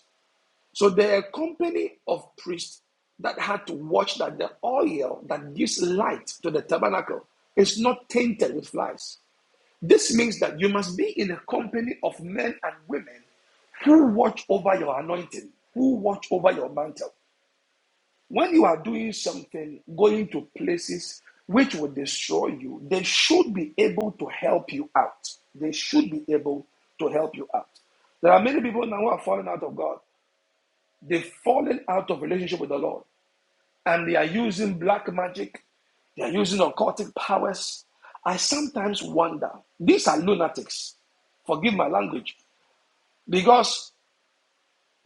Speaker 6: So there are a company of priests that had to watch that the oil that gives light to the tabernacle is not tainted with flies. This means that you must be in a company of men and women who watch over your anointing, who watch over your mantle. When you are doing something, going to places which will destroy you, they should be able to help you out. They should be able to help you out. There are many people now who are falling out of God. They've fallen out of relationship with the Lord and they are using black magic, they are using occultic powers. I sometimes wonder, these are lunatics. Forgive my language. Because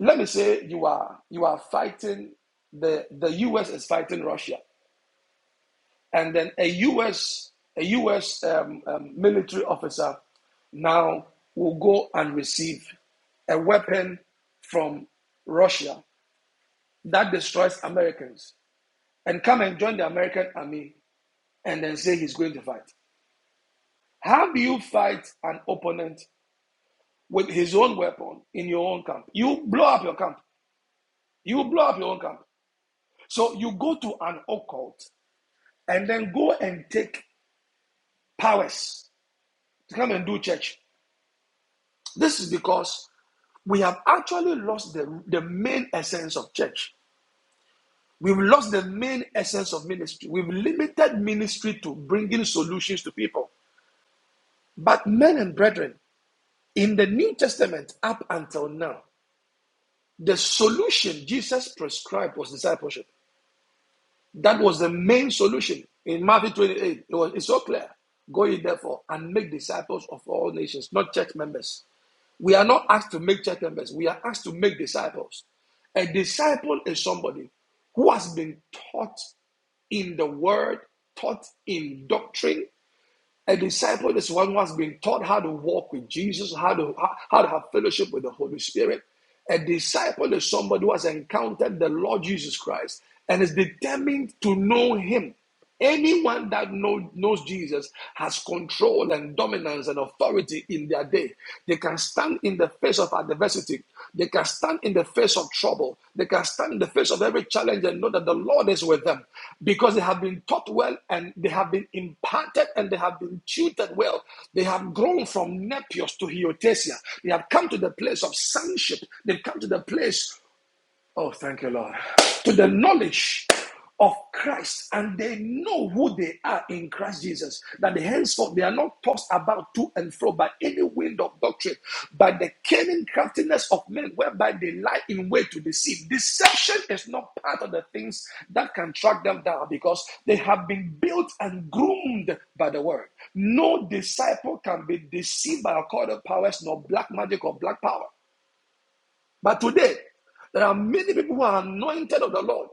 Speaker 6: let me say you are you are fighting the the US is fighting Russia. And then a US a US um, um, military officer now will go and receive a weapon from Russia that destroys Americans and come and join the American army and then say he's going to fight. How do you fight an opponent with his own weapon in your own camp? You blow up your camp. You blow up your own camp. So you go to an occult and then go and take powers to come and do church. This is because we have actually lost the, the main essence of church. We've lost the main essence of ministry. We've limited ministry to bringing solutions to people. But, men and brethren, in the New Testament up until now, The solution Jesus prescribed was discipleship. That was the main solution in Matthew 28. It was, it's so clear. Go ye therefore and make disciples of all nations, not church members. We are not asked to make church members, we are asked to make disciples. A disciple is somebody who has been taught in the word, taught in doctrine, a disciple is one who has been taught how to walk with Jesus, how to how to have fellowship with the Holy Spirit. A disciple is somebody who has encountered the Lord Jesus Christ and is determined to know Him. Anyone that know, knows Jesus has control and dominance and authority in their day. They can stand in the face of adversity. They can stand in the face of trouble. They can stand in the face of every challenge and know that the Lord is with them because they have been taught well and they have been imparted and they have been tutored well. They have grown from Nepios to Hiotesia. They have come to the place of sonship. They've come to the place Oh, thank you, Lord. To the knowledge of Christ, and they know who they are in Christ Jesus, that the henceforth they are not tossed about to and fro by any wind of doctrine, by the cunning craftiness of men, whereby they lie in wait to deceive. Deception is not part of the things that can track them down because they have been built and groomed by the word. No disciple can be deceived by occult powers, nor black magic or black power. But today, there are many people who are anointed of the Lord.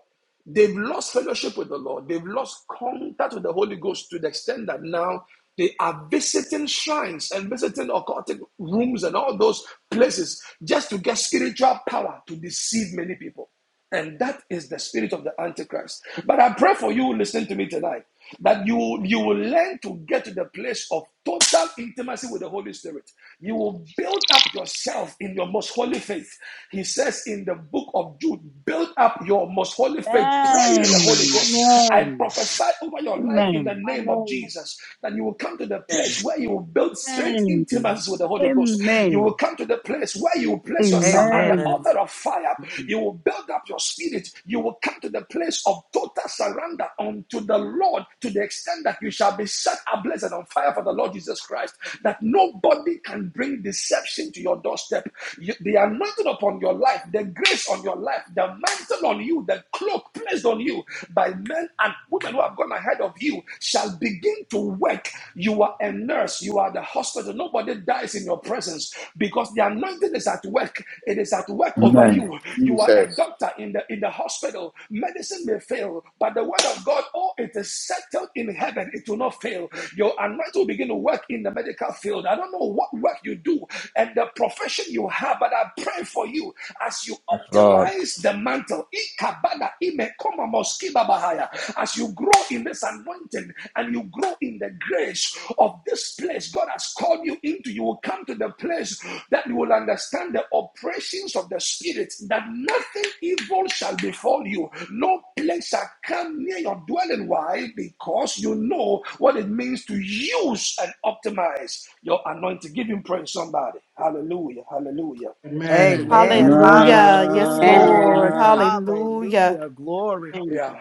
Speaker 6: They've lost fellowship with the Lord. They've lost contact with the Holy Ghost to the extent that now they are visiting shrines and visiting occultic rooms and all those places just to get spiritual power to deceive many people. And that is the spirit of the Antichrist. But I pray for you, listen to me tonight, that you, you will learn to get to the place of total intimacy with the Holy Spirit. You will build up yourself in your most holy faith. He says in the book of Jude, build up your most holy faith, praying in the Holy
Speaker 5: Amen.
Speaker 6: Ghost. I
Speaker 7: Amen. Amen.
Speaker 6: prophesy over your life in the
Speaker 5: Amen.
Speaker 6: name of Jesus that you will come to the place where you will build strength
Speaker 5: Amen.
Speaker 6: intimacy with the Holy Ghost. You will
Speaker 5: Amen.
Speaker 6: come to the place where you will place yourself at the
Speaker 3: Amen.
Speaker 5: Amen.
Speaker 6: altar of fire. You will build up your spirit. You will come to the place of total surrender unto the Lord to the extent that you shall be set ablaze and on fire for the Lord Jesus Christ. That nobody can bring deception to your doorstep. You- the anointing upon your life, the grace on your life, the mantle on you, the cloak placed on you by men and women who have gone ahead of you shall begin to to work. You are a nurse. You are the hospital. Nobody dies in your presence because the anointing is at work. It is at work over
Speaker 1: Amen.
Speaker 6: you. You are a
Speaker 1: Jesus.
Speaker 6: doctor in the in the hospital. Medicine may fail, but the word of God, oh, it is settled in heaven. It will not fail. Your anointing will begin to work in the medical field. I don't know what work you do and the profession you have, but I pray for you as you optimize the mantle. Ikabada, Mekoma moskiba bahaya. As you grow in this anointing and you grow in the grace of this place God has called you into, you will come to the place that you will understand the operations of the Spirit, that nothing evil shall befall you. No plague shall come near your dwelling. Why? Because you know what it means to use and optimize your anointing. Give him praise, somebody. Hallelujah, hallelujah,
Speaker 3: Amen.
Speaker 6: hallelujah.
Speaker 2: Hallelujah. Yes,
Speaker 3: Hallelujah.
Speaker 10: And
Speaker 2: Lord. Hallelujah.
Speaker 3: Hallelujah. Glory.
Speaker 6: Yeah.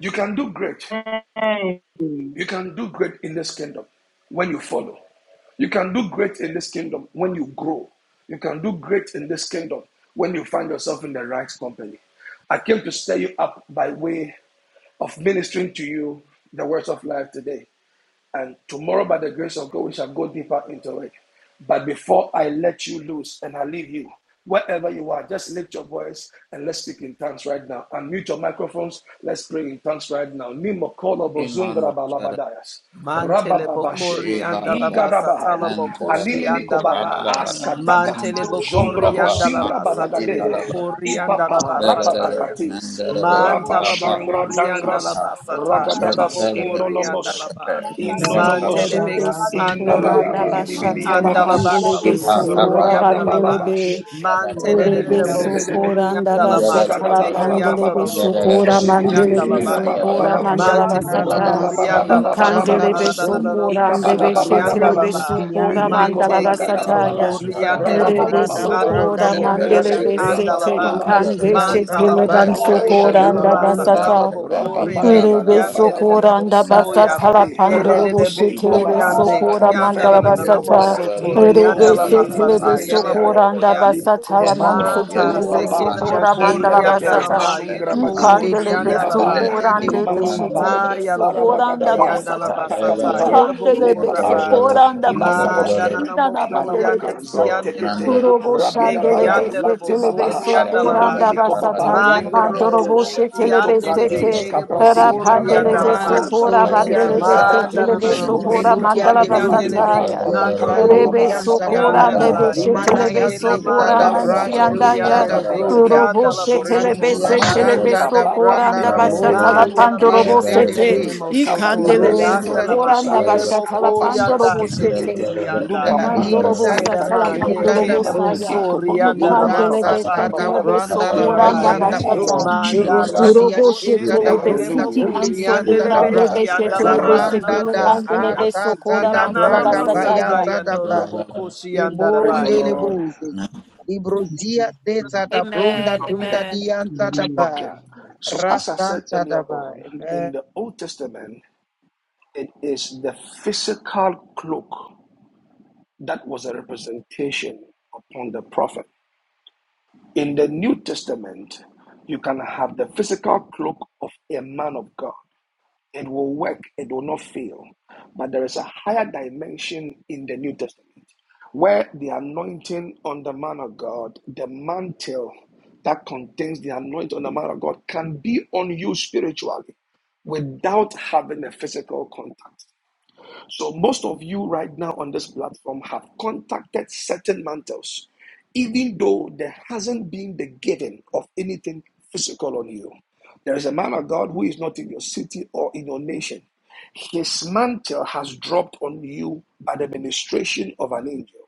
Speaker 6: You can do great.
Speaker 5: Amen.
Speaker 6: You can do great in this kingdom when you follow. You can do great in this kingdom when you grow. You can do great in this kingdom when you find yourself in the right company. I came to stir you up by way of ministering to you the words of life today. And tomorrow, by the grace of God, we shall go deeper into it. But before I let you loose and I leave you, wherever you are, just lift your voice and let's speak in tongues right now. Unmute your microphones. Let's pray in tongues right now. Nimo kolo
Speaker 1: Amen.
Speaker 6: bozungra
Speaker 1: Lord.
Speaker 6: balabadayas.
Speaker 3: Mantele bokori
Speaker 1: E
Speaker 6: Rabababasheke.
Speaker 1: bada
Speaker 3: andalaba
Speaker 1: bada
Speaker 7: Yakarara
Speaker 6: Igadabahaya.
Speaker 3: satala
Speaker 1: mantala
Speaker 3: bokoshi
Speaker 6: Animini
Speaker 1: bada
Speaker 6: kobaya.
Speaker 3: andalaba.
Speaker 1: bada bada
Speaker 6: Askatata.
Speaker 3: Mantele
Speaker 1: mento sita
Speaker 3: bokori
Speaker 1: pa
Speaker 6: Jongrobosingra
Speaker 3: andalaba
Speaker 1: mako e
Speaker 3: satele
Speaker 6: badagade.
Speaker 1: bada bada
Speaker 3: bokori andalaba
Speaker 6: Ipapa
Speaker 1: bada
Speaker 3: sataya.
Speaker 1: bada
Speaker 6: rapatakatis.
Speaker 1: mandala bada
Speaker 3: Mantala
Speaker 1: apa
Speaker 6: Rabashangra
Speaker 3: bokori
Speaker 1: usuba
Speaker 3: andala
Speaker 6: dangras.
Speaker 1: ha
Speaker 3: basata, yala
Speaker 6: Ragadabas
Speaker 1: mantala bada
Speaker 3: bokori andala
Speaker 6: inonomos.
Speaker 3: ba.
Speaker 1: bada
Speaker 2: Yes,
Speaker 1: mustanta
Speaker 6: Inonomos.
Speaker 2: Lord,
Speaker 3: Mantele
Speaker 1: bada
Speaker 2: de
Speaker 5: Kadaraba,
Speaker 3: beki
Speaker 1: bada
Speaker 3: andoro
Speaker 2: sokora
Speaker 6: Inomeneke
Speaker 2: na
Speaker 1: bada
Speaker 3: bokoshi
Speaker 6: bidibidi
Speaker 1: mandi
Speaker 2: bashata la
Speaker 1: bidi
Speaker 10: according
Speaker 6: yababas.
Speaker 3: andala
Speaker 10: to
Speaker 3: ba
Speaker 2: pandele
Speaker 1: e
Speaker 3: kala
Speaker 2: de
Speaker 1: pa
Speaker 3: bosori
Speaker 1: apa
Speaker 2: sokora
Speaker 6: rabada
Speaker 1: bada
Speaker 3: andala
Speaker 2: bandele
Speaker 3: ba.
Speaker 6: Rabadabababash.
Speaker 2: be.
Speaker 1: bada
Speaker 3: Mantele
Speaker 1: bada
Speaker 2: Ore
Speaker 3: de
Speaker 2: de
Speaker 3: de
Speaker 1: mandi
Speaker 7: mama
Speaker 6: Rebedebelebedebe.
Speaker 1: bidi
Speaker 3: bosori
Speaker 2: sokora
Speaker 7: mama
Speaker 2: na
Speaker 3: andala
Speaker 7: moko
Speaker 1: ya
Speaker 3: ma
Speaker 1: bada
Speaker 2: basata
Speaker 7: şişe
Speaker 2: la
Speaker 7: de
Speaker 1: bada
Speaker 7: de
Speaker 3: seteki
Speaker 7: de de.
Speaker 2: pandele be
Speaker 3: andoro
Speaker 6: Zigadabalababababas.
Speaker 1: ya
Speaker 3: do
Speaker 1: bada
Speaker 2: sokora
Speaker 1: bada
Speaker 3: bosori
Speaker 7: In the
Speaker 1: mandi
Speaker 2: mandele be
Speaker 7: name of
Speaker 1: santa bada
Speaker 3: ya.
Speaker 7: Jesus,
Speaker 2: sokora
Speaker 1: bada
Speaker 6: Zibidibidibirababababas.
Speaker 7: Moko
Speaker 2: mandala
Speaker 7: Waka
Speaker 3: Mantele
Speaker 5: Labranda
Speaker 1: ya
Speaker 5: la
Speaker 7: Lala
Speaker 1: bada
Speaker 2: basata.
Speaker 7: Baba
Speaker 3: bokori
Speaker 1: bada
Speaker 7: Baba.
Speaker 5: masaya
Speaker 3: andala
Speaker 1: bada bada
Speaker 5: shanda
Speaker 2: Ikandele
Speaker 3: basata
Speaker 6: Rababababababababas.
Speaker 7: In
Speaker 5: la
Speaker 1: mantala
Speaker 2: be
Speaker 3: da
Speaker 7: the
Speaker 3: da
Speaker 5: bo
Speaker 3: da
Speaker 7: name
Speaker 3: da
Speaker 7: of
Speaker 3: da
Speaker 2: sokora
Speaker 7: Jesus,
Speaker 2: ande be
Speaker 7: Moko
Speaker 3: bosori
Speaker 1: bada
Speaker 2: shetele
Speaker 5: libroni
Speaker 7: Woko
Speaker 3: andala
Speaker 2: be
Speaker 1: bada
Speaker 6: Ikabadababababas.
Speaker 7: Lala
Speaker 3: ba.
Speaker 1: bada
Speaker 7: Baba
Speaker 1: bada
Speaker 2: sokora
Speaker 5: mukiyande
Speaker 7: Lala
Speaker 5: le bo
Speaker 2: mandala
Speaker 7: Baba
Speaker 3: Mante
Speaker 1: Yes,
Speaker 7: Baba.
Speaker 3: kele
Speaker 2: basata
Speaker 6: Niminikobalagabababas.
Speaker 7: Maya
Speaker 3: bokori
Speaker 5: liba
Speaker 7: Karara
Speaker 3: andele
Speaker 2: Ore
Speaker 7: Baba
Speaker 5: santa
Speaker 2: be
Speaker 3: beki
Speaker 5: da
Speaker 6: Rabababababa.
Speaker 7: Yekerebe.
Speaker 5: braga
Speaker 3: andoro
Speaker 2: sokora
Speaker 5: yanta
Speaker 6: Zombelebe.
Speaker 5: da
Speaker 2: mandele
Speaker 3: bokoshi
Speaker 2: be
Speaker 7: Yekerebe
Speaker 5: brisa
Speaker 3: andala
Speaker 2: sete
Speaker 7: Shikara
Speaker 3: ba.
Speaker 5: dole
Speaker 6: Rababababas.
Speaker 5: di
Speaker 2: ikande
Speaker 7: Baba.
Speaker 5: yanta da
Speaker 3: Mantala
Speaker 2: shetele
Speaker 5: ba
Speaker 2: ban
Speaker 7: Masara
Speaker 6: Ipalagadaba.
Speaker 7: Baba
Speaker 3: Mantalabo and
Speaker 7: Yoko
Speaker 2: sokora na
Speaker 7: Yake.
Speaker 3: Alabasa
Speaker 5: luranda
Speaker 6: Shebedebelebebes.
Speaker 2: basata.
Speaker 7: In
Speaker 3: Talabo
Speaker 7: the
Speaker 3: Kore
Speaker 7: mighty
Speaker 5: bria
Speaker 6: Rababade.
Speaker 7: name of
Speaker 2: Kerebe
Speaker 3: Bekiande
Speaker 7: Jesus,
Speaker 3: de
Speaker 2: sokora
Speaker 6: Rabadababa.
Speaker 7: Woko
Speaker 2: anda
Speaker 7: Robo
Speaker 5: santa
Speaker 3: Bosoya
Speaker 7: Yana
Speaker 2: basata la
Speaker 6: Eh,
Speaker 7: Baba
Speaker 2: pandoro
Speaker 3: Elele
Speaker 6: Rantebe
Speaker 2: boshi kerebe
Speaker 7: Boyana
Speaker 6: Kobahasa,
Speaker 3: Bokoyande
Speaker 7: Baba
Speaker 2: sokora
Speaker 3: Kianda
Speaker 9: Thank
Speaker 2: mandala
Speaker 6: Ifenimini
Speaker 7: Shikerebe.
Speaker 3: Nanamo
Speaker 2: basata
Speaker 6: Kobaya, Ino
Speaker 3: Sotorianda
Speaker 2: kerebe
Speaker 3: La
Speaker 6: Mini
Speaker 2: se
Speaker 6: Mini Mini
Speaker 2: kerebe
Speaker 3: Masata
Speaker 6: Mini
Speaker 3: Yala
Speaker 6: Miaya,
Speaker 2: sokora anda
Speaker 5: da
Speaker 3: Bokoya
Speaker 9: you.
Speaker 2: basata la
Speaker 6: Libabar,
Speaker 7: Yakara
Speaker 2: manso
Speaker 5: bo
Speaker 1: Lord,
Speaker 7: Baba
Speaker 3: Manta
Speaker 1: yes,
Speaker 2: kerebe
Speaker 7: Baba.
Speaker 1: Lord.
Speaker 3: Sekele
Speaker 6: Libabarba,
Speaker 1: Mando
Speaker 2: sokora
Speaker 5: shagonde
Speaker 2: mandala
Speaker 1: Center,
Speaker 3: Bokorianda La
Speaker 6: Ilebeberba,
Speaker 3: Ma
Speaker 2: basata
Speaker 3: Yela
Speaker 6: Sungrabade,
Speaker 1: Upadu
Speaker 2: ikandele be
Speaker 5: dia
Speaker 3: Bokorianda
Speaker 6: Libabaria,
Speaker 1: Smatter,
Speaker 7: In
Speaker 5: ente
Speaker 7: the
Speaker 3: La
Speaker 2: sokora
Speaker 5: de
Speaker 7: name
Speaker 2: ande
Speaker 7: of
Speaker 6: Liba
Speaker 5: bo
Speaker 2: boshi
Speaker 7: Jesus,
Speaker 6: Mamabar,
Speaker 3: Ma
Speaker 2: kerebe
Speaker 7: God.
Speaker 1: Mandalaba,
Speaker 2: sokora anda
Speaker 3: yalabokori
Speaker 6: Barabagadabar,
Speaker 1: Mandalaba,
Speaker 2: basata ya
Speaker 7: In
Speaker 3: andalabasata
Speaker 7: the
Speaker 1: Mandalaba,
Speaker 6: Takababar,
Speaker 2: ikandele be
Speaker 6: Liba
Speaker 3: yalabokoraba.
Speaker 6: Arkata,
Speaker 2: sokora
Speaker 1: Mandalaba,
Speaker 2: anda basata
Speaker 3: Manda
Speaker 6: Inonomoske,
Speaker 1: Mandalaba,
Speaker 2: indana
Speaker 3: nanamoko
Speaker 6: Nana
Speaker 2: mandele be
Speaker 3: yande
Speaker 6: Makar,
Speaker 1: Go
Speaker 6: Zak
Speaker 2: so
Speaker 3: kiyande
Speaker 1: Manda,
Speaker 6: Tekete,
Speaker 3: leboko
Speaker 2: Kurobo
Speaker 3: sate
Speaker 6: Rabida
Speaker 2: shandele
Speaker 1: Arabalaba,
Speaker 2: be
Speaker 6: Babar,
Speaker 3: kiyande
Speaker 2: se
Speaker 6: Lakte
Speaker 2: telebe
Speaker 3: lebosori
Speaker 6: Babahash,
Speaker 2: sokora
Speaker 1: Arabalaba,
Speaker 2: anda
Speaker 3: andalabaya.
Speaker 6: Ilominico
Speaker 1: Rabado,
Speaker 2: basata
Speaker 6: Babar,
Speaker 2: ya
Speaker 3: Mando
Speaker 6: Lingra
Speaker 2: mandoro
Speaker 6: Batus,
Speaker 3: roboko
Speaker 1: Arabalaba,
Speaker 2: boshi telebe
Speaker 6: Fito
Speaker 3: shiyande
Speaker 2: sete
Speaker 6: Pratis,
Speaker 1: Arabalaba,
Speaker 3: lebekere
Speaker 2: Kara
Speaker 6: Caprati,
Speaker 3: bosori
Speaker 2: pandele
Speaker 1: Arabalaba,
Speaker 2: beso
Speaker 3: andalaba.
Speaker 6: Venimacosa,
Speaker 2: kora
Speaker 5: Malorian
Speaker 2: bandele bese
Speaker 1: Arabalaba,
Speaker 6: Pangizegazaka,
Speaker 3: Manda
Speaker 2: tele
Speaker 3: na na
Speaker 5: Tadabushi,
Speaker 3: na
Speaker 2: beso
Speaker 7: name
Speaker 3: mo
Speaker 7: of
Speaker 9: Thank you.
Speaker 1: Mandelabalaba,
Speaker 2: kora
Speaker 6: Ishkopedica,
Speaker 3: soto
Speaker 7: Jesus,
Speaker 5: Imelurian
Speaker 6: Pare
Speaker 7: O
Speaker 2: mandala
Speaker 10: the
Speaker 5: de
Speaker 7: God.
Speaker 5: Bru,
Speaker 3: riande
Speaker 6: Babadi
Speaker 10: quantity
Speaker 3: le
Speaker 6: Babar,
Speaker 2: basataya.
Speaker 7: Oh
Speaker 3: ando
Speaker 5: Liba
Speaker 6: Babakama
Speaker 1: Indusalabalaba,
Speaker 3: robo
Speaker 7: Lord,
Speaker 2: Rebe
Speaker 6: Mamabara,
Speaker 5: Lorian
Speaker 2: so
Speaker 3: koshi
Speaker 2: kora
Speaker 10: size,
Speaker 3: anda
Speaker 5: Tadaba,
Speaker 6: Babababa,
Speaker 2: ande
Speaker 3: rabaya.
Speaker 2: beshe
Speaker 1: Ipatalabalaba,
Speaker 2: tele
Speaker 5: Limanaya
Speaker 6: Lobi
Speaker 3: Hela
Speaker 2: beso
Speaker 6: Biri
Speaker 2: kora
Speaker 5: Zetada
Speaker 3: mando
Speaker 6: Babar,
Speaker 7: in the
Speaker 2: nansi
Speaker 3: soto
Speaker 7: name
Speaker 6: Babadi,
Speaker 1: Yapalabalabalaba,
Speaker 7: of
Speaker 5: Brashun
Speaker 2: andaya.
Speaker 3: riande le
Speaker 7: Jesus,
Speaker 1: Rabalabalaba,
Speaker 5: Tadabroda,
Speaker 6: Barabababadi,
Speaker 2: Robo
Speaker 3: anda la
Speaker 2: she
Speaker 3: bo
Speaker 6: Zum
Speaker 2: tele
Speaker 6: Zum
Speaker 3: soto
Speaker 7: my
Speaker 6: Zum
Speaker 5: Ratia
Speaker 2: bese
Speaker 7: Lord,
Speaker 6: Mama
Speaker 7: O
Speaker 2: tele
Speaker 3: rabasi
Speaker 7: God,
Speaker 5: Shanta
Speaker 6: Kuba
Speaker 7: she
Speaker 5: da
Speaker 3: ande
Speaker 2: beso
Speaker 3: le
Speaker 6: Baba
Speaker 2: kora
Speaker 5: Branda
Speaker 2: anda
Speaker 5: la
Speaker 6: Bebe
Speaker 2: basata la
Speaker 6: Neke
Speaker 1: Mandelabalaba,
Speaker 5: Moko
Speaker 3: Manda la
Speaker 6: Teke
Speaker 1: Rabalabalaba,
Speaker 2: pandoro
Speaker 5: de
Speaker 3: baki
Speaker 6: Jeke
Speaker 3: ande le
Speaker 2: bosete.
Speaker 1: Arabalaba,
Speaker 6: Teke
Speaker 3: ne
Speaker 5: Tedebe,
Speaker 3: mo soto
Speaker 2: Ikandele
Speaker 6: Kabataka
Speaker 5: Iron
Speaker 2: beso
Speaker 3: rianda
Speaker 6: Seke
Speaker 1: Arabalaba,
Speaker 3: la
Speaker 6: Tiki
Speaker 3: ma
Speaker 2: kora anda
Speaker 6: Sakte
Speaker 3: yele
Speaker 2: basata
Speaker 6: Sapa
Speaker 2: la
Speaker 1: Arabalaba,
Speaker 3: boko
Speaker 6: Paska
Speaker 5: Tati
Speaker 2: pandoro
Speaker 3: yanda se
Speaker 6: Skiti
Speaker 3: te
Speaker 2: bosete.
Speaker 6: Kete
Speaker 3: ki
Speaker 10: the
Speaker 3: anda
Speaker 6: Luma
Speaker 5: ya
Speaker 3: ya.
Speaker 6: Manga
Speaker 2: Mandoro
Speaker 1: Imandala
Speaker 5: inta
Speaker 3: Hela
Speaker 6: Santa
Speaker 2: bosata la
Speaker 3: mande
Speaker 6: Kimba
Speaker 5: inda
Speaker 2: pandoro
Speaker 3: ke
Speaker 5: da
Speaker 3: ne
Speaker 6: Kimba
Speaker 3: mo
Speaker 5: bova
Speaker 2: bosaya.
Speaker 3: so
Speaker 6: Iko
Speaker 3: rianda
Speaker 6: Bobo
Speaker 3: la
Speaker 6: Raba
Speaker 2: Ikandele
Speaker 5: lirasa
Speaker 6: Basi
Speaker 3: masata
Speaker 5: ta
Speaker 2: bese
Speaker 6: Baba
Speaker 5: da
Speaker 2: tele
Speaker 3: yele
Speaker 6: Ba
Speaker 2: beso
Speaker 5: branda
Speaker 3: boko
Speaker 5: la
Speaker 6: In
Speaker 2: kora
Speaker 6: the
Speaker 2: anda
Speaker 3: rabaya.
Speaker 5: bayanda
Speaker 6: name
Speaker 2: basata.
Speaker 5: bro
Speaker 6: of
Speaker 3: Manda
Speaker 7: said,
Speaker 3: la
Speaker 5: lirunta
Speaker 6: Jesus
Speaker 5: dia
Speaker 2: Urobo
Speaker 3: moko
Speaker 5: shita
Speaker 3: shete
Speaker 5: da
Speaker 2: shetele
Speaker 3: lele
Speaker 5: bruta
Speaker 2: besiki
Speaker 6: Hallelujah
Speaker 3: boku
Speaker 5: gunde
Speaker 2: anso
Speaker 3: riande
Speaker 5: dianta da
Speaker 2: kurando
Speaker 5: bra
Speaker 3: lebeki anda
Speaker 6: Praise the
Speaker 3: la
Speaker 5: la
Speaker 2: beshetele
Speaker 6: Lord
Speaker 3: mana nana
Speaker 5: randa
Speaker 2: besekele
Speaker 5: da
Speaker 2: mandele
Speaker 3: mosoya.
Speaker 5: asa ta
Speaker 2: besokora
Speaker 3: Ina
Speaker 5: da
Speaker 2: mandala
Speaker 3: nana
Speaker 5: braga
Speaker 6: Hallelujah
Speaker 3: masata
Speaker 2: basataya.
Speaker 5: bayanta da
Speaker 3: yando
Speaker 5: ba
Speaker 3: robo koshi anda la
Speaker 6: Praise the
Speaker 5: limbonde
Speaker 6: Lord
Speaker 5: libuzi
Speaker 1: and
Speaker 5: librozia seta da brunda
Speaker 2: Amen.
Speaker 6: Okay
Speaker 5: dunda
Speaker 2: Amen.
Speaker 5: dianta da
Speaker 6: Okay
Speaker 5: ba
Speaker 6: so as I said
Speaker 5: rasanta da
Speaker 6: earlier
Speaker 5: ba
Speaker 6: on in
Speaker 5: amen
Speaker 6: the Old Testament It is the physical cloak that was a representation upon the prophet. In the New Testament, you can have the physical cloak of a man of God. It will work, it will not fail. But there is a higher dimension in the New Testament where the anointing on the man of God, the mantle that contains the anointing on the man of God, can be on you spiritually without having a physical contact. So, most of you right now on this platform have contacted certain mantles, even though there hasn't been the giving of anything physical on you. There is a man of God who is not in your city or in your nation. His mantle has dropped on you by the ministration of an angel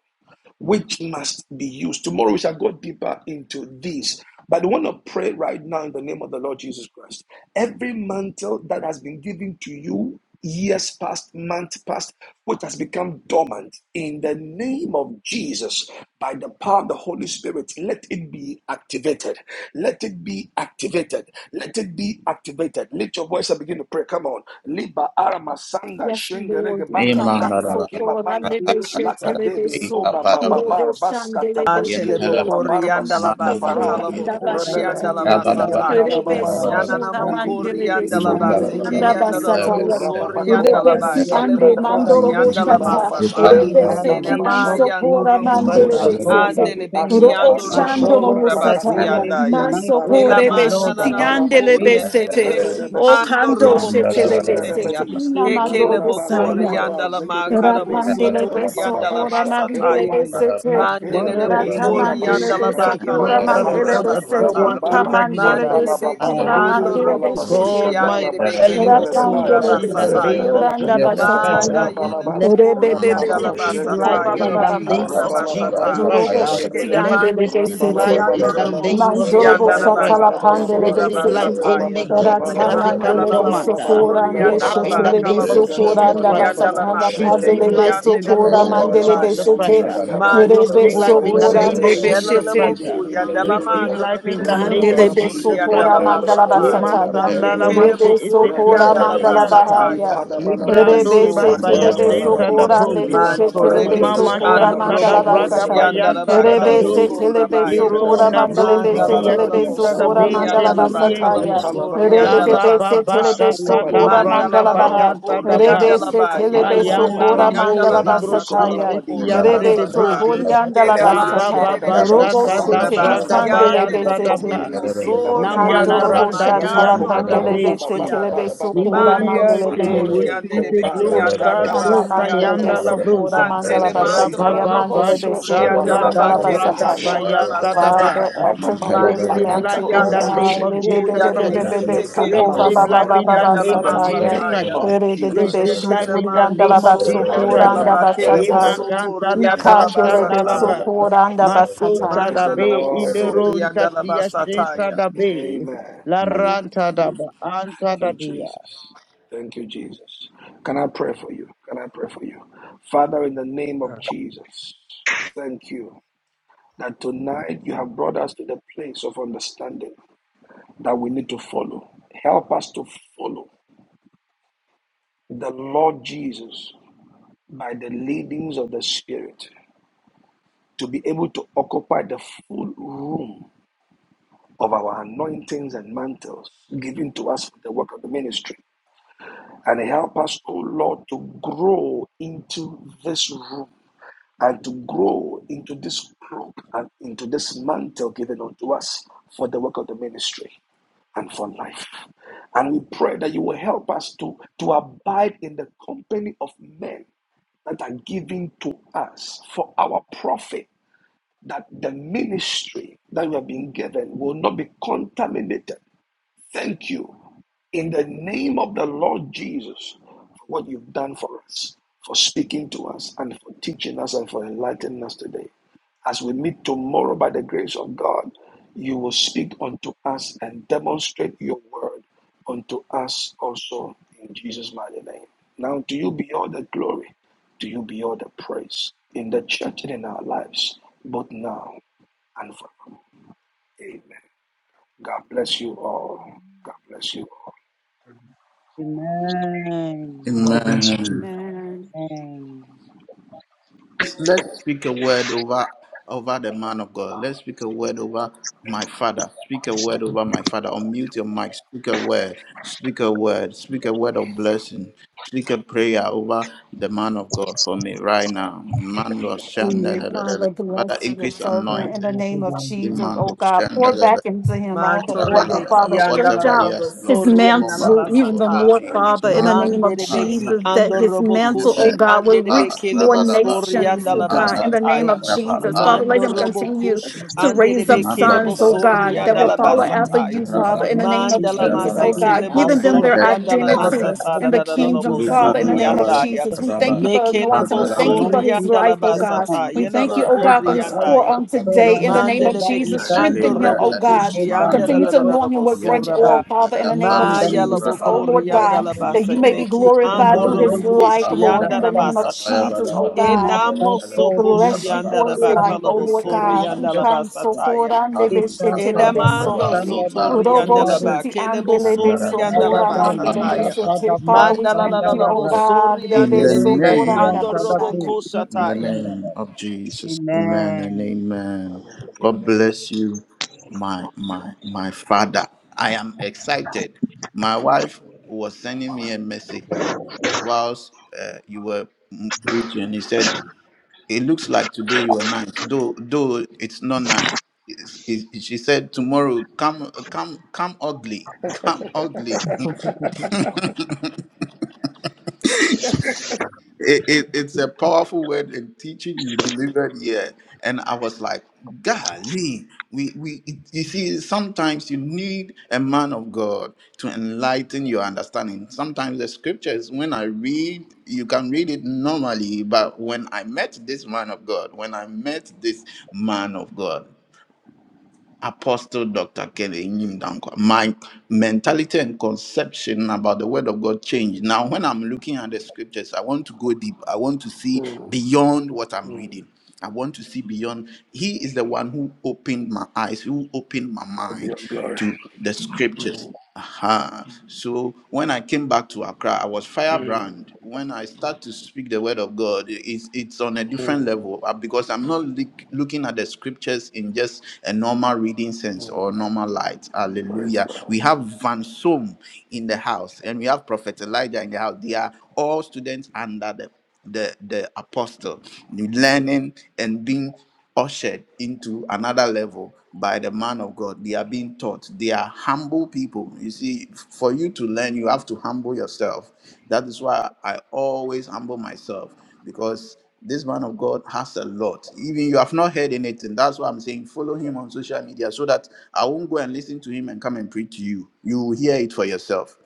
Speaker 6: which must be used. Tomorrow we shall go deeper into this. But I want to pray right now in the name of the Lord Jesus Christ. Every mantle that has been given to you years past, month past, which has become dormant in the name of Jesus, by the power of the Holy Spirit, let it be activated. Let it be activated. Let it be activated. Lift your voice and begin to pray. Come on. Liba arama sanga
Speaker 2: Yes, Lord,
Speaker 6: shengelege
Speaker 2: we
Speaker 6: banga
Speaker 2: come up
Speaker 6: sanga
Speaker 2: so
Speaker 6: kima
Speaker 2: for and
Speaker 6: banga.
Speaker 2: they be
Speaker 10: yield of
Speaker 2: shit till they be
Speaker 6: Lakadebe,
Speaker 2: so.
Speaker 6: Oba
Speaker 2: To
Speaker 10: the
Speaker 2: the
Speaker 6: Bababar,
Speaker 2: ocean, they they
Speaker 6: Baskata
Speaker 2: be
Speaker 3: Antele
Speaker 2: so
Speaker 6: Pashkebi, La
Speaker 2: good. We
Speaker 3: bokori
Speaker 6: Babar
Speaker 2: come up
Speaker 3: andala
Speaker 6: Basikta
Speaker 2: so
Speaker 3: basa
Speaker 2: for
Speaker 5: Ita
Speaker 6: Para,
Speaker 3: tala
Speaker 2: and the
Speaker 5: da da
Speaker 3: bokori
Speaker 6: Rebele
Speaker 5: ra
Speaker 3: andala
Speaker 5: ba
Speaker 6: Katibi
Speaker 2: bashata.
Speaker 3: basa
Speaker 6: Dibi
Speaker 5: sanda
Speaker 6: Yanda
Speaker 3: taya.
Speaker 6: La
Speaker 2: They be
Speaker 5: dianta
Speaker 2: so
Speaker 6: Babarabas,
Speaker 5: da
Speaker 2: for
Speaker 3: Nyanana
Speaker 2: the
Speaker 5: ba.
Speaker 6: Libi
Speaker 2: man,
Speaker 6: Dibi
Speaker 3: mokori
Speaker 2: they be
Speaker 6: Dibi
Speaker 3: andala
Speaker 6: Dibi
Speaker 2: so
Speaker 10: quantity
Speaker 6: Ribi
Speaker 2: for
Speaker 3: basa
Speaker 6: Dibi
Speaker 2: and
Speaker 3: ke
Speaker 5: Imalorona
Speaker 2: the
Speaker 6: Ribi Dibi,
Speaker 3: andala
Speaker 10: is
Speaker 3: dobo
Speaker 2: bashata.
Speaker 3: sori
Speaker 6: Rababa
Speaker 2: They
Speaker 5: Sunda
Speaker 6: Koba
Speaker 3: andala
Speaker 2: be
Speaker 5: that
Speaker 6: Laka
Speaker 3: ba
Speaker 2: si
Speaker 5: we are
Speaker 3: yele
Speaker 2: and the
Speaker 6: Sangra
Speaker 5: greater the
Speaker 6: Dabas,
Speaker 1: Yes,
Speaker 3: bokori
Speaker 2: mandoro
Speaker 5: proof.
Speaker 3: andala
Speaker 6: Skibala
Speaker 2: boshata.
Speaker 3: masa
Speaker 9: Thank you.
Speaker 3: taya.
Speaker 6: Bashaya,
Speaker 2: They
Speaker 5: In
Speaker 2: be
Speaker 5: the
Speaker 6: Kadala
Speaker 3: Hene
Speaker 2: seki
Speaker 5: name
Speaker 2: and
Speaker 5: of
Speaker 6: Bashaya,
Speaker 2: so
Speaker 3: maya
Speaker 2: for a
Speaker 3: andoro
Speaker 5: Jesus
Speaker 2: they
Speaker 5: Christ,
Speaker 2: be
Speaker 3: koshi
Speaker 5: adore that
Speaker 2: seki.
Speaker 3: andele
Speaker 6: Tolemekidibidibi
Speaker 3: beki
Speaker 5: came.
Speaker 2: Robo
Speaker 5: I
Speaker 6: askaparia
Speaker 3: andoro
Speaker 2: Shandoro
Speaker 5: call
Speaker 6: shantra
Speaker 3: bokora
Speaker 5: unto thy
Speaker 3: basi
Speaker 5: holy
Speaker 6: pakata
Speaker 2: Wosataya,
Speaker 5: name
Speaker 3: andaya.
Speaker 5: tonight,
Speaker 2: Maso
Speaker 5: O
Speaker 2: Kore
Speaker 5: Daddy
Speaker 6: libarakata
Speaker 3: Elamana
Speaker 5: Lord.
Speaker 3: nana
Speaker 5: uh,
Speaker 2: Beshitiandele
Speaker 3: moko
Speaker 5: It
Speaker 6: stabalabades
Speaker 3: yendele
Speaker 2: Besete,
Speaker 3: beki
Speaker 2: O
Speaker 6: rebedebesi
Speaker 3: andoro
Speaker 2: Kando
Speaker 6: koparia
Speaker 2: Shetele
Speaker 3: koshi
Speaker 6: shanga
Speaker 2: Besete,
Speaker 3: teya.
Speaker 6: shangadebedis
Speaker 2: Ina
Speaker 10: into
Speaker 3: Hekele
Speaker 2: Mandoro
Speaker 6: rabalabandala
Speaker 3: bokori
Speaker 2: Wosaya,
Speaker 6: baba
Speaker 3: andala makara
Speaker 6: zegedebelebe
Speaker 10: some
Speaker 2: Ratandele
Speaker 3: bosoto
Speaker 2: Beso
Speaker 3: andala
Speaker 2: Kora
Speaker 6: rabababasha
Speaker 3: masa
Speaker 2: Mandele
Speaker 3: taya.
Speaker 10: area,
Speaker 6: kemamanda
Speaker 2: Besete,
Speaker 5: wants
Speaker 3: Mandelele
Speaker 6: atelebe
Speaker 5: to innate
Speaker 6: ingola
Speaker 3: bokori
Speaker 10: the
Speaker 2: Ratamandele
Speaker 3: andala
Speaker 5: gifting
Speaker 6: basika
Speaker 5: that
Speaker 2: Beso
Speaker 5: is
Speaker 3: bakala
Speaker 5: mine
Speaker 2: Kora
Speaker 6: shibada
Speaker 5: that has
Speaker 2: Mandele
Speaker 3: bosora
Speaker 6: bahayas
Speaker 5: become a
Speaker 2: Bese,
Speaker 3: basata.
Speaker 10: application
Speaker 5: dormant, O
Speaker 2: Ipa
Speaker 10: area,
Speaker 6: rabababa
Speaker 5: Daddy Lord.
Speaker 2: Mandele
Speaker 5: uh.
Speaker 3: Mandele
Speaker 6: Andala
Speaker 2: Bese
Speaker 3: beki
Speaker 6: bababa,
Speaker 2: Kora
Speaker 10: or
Speaker 3: ando
Speaker 2: Mandele
Speaker 10: the
Speaker 6: andala
Speaker 3: robo
Speaker 2: Bese,
Speaker 6: bastika
Speaker 3: koshi
Speaker 5: God, my
Speaker 6: dala
Speaker 3: andele
Speaker 5: that
Speaker 3: bekere
Speaker 6: bashenga
Speaker 5: you bring
Speaker 3: bosora
Speaker 5: up
Speaker 6: lebelayas,
Speaker 2: Rabandele
Speaker 5: in
Speaker 2: de
Speaker 5: the name
Speaker 3: basataya.
Speaker 5: of
Speaker 6: rebelebela
Speaker 2: Sokoranda
Speaker 6: katas
Speaker 5: Jesus Christ.
Speaker 6: kapali
Speaker 3: Manda
Speaker 5: uh,
Speaker 2: Basataya.
Speaker 3: yele
Speaker 6: babalabas,
Speaker 3: bokori
Speaker 2: Rebebebebe
Speaker 6: rapala
Speaker 3: andala
Speaker 5: receive
Speaker 6: bashenga
Speaker 5: life
Speaker 3: basata
Speaker 2: Sokoba Baba
Speaker 5: in
Speaker 3: yele
Speaker 5: the
Speaker 9: Thank
Speaker 6: lebelebes,
Speaker 2: Baba
Speaker 5: name
Speaker 3: bokora
Speaker 5: of
Speaker 2: Basata.
Speaker 6: rabala
Speaker 5: Jesus
Speaker 3: basata.
Speaker 6: babalia
Speaker 5: Christ.
Speaker 2: Robo
Speaker 5: uh.
Speaker 3: Kele
Speaker 6: shebedebedebe,
Speaker 5: Let it
Speaker 2: Shitiandele de
Speaker 3: mandele
Speaker 5: receive
Speaker 6: rabala
Speaker 3: beki
Speaker 5: life
Speaker 2: City.
Speaker 3: ando
Speaker 5: in the
Speaker 3: robo
Speaker 6: babalabalabas,
Speaker 5: name of
Speaker 3: koshi
Speaker 2: Mandorobo
Speaker 5: Jesus
Speaker 3: andala
Speaker 6: libala
Speaker 5: Christ.
Speaker 2: Satala
Speaker 3: bakala
Speaker 5: uh.
Speaker 1: Yes,
Speaker 2: Pandele
Speaker 3: bosora
Speaker 2: de
Speaker 6: balababalabas,
Speaker 5: Receive life
Speaker 2: City.
Speaker 6: rabala
Speaker 5: in
Speaker 3: basataya.
Speaker 5: the gift that has
Speaker 6: badababalaba,
Speaker 5: become
Speaker 3: Mandala
Speaker 2: Ratanandele
Speaker 3: la
Speaker 2: de
Speaker 3: la
Speaker 6: ripala
Speaker 5: dormant. uh.
Speaker 3: bosori
Speaker 2: Sokorande
Speaker 5: Grow
Speaker 6: babaliandala
Speaker 5: up
Speaker 3: andala
Speaker 5: in the
Speaker 6: babalabam,
Speaker 2: Shotele de
Speaker 3: bakala
Speaker 5: name of
Speaker 6: ligada
Speaker 5: Jesus
Speaker 2: Sokoranda
Speaker 3: bosotori
Speaker 5: Christ. uh.
Speaker 3: andala
Speaker 6: balabalabalabas,
Speaker 2: Basatala
Speaker 3: masete
Speaker 5: Receive
Speaker 3: ki
Speaker 2: Pandele de
Speaker 5: life
Speaker 6: shandelebeben,
Speaker 5: in
Speaker 3: andele
Speaker 5: the
Speaker 2: Sokora
Speaker 6: rabala
Speaker 5: name of
Speaker 3: bokora
Speaker 2: Mandele de
Speaker 6: balabas,
Speaker 3: baya.
Speaker 5: Jesus
Speaker 6: somni
Speaker 5: Christ.
Speaker 2: City.
Speaker 5: uh.
Speaker 6: minihaba,
Speaker 3: Mando
Speaker 2: Rebe
Speaker 5: Receive
Speaker 3: robo
Speaker 5: life in the name
Speaker 3: kushete
Speaker 2: Sokorande
Speaker 5: of Jesus
Speaker 3: yandala
Speaker 5: Christ. uh.
Speaker 3: boku yandala
Speaker 5: Receive
Speaker 3: mande de
Speaker 5: life
Speaker 3: de
Speaker 5: in
Speaker 3: de
Speaker 5: the
Speaker 3: de de
Speaker 5: name
Speaker 2: Ikandele
Speaker 5: of
Speaker 2: be
Speaker 3: bosuri
Speaker 5: Jesus Christ.
Speaker 2: sokora
Speaker 3: yandala
Speaker 5: uh.
Speaker 2: mandala
Speaker 3: basata
Speaker 5: Ima
Speaker 2: basataya.
Speaker 5: sandala
Speaker 3: yekele
Speaker 5: masi
Speaker 2: Rebe
Speaker 5: ite
Speaker 3: bokuri
Speaker 2: sokora
Speaker 5: tunta
Speaker 3: yandala
Speaker 2: mandala
Speaker 6: Radadabalabadis,
Speaker 5: pianta.
Speaker 3: basata ya
Speaker 2: bahaya.
Speaker 5: Librando
Speaker 3: yes
Speaker 6: Lipadabalabadis,
Speaker 2: Rebe
Speaker 1: Thank
Speaker 2: se
Speaker 3: Lord
Speaker 5: libasaya
Speaker 2: telebe
Speaker 5: senta da
Speaker 6: Kambalabalabadis,
Speaker 2: sokora
Speaker 5: podi.
Speaker 2: ndebe she
Speaker 3: manto
Speaker 9: you.
Speaker 2: tele be
Speaker 5: Lima
Speaker 6: Libalabalabadis,
Speaker 3: rebeki
Speaker 2: sokora
Speaker 3: ando
Speaker 5: mashanta da
Speaker 3: robo
Speaker 2: mandala
Speaker 5: braga
Speaker 3: kushi
Speaker 10: second
Speaker 2: basata.
Speaker 3: yandala
Speaker 5: bayanta
Speaker 6: Kabalabashengelebelebadis,
Speaker 5: da da
Speaker 3: bakala
Speaker 2: Rebe se
Speaker 5: do.
Speaker 3: bosura
Speaker 2: telebe
Speaker 3: baya
Speaker 5: Liro
Speaker 2: sokora
Speaker 5: na
Speaker 6: Libidibidibidibiagadabadis,
Speaker 2: mandale be se
Speaker 3: mandala la la
Speaker 5: brozigia
Speaker 3: la
Speaker 2: tele
Speaker 3: la
Speaker 2: be
Speaker 6: Rabalabadis,
Speaker 5: senta da
Speaker 2: sokora
Speaker 3: bosuri
Speaker 5: benche
Speaker 2: mandala
Speaker 3: yandala
Speaker 6: Zambrabalabadis,
Speaker 3: bakala
Speaker 2: basataya.
Speaker 5: luriente.
Speaker 3: bosuri
Speaker 2: Rede
Speaker 5: La
Speaker 2: de
Speaker 3: yandala
Speaker 6: Italabalabadis,
Speaker 5: ba
Speaker 2: be
Speaker 5: ba
Speaker 2: se
Speaker 5: ba
Speaker 2: tele
Speaker 3: basata
Speaker 2: be
Speaker 6: Ipadias
Speaker 10: area,
Speaker 5: da
Speaker 10: the
Speaker 2: sokora
Speaker 6: Kabadabadis,
Speaker 3: Mandala
Speaker 5: braga
Speaker 3: la
Speaker 2: mandala
Speaker 3: Mandalala
Speaker 2: baha.
Speaker 5: bayanta
Speaker 3: bokori
Speaker 5: da ba.
Speaker 2: Rebe
Speaker 3: andala
Speaker 6: Rapatombradabasi,
Speaker 2: se
Speaker 3: ba
Speaker 2: tele
Speaker 3: yele
Speaker 2: be
Speaker 5: Mayana
Speaker 3: bokori
Speaker 5: la
Speaker 2: sokora
Speaker 6: Kaparabalabadis,
Speaker 3: andala
Speaker 2: mandala
Speaker 5: mozi
Speaker 3: ba
Speaker 6: Inomi
Speaker 3: satala
Speaker 2: basataya.
Speaker 5: broshite
Speaker 6: Nikobalabadis,
Speaker 3: bokora ba
Speaker 5: fiante
Speaker 2: Rebe
Speaker 5: de
Speaker 3: sata
Speaker 6: Aradadabadis,
Speaker 5: brozi.
Speaker 2: sotorianda la
Speaker 3: kele
Speaker 5: La
Speaker 1: you.
Speaker 6: Kabadias
Speaker 5: ba
Speaker 3: mande
Speaker 5: ba
Speaker 3: de
Speaker 2: basata,
Speaker 3: de de
Speaker 1: Thank
Speaker 6: Kebadabadis,
Speaker 2: robo
Speaker 5: da
Speaker 6: Kabanda
Speaker 3: bosora
Speaker 2: sete
Speaker 3: ba
Speaker 5: braga
Speaker 6: Shanda,
Speaker 2: ikandele
Speaker 3: siande le
Speaker 5: bayanta da
Speaker 6: Finomotom
Speaker 3: beke
Speaker 2: besete,
Speaker 3: de
Speaker 5: ba.
Speaker 6: Minimifina
Speaker 3: bosori
Speaker 5: Namala
Speaker 6: Manamatiza,
Speaker 3: andala
Speaker 2: mandorobo
Speaker 3: ma
Speaker 5: randa
Speaker 2: shatala
Speaker 6: Rabba
Speaker 3: yando
Speaker 5: dianta
Speaker 6: Koba
Speaker 5: da
Speaker 3: robo
Speaker 6: Bara
Speaker 2: pandele
Speaker 6: Baba
Speaker 5: benche.
Speaker 2: besete
Speaker 6: Baba
Speaker 3: soya
Speaker 2: lebe
Speaker 6: Bara Baba Bara
Speaker 2: sopora
Speaker 6: Baba
Speaker 3: mando
Speaker 5: Nibolia
Speaker 6: Baba
Speaker 2: mandele
Speaker 5: te
Speaker 6: Ba,
Speaker 5: de
Speaker 2: be.
Speaker 3: sotori
Speaker 6: E
Speaker 3: ande de
Speaker 5: Woside
Speaker 3: beki
Speaker 5: Bro
Speaker 6: Kobala
Speaker 3: andara
Speaker 6: Taka
Speaker 3: ba
Speaker 2: Hana
Speaker 5: Shato
Speaker 6: Pata
Speaker 2: mandele
Speaker 6: Kata,
Speaker 2: be
Speaker 3: siando
Speaker 5: Kayanda La
Speaker 2: sukura
Speaker 5: Brosa
Speaker 3: Man
Speaker 2: mandala
Speaker 6: Felebe
Speaker 3: telemando
Speaker 6: Simbra
Speaker 2: basataya
Speaker 3: robo
Speaker 5: Rababa
Speaker 2: mandele
Speaker 6: Papati
Speaker 2: be
Speaker 6: Brasco
Speaker 2: sukuri
Speaker 3: surianda
Speaker 5: Shata
Speaker 3: la
Speaker 5: Da
Speaker 2: andala
Speaker 3: makele
Speaker 6: Palabadabadaba
Speaker 5: Braga
Speaker 2: basataya.
Speaker 6: Hasha,
Speaker 3: bosora
Speaker 5: Bayanta Da Ba.
Speaker 3: basata.
Speaker 2: Father,
Speaker 6: Atatika Bama
Speaker 2: activate
Speaker 6: Mamba
Speaker 2: every
Speaker 3: Mandele
Speaker 5: Receive
Speaker 6: Baka
Speaker 5: life
Speaker 2: mantle,
Speaker 6: Taka
Speaker 5: in
Speaker 2: oh
Speaker 5: the
Speaker 3: bekiando
Speaker 6: Zaka
Speaker 5: name
Speaker 2: God.
Speaker 3: robo
Speaker 5: of
Speaker 2: Be
Speaker 6: Sheke
Speaker 2: be be
Speaker 6: Teke
Speaker 5: Jesus
Speaker 2: be be
Speaker 6: Teke,
Speaker 3: koyande
Speaker 2: be
Speaker 5: Christ.
Speaker 2: be be
Speaker 3: sete kele
Speaker 2: suku ba
Speaker 5: Receive
Speaker 2: ba ba
Speaker 5: life
Speaker 6: Ikadabalababaya.
Speaker 2: ba
Speaker 5: in
Speaker 2: ba
Speaker 5: the
Speaker 3: bosorianda la
Speaker 6: In
Speaker 5: name
Speaker 6: the
Speaker 5: of
Speaker 2: basataya.
Speaker 5: Jesus
Speaker 6: name
Speaker 5: Christ.
Speaker 3: masataya.
Speaker 6: of
Speaker 2: Ere de de be
Speaker 5: Receive
Speaker 6: Jesus.
Speaker 5: life
Speaker 3: Yekele
Speaker 2: sukuri
Speaker 5: in the
Speaker 3: mando
Speaker 2: andala
Speaker 5: name of Jesus
Speaker 3: sorianda
Speaker 2: basukura
Speaker 5: Christ.
Speaker 3: la
Speaker 2: andala
Speaker 6: Hallelujah.
Speaker 3: makele
Speaker 2: basata.
Speaker 1: you.
Speaker 5: Yemakanta da
Speaker 1: In
Speaker 3: bosotorianda la
Speaker 2: Ikandele
Speaker 5: brashanda
Speaker 2: be
Speaker 3: basata.
Speaker 5: la
Speaker 6: Hallelujah.
Speaker 5: ba.
Speaker 1: the
Speaker 2: sukura andala
Speaker 5: Masunta
Speaker 2: basataya.
Speaker 6: Praise
Speaker 5: da
Speaker 6: the
Speaker 3: Mananana
Speaker 5: be
Speaker 6: Lord.
Speaker 5: ileronta
Speaker 3: mosorianda la
Speaker 5: tiashita
Speaker 3: basataya.
Speaker 5: da be.
Speaker 6: Amen.
Speaker 5: La
Speaker 1: name of
Speaker 5: ranta da
Speaker 1: Jesus.
Speaker 5: ba anta
Speaker 6: Thank
Speaker 5: da
Speaker 6: you,
Speaker 5: dia.
Speaker 6: Jesus. Thank you, Jesus. Can I pray for you? Can I pray for you? Father, in the name of Jesus, thank you that tonight you have brought us to the place of understanding that we need to follow. Help us to follow the Lord Jesus by the leadings of the Spirit to be able to occupy the full room of our anointings and mantles given to us for the work of the ministry. And help us, O Lord, to grow into this room and to grow into this cloak and into this mantle given unto us for the work of the ministry and for life. And we pray that you will help us to, to abide in the company of men that are given to us for our profit, that the ministry that we have been given will not be contaminated Thank you in the name of the Lord Jesus for what you've done for us, for speaking to us, and for teaching us and for enlightening us today. As we meet tomorrow by the grace of God, you will speak unto us and demonstrate your word unto us also in Jesus' mighty name. Now, to you be all the glory, to you be all the praise in the church and in our lives, both now and forever. Amen. God bless you all. God bless you all.
Speaker 5: Amen.
Speaker 1: Amen.
Speaker 5: Amen.
Speaker 1: Let's speak a word over over the man of God. Let's speak a word over my father. Speak a word over my father. Unmute your mic. Speak a word. Speak a word. Speak a word of blessing. Speak a prayer over the man of God for me right now. Mando
Speaker 2: Amen.
Speaker 1: shandalala.
Speaker 2: Father,
Speaker 1: Father,
Speaker 2: bless your
Speaker 1: increase
Speaker 2: servant in the
Speaker 1: anointing.
Speaker 2: name of Jesus. Oh God, pour back into him all the
Speaker 1: Rabba,
Speaker 2: oil,
Speaker 1: rabba,
Speaker 3: Mantorebeki
Speaker 2: Father.
Speaker 1: rabba.
Speaker 2: Stretch
Speaker 1: Whatever he
Speaker 3: andalaba
Speaker 2: out
Speaker 1: has
Speaker 2: his
Speaker 1: lost,
Speaker 3: sori
Speaker 1: go back,
Speaker 2: mantle even
Speaker 1: oh
Speaker 2: the
Speaker 3: andalabasata.
Speaker 1: Lord
Speaker 2: more,
Speaker 1: Jesus.
Speaker 6: Thank
Speaker 2: Father, in
Speaker 6: you,
Speaker 2: the
Speaker 1: Mandi,
Speaker 6: thank
Speaker 2: name
Speaker 6: you,
Speaker 2: of
Speaker 1: ipa,
Speaker 3: Manderebeki
Speaker 6: thank
Speaker 2: Jesus,
Speaker 6: you,
Speaker 2: that
Speaker 6: thank
Speaker 2: his
Speaker 6: you,
Speaker 2: mantle,
Speaker 6: thank
Speaker 3: andorobokushi
Speaker 2: oh
Speaker 1: eh,
Speaker 2: God, will reach
Speaker 1: ipa,
Speaker 3: anderebeki
Speaker 2: more
Speaker 3: lebo
Speaker 1: rabba, rabba,
Speaker 3: sori
Speaker 2: nations, oh God,
Speaker 1: ipanda,
Speaker 2: in
Speaker 5: The
Speaker 2: the name
Speaker 5: Lord
Speaker 3: andalabasataya.
Speaker 2: of
Speaker 6: you.
Speaker 5: has
Speaker 1: rabba,
Speaker 2: Jesus.
Speaker 1: rabba,
Speaker 5: been
Speaker 2: Father, let him
Speaker 6: Dabalakadabaya.
Speaker 1: kusenta,
Speaker 2: continue
Speaker 3: Mandorobokushi
Speaker 5: the
Speaker 2: to
Speaker 5: Lord has
Speaker 2: raise up
Speaker 5: been
Speaker 3: anderebeki
Speaker 5: good
Speaker 1: imanda,
Speaker 3: lebo
Speaker 5: and
Speaker 2: sons, oh
Speaker 5: God
Speaker 1: rabba,
Speaker 3: sori
Speaker 5: will
Speaker 2: God,
Speaker 6: Thank
Speaker 1: rabba,
Speaker 6: you,
Speaker 5: lead
Speaker 2: that
Speaker 5: us
Speaker 1: rabba,
Speaker 2: will follow
Speaker 1: rabba,
Speaker 5: in
Speaker 2: after
Speaker 3: andalabasataya.
Speaker 2: you,
Speaker 5: everything
Speaker 2: Father,
Speaker 5: that
Speaker 2: in
Speaker 5: is
Speaker 2: the
Speaker 1: rabba,
Speaker 2: name of
Speaker 5: taken away
Speaker 2: Jesus,
Speaker 3: Mandalamase
Speaker 2: oh
Speaker 5: that
Speaker 1: rabba, rabba,
Speaker 5: we
Speaker 2: God,
Speaker 3: kelebo
Speaker 5: have
Speaker 2: giving them
Speaker 6: thank
Speaker 5: that
Speaker 3: sori
Speaker 2: their
Speaker 6: you,
Speaker 3: andala
Speaker 5: we
Speaker 1: rabba,
Speaker 5: have a
Speaker 1: rabba,
Speaker 2: identities
Speaker 3: da da
Speaker 2: in the
Speaker 3: da
Speaker 5: double
Speaker 3: da
Speaker 5: fold
Speaker 3: da bo
Speaker 2: kingdom,
Speaker 5: in the
Speaker 1: Rabba
Speaker 2: Father, in the
Speaker 3: sori
Speaker 5: name
Speaker 2: name
Speaker 5: of
Speaker 2: of
Speaker 5: Jesus.
Speaker 3: andaya.
Speaker 2: Jesus. We thank you
Speaker 5: Christ.
Speaker 2: for
Speaker 5: Let
Speaker 2: anointing.
Speaker 3: Mekelebo
Speaker 5: the
Speaker 2: We
Speaker 6: thank
Speaker 2: thank you for
Speaker 3: sori
Speaker 2: his
Speaker 5: anointing
Speaker 2: life, oh
Speaker 5: take
Speaker 2: God.
Speaker 3: andalabasata
Speaker 5: on.
Speaker 2: We thank you,
Speaker 3: yelebo
Speaker 2: oh
Speaker 5: Let
Speaker 2: God, for
Speaker 3: kori
Speaker 6: you,
Speaker 5: it
Speaker 2: his
Speaker 6: Lord.
Speaker 5: as
Speaker 2: pour
Speaker 5: be
Speaker 3: andaya.
Speaker 2: on
Speaker 5: further
Speaker 2: today in
Speaker 5: and
Speaker 2: the name of
Speaker 3: Mandele
Speaker 5: further in
Speaker 3: beki
Speaker 2: Jesus.
Speaker 5: the
Speaker 6: Thank you,
Speaker 3: ando
Speaker 2: Strengthen
Speaker 6: Lord
Speaker 2: him, oh
Speaker 3: robo
Speaker 5: Lord.
Speaker 2: God.
Speaker 6: Jesus.
Speaker 5: In
Speaker 3: koshi
Speaker 5: the
Speaker 3: anda da
Speaker 5: name
Speaker 2: Continue
Speaker 3: da
Speaker 2: to
Speaker 3: da da
Speaker 5: of
Speaker 2: anoint him
Speaker 3: robo
Speaker 2: with fresh oil,
Speaker 3: soraba.
Speaker 5: Christ.
Speaker 2: Father, in the
Speaker 6: Thank you,
Speaker 2: name of
Speaker 5: In
Speaker 3: Ma
Speaker 6: Lord
Speaker 5: the
Speaker 3: yala
Speaker 5: name
Speaker 6: Jesus.
Speaker 2: Jesus,
Speaker 5: of
Speaker 2: oh
Speaker 3: bokori
Speaker 2: Lord
Speaker 5: Jesus.
Speaker 3: anda
Speaker 2: God,
Speaker 3: la
Speaker 5: Christ.
Speaker 2: that
Speaker 3: basa
Speaker 2: you may be
Speaker 5: Give
Speaker 3: teki
Speaker 6: Thank you,
Speaker 5: them
Speaker 6: Lord
Speaker 2: glorified
Speaker 3: ando
Speaker 5: more
Speaker 2: through
Speaker 3: robo
Speaker 6: Jesus.
Speaker 2: his
Speaker 5: knowledge and
Speaker 2: life,
Speaker 3: koshi
Speaker 2: Lord, in
Speaker 3: anda
Speaker 2: the
Speaker 3: na
Speaker 5: understanding
Speaker 2: name of
Speaker 3: masata.
Speaker 2: Jesus, oh
Speaker 5: Open
Speaker 2: God.
Speaker 5: up all
Speaker 3: Enamo
Speaker 6: Jesus.
Speaker 2: We
Speaker 3: so
Speaker 5: those
Speaker 3: koshi
Speaker 2: bless you
Speaker 5: mountains
Speaker 3: anda
Speaker 2: for
Speaker 3: da
Speaker 2: his
Speaker 5: and
Speaker 2: life,
Speaker 3: bakala
Speaker 2: oh
Speaker 5: see
Speaker 6: Thank
Speaker 2: Lord
Speaker 5: the
Speaker 6: you,
Speaker 3: bosori
Speaker 6: Lord
Speaker 2: God. We
Speaker 3: anda la
Speaker 5: Jesus.
Speaker 6: Jesus.
Speaker 2: come
Speaker 3: basa
Speaker 2: so forward
Speaker 3: taya.
Speaker 2: and they
Speaker 5: It's
Speaker 2: be shit till they be
Speaker 5: the
Speaker 6: Thank
Speaker 2: so.
Speaker 3: Edamando
Speaker 6: you,
Speaker 5: Masanda
Speaker 6: Lord Jesus.
Speaker 5: Dia,
Speaker 3: sotori
Speaker 2: Robo
Speaker 3: anda la
Speaker 5: Ulari,
Speaker 3: ba
Speaker 2: shitty
Speaker 3: kele
Speaker 2: and they lay be
Speaker 3: bosori
Speaker 2: so
Speaker 3: anda
Speaker 2: forward
Speaker 3: la
Speaker 5: Sada
Speaker 6: Thank
Speaker 2: and
Speaker 6: you,
Speaker 5: da
Speaker 9: Neighbor,
Speaker 2: man
Speaker 6: Lord
Speaker 3: basa
Speaker 2: they lay be
Speaker 5: Masa
Speaker 3: taya.
Speaker 6: Jesus.
Speaker 2: so
Speaker 5: Sada
Speaker 2: Father, we
Speaker 3: Manda la
Speaker 2: thank
Speaker 3: la
Speaker 5: Brasanda
Speaker 3: la
Speaker 2: you,
Speaker 3: la
Speaker 2: oh
Speaker 5: Lava,
Speaker 2: God.
Speaker 3: bosori
Speaker 2: They
Speaker 1: in
Speaker 3: anda
Speaker 2: be
Speaker 1: the
Speaker 2: so
Speaker 5: Irunda
Speaker 3: beki
Speaker 2: forward and
Speaker 5: Dia
Speaker 2: they
Speaker 3: ando
Speaker 1: name,
Speaker 2: be
Speaker 5: Sada
Speaker 3: robo
Speaker 2: shy.
Speaker 5: Bi,
Speaker 1: in
Speaker 5: Iti
Speaker 1: the
Speaker 3: koshataya.
Speaker 5: Kumbada.
Speaker 1: name of Jesus. Amen and
Speaker 5: Amen.
Speaker 1: amen.
Speaker 6: Hallelujah.
Speaker 1: God bless you, my my my father. I am excited. My wife was sending me a message whilst uh, you were mm, preaching. He said, "It looks like today you were nice, though though it's not nice." It's- it's- she said, "Tomorrow, come come come ugly, come ugly." [LAUGHS] it, it, it's a powerful word and teaching you delivered here and i was like golly we, we it- you see sometimes you need a man of god to enlighten your understanding sometimes the scriptures when i read you can read it normally but when i met this man of god when i met this man of god Apostle Dr. Kelly Nyimdankwa. My mentality and conception about the word of God changed. Now, when I'm looking at the scriptures, I want to go deep. I want to see
Speaker 6: Mm,
Speaker 1: beyond what I'm
Speaker 6: mm.
Speaker 1: reading. I want to see beyond. He is the one who opened my eyes, who opened my
Speaker 6: God be your
Speaker 1: mind
Speaker 6: glory.
Speaker 1: to the scriptures.
Speaker 6: Mm,
Speaker 1: Aha. So when I came back to Accra, I was
Speaker 6: mm,
Speaker 1: firebrand. When I start to speak the word of God, it's it's on a different
Speaker 6: mm,
Speaker 1: level uh, because I'm not look, looking at the scriptures in just a normal reading sense
Speaker 6: mm.
Speaker 1: or normal light.
Speaker 6: Praise
Speaker 1: Hallelujah.
Speaker 6: God.
Speaker 1: We have Van Som in the house, and we have Prophet Elijah in the house. They are all students under the the the apostle, learning and being ushered into another level by the man of God. They are being taught. They are humble people. You see, for you to learn, you have to humble yourself. That is why I always humble myself because this man of God has a lot. Even you have not heard anything. That's why I'm saying follow him on social media so that I won't go and listen to him and come and preach to you. You will hear it for yourself.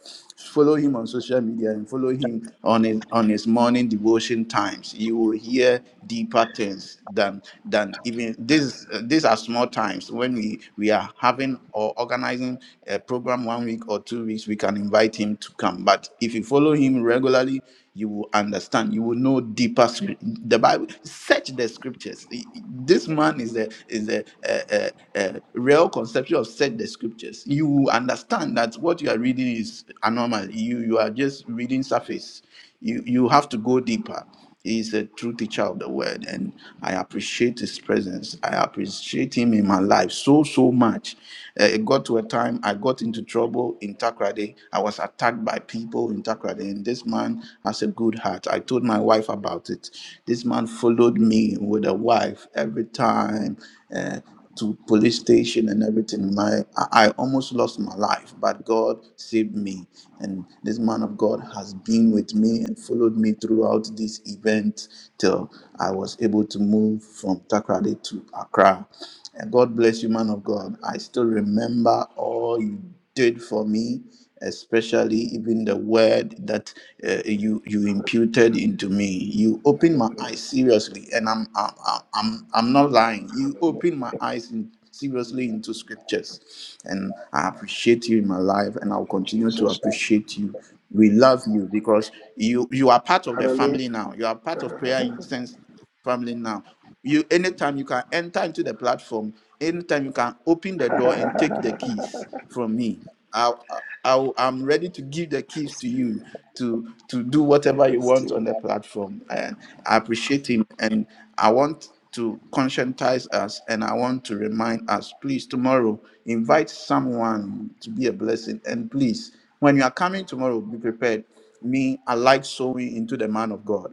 Speaker 1: Follow him on social media and follow him on his on his morning devotion times. You will hear deeper things, than than even this uh, these are small times when we we are having or organizing a program one week or two weeks we can invite him to come but if you follow him regularly you will understand you will know deeper scrip- the bible search the scriptures I- I- this man is a is a, a, a, a real conception of search the scriptures you will understand that what you are reading is anomaly you you are just reading surface you you have to go deeper He's a true teacher of the word, and I appreciate his presence. I appreciate him in my life so, so much. Uh, it got to a time I got into trouble in Takrade. I was attacked by people in Takrade, and this man has a good heart. I told my wife about it. This man followed me with a wife every time. Uh, to police station and everything. My I I almost lost my life, but God saved me. And this man of God has been with me and followed me throughout this event till I was able to move from Takrade to Accra. And God bless you, man of God. I still remember all you did for me especially even the word that uh, you you imputed into me you opened my
Speaker 6: Hallelujah.
Speaker 1: eyes seriously and i'm i'm i'm, I'm I'm not lying you
Speaker 6: Hallelujah.
Speaker 1: opened my eyes in, seriously
Speaker 6: Mm.
Speaker 1: into scriptures and i appreciate you in my life and i'll
Speaker 6: In
Speaker 1: continue to
Speaker 6: Jesus' name.
Speaker 1: appreciate you we love you because you you are part of the
Speaker 6: Hallelujah.
Speaker 1: family now you are
Speaker 6: [LAUGHS]
Speaker 1: part of prayer
Speaker 6: Let's
Speaker 1: incense family now. You anytime you can enter into the platform, anytime you can open the door and take the keys from me. I, I, I I'm ready to give the keys to
Speaker 6: see.
Speaker 1: you to to do whatever you
Speaker 6: Let's
Speaker 1: want
Speaker 6: see.
Speaker 1: on the platform. And I appreciate him and I want to conscientize us and I want to remind us, please tomorrow invite someone to be a blessing. And please, when you are coming tomorrow, be prepared. Me, I like sowing into the man of God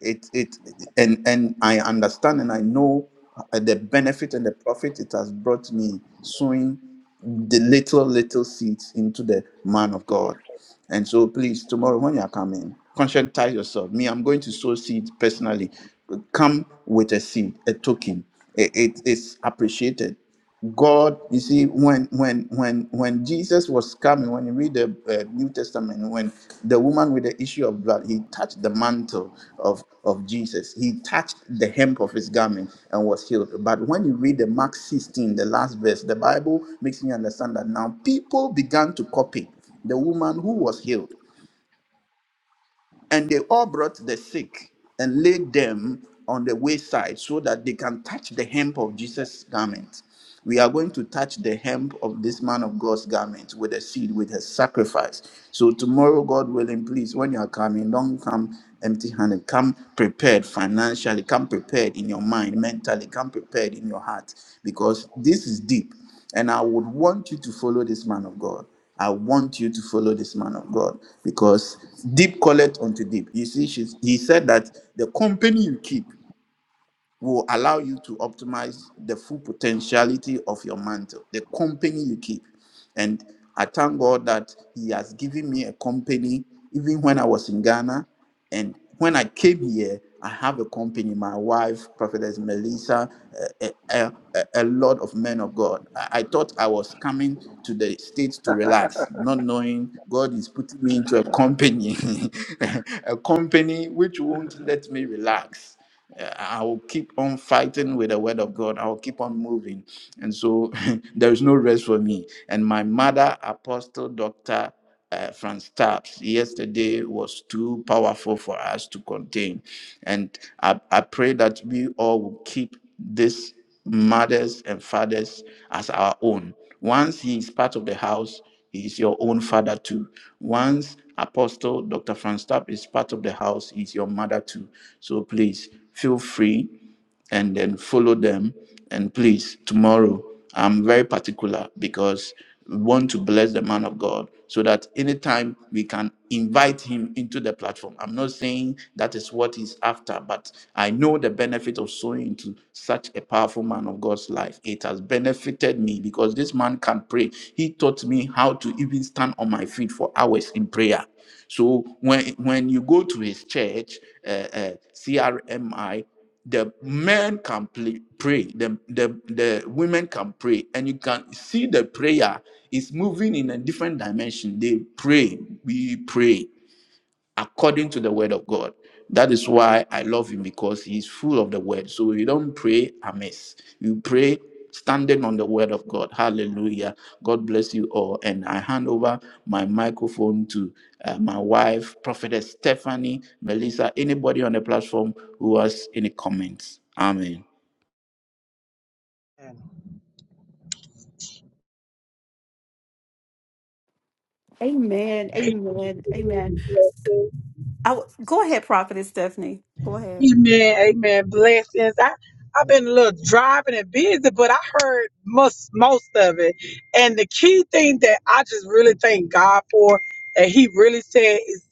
Speaker 1: it it and and i understand and i know uh, the benefit and the profit it has brought me sowing the little little seeds into the man of god and so please tomorrow when you are coming conscientize yourself me i'm going to sow seeds personally come with a seed a token it, it's appreciated God, you see, when when when when Jesus was coming, when you read the uh, New Testament, when the woman with the issue of blood, he touched the mantle of of Jesus, he touched the hem of his garment and was healed. But when you read the Mark 16, the last verse, the Bible makes me understand that now people began to copy the woman who was healed. And they all brought the sick and laid them on the wayside so that they can touch the hem of Jesus' garment. We are going to touch the hem of this man of God's garment with a seed, with a sacrifice. So, tomorrow, God willing, please, when you are coming, don't come empty handed. Come prepared financially, come prepared in your mind, mentally, come prepared in your heart, because this is deep. And I would want you to follow this man of God. I want you to follow this man of God because deep calleth unto deep. You see, she's, he said that the company you keep will allow you to optimize the full potentiality of your mantle, the company you keep. And I thank God that He has given me a company, even when I was in Ghana. And when I came here, I have a company. My wife, Prophetess Melissa, a, a, a, a lot of men of God. I, I thought I was coming to the States to relax, not knowing God is putting me into a company, [LAUGHS] a company which won't let me relax. Uh, I will keep on fighting with the word of God. I will keep on moving. And so [LAUGHS] there is no rest for me. And my mother, Apostle Dr. Uh, Franz Taps, yesterday was too powerful for us to contain. And I, I pray that we all will keep this mothers and fathers as our own. Once he is part of the house, he is your own father too. Once Apostle Dr. Franz Tapp is part of the house, he is your mother too. So please feel free and then follow them. And please, tomorrow I'm very particular because we want to bless the man of God so that anytime we can invite him into the platform. I'm not saying that is what he's after, but I know the benefit of sowing into such a powerful man of God's life. It has benefited me because this man can pray. He taught me how to even stand on my feet for hours in prayer. So when when you go to his church, uh, uh, CRMI the men can play, pray the, the the women can pray and you can see the prayer is moving in a different dimension they pray we pray according to the word of God. That is why I love him because he's full of the word. So you don't pray amiss. You pray standing on the word of God. Hallelujah. God bless you all. And I hand over my microphone to uh, my wife, Prophetess Stephanie, Melissa, anybody on the platform who has any comments. Amen.
Speaker 2: Amen.
Speaker 4: Hallelujah.
Speaker 2: Amen. Amen. I w- go ahead, Prophetess Stephanie. Go ahead.
Speaker 4: Amen. Amen. Blessings. I, I've been a little driving and busy, but I heard most most of it. And the key thing that I just really thank God for that He really said is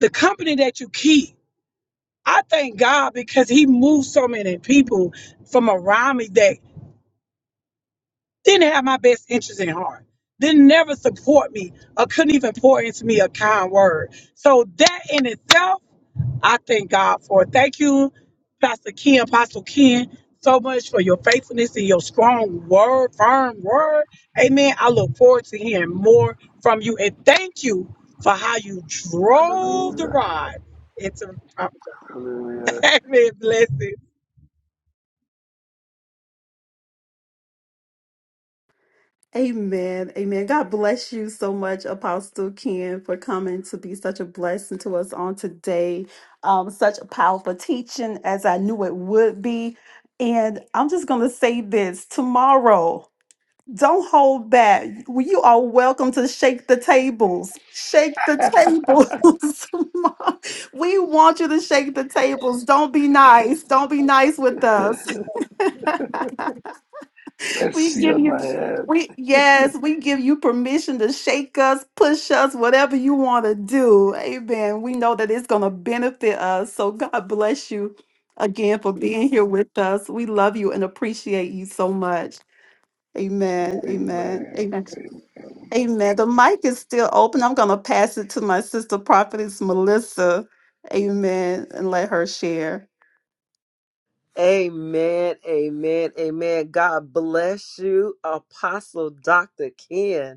Speaker 4: the company that you keep. I thank God because He moved so many people from around me that didn't have my best interest in heart, didn't never support me, or couldn't even pour into me a kind word. So that in itself, I thank God for. Thank you, Pastor Ken, Apostle Ken, so much for your faithfulness and your strong word, firm word. Amen. I look forward to hearing more from you. And thank you for how you drove the
Speaker 6: Hallelujah.
Speaker 4: rod into [LAUGHS]
Speaker 6: Hallelujah.
Speaker 4: Amen. Blessings.
Speaker 2: Amen. Amen. God bless you so much, Apostle Ken, for coming to be such a blessing to us on today. Um, such a powerful teaching as I knew it would be. And I'm just going to say this tomorrow. Don't hold back. Well, You are welcome to shake the tables. Shake the tables. [LAUGHS] we want you to shake the tables. Don't be nice. Don't be nice with us. [LAUGHS]
Speaker 6: Let's
Speaker 2: We
Speaker 6: see
Speaker 2: give
Speaker 6: on
Speaker 2: you
Speaker 6: my head.
Speaker 2: we yes, we give you permission to shake us, push us, whatever you want to do. Amen. We know that it's going to benefit us. So God bless you again for being here with us. We love you and appreciate you so much. Amen. Amen.
Speaker 6: Amen.
Speaker 2: Amen.
Speaker 6: Amen.
Speaker 2: Amen. The mic is still open. I'm going to pass it to my sister prophetess Melissa. Amen. And let her share.
Speaker 3: Amen, amen, amen. God bless you, Apostle Dr. Ken.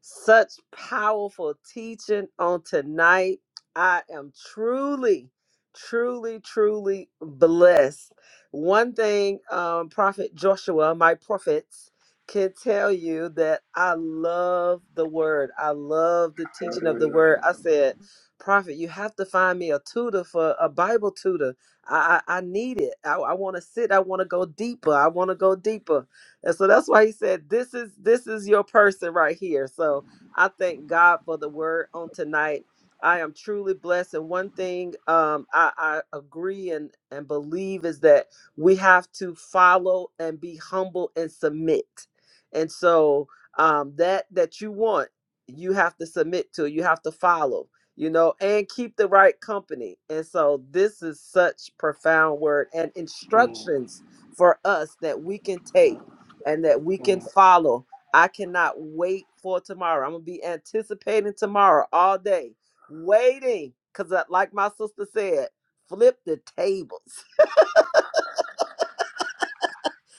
Speaker 3: Such powerful teaching on tonight. I am truly, truly, truly blessed. One thing, um, Prophet Joshua, my prophets, can tell you that I love the word. I love the teaching of the
Speaker 6: Hallelujah.
Speaker 3: word. I said, Prophet, you have to find me a tutor for a Bible tutor. I I, I need it. I, I want to sit. I want to go deeper. I want to go deeper. And so that's why he said, This is this is your person right here. So I thank God for the word on tonight. I am truly blessed. And one thing um, I, I agree and, and believe is that we have to follow and be humble and submit. And so um, that that you want, you have to submit to, you have to follow, you know, and keep the right company. And so this is such profound word and
Speaker 6: Mm,
Speaker 3: instructions for us that we can take
Speaker 6: mm,
Speaker 3: and that we can
Speaker 6: mm.
Speaker 3: follow. I cannot wait for tomorrow. I'm gonna be anticipating tomorrow all day, waiting. Cause like my sister said, flip the tables,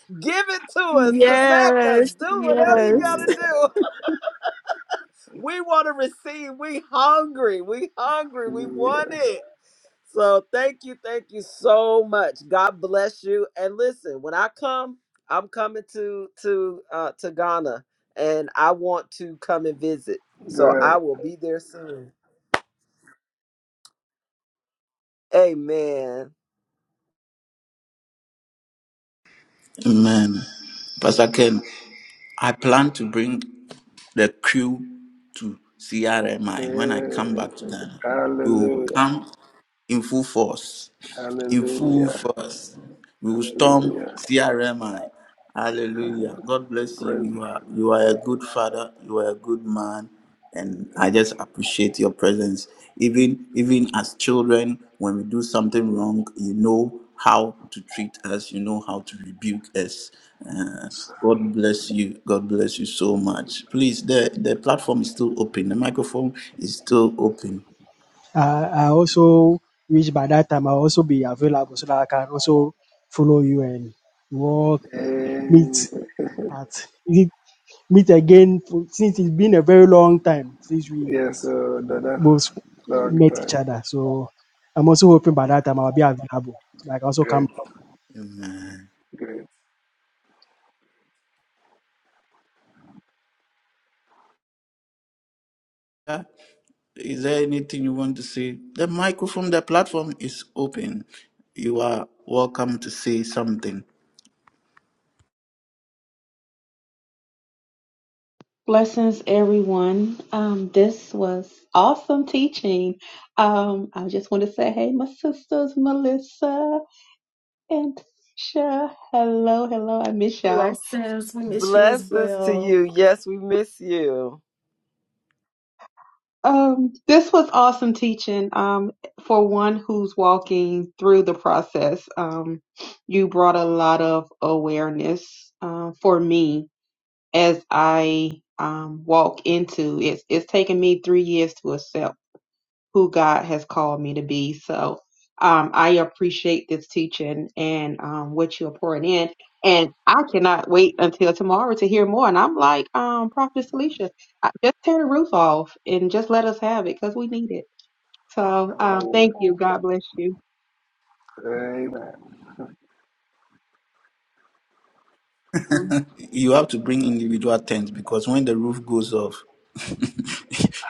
Speaker 3: [LAUGHS] give it to us, smack us, do whatever you gotta
Speaker 6: Hallelujah.
Speaker 3: do. We want to receive. We hungry. We hungry. We
Speaker 6: Hallelujah.
Speaker 3: want it. So thank you, thank you so much. God bless you. And listen, when I come, I'm coming to to uh, to Ghana, and I want to come and visit. So
Speaker 6: Great.
Speaker 3: I will be there soon. Amen.
Speaker 1: Amen. Pastor Ken, I plan to bring the crew to
Speaker 6: Yeah.
Speaker 1: CRMI when I come back to Ghana. We will
Speaker 6: Hallelujah.
Speaker 1: come in full force. In full
Speaker 6: Hallelujah.
Speaker 1: force. We will storm
Speaker 6: Hallelujah.
Speaker 1: CRMI. Hallelujah. God bless you.
Speaker 6: Praise
Speaker 1: You
Speaker 6: God.
Speaker 1: are you are a good father. You are a good man. And I
Speaker 6: Amen.
Speaker 1: just appreciate your presence. Even even as children, when we do something wrong, you know how to treat us, you know how to rebuke us. Uh,
Speaker 6: So,
Speaker 1: God bless you. God bless you so much. Please, the, the platform is still open. The microphone is still open.
Speaker 11: Uh, I also wish by that time I'll also be available so that I can also follow you and we'll meet
Speaker 6: eh,
Speaker 11: at meet again for- since it's been a very long time since we
Speaker 6: Yes, uh, Dada.
Speaker 11: both
Speaker 6: Long
Speaker 11: met each
Speaker 6: time.
Speaker 11: other. So I'm also hoping by that time I'll be available. Like also
Speaker 6: Great.
Speaker 11: come
Speaker 1: Amen.
Speaker 6: Great.
Speaker 1: Is there anything you want to say? The microphone, the platform is open. You are welcome to say something.
Speaker 10: Blessings, everyone. Um, this was awesome teaching. Um, I just want to say, hey, my sisters, Melissa and Tisha. Hello, hello. I miss y'all.
Speaker 2: Bless.
Speaker 3: Blessings to you. Yes, we miss you.
Speaker 10: Um, this was awesome teaching. Um, for one who's walking through the process, um, you brought a lot of awareness uh, for me as I um, walk into it's. It's taken me three years to accept who God has called me to be. So um, I appreciate this teaching and um, what you're pouring in. And I cannot wait until tomorrow to hear more. And I'm like, um, Prophet Alicia, I- just tear the roof off and just let us have it because we need it. So um,
Speaker 6: Hallelujah.
Speaker 10: thank you. God bless you.
Speaker 6: Amen.
Speaker 1: You have to bring individual tents because when the roof goes off, [LAUGHS]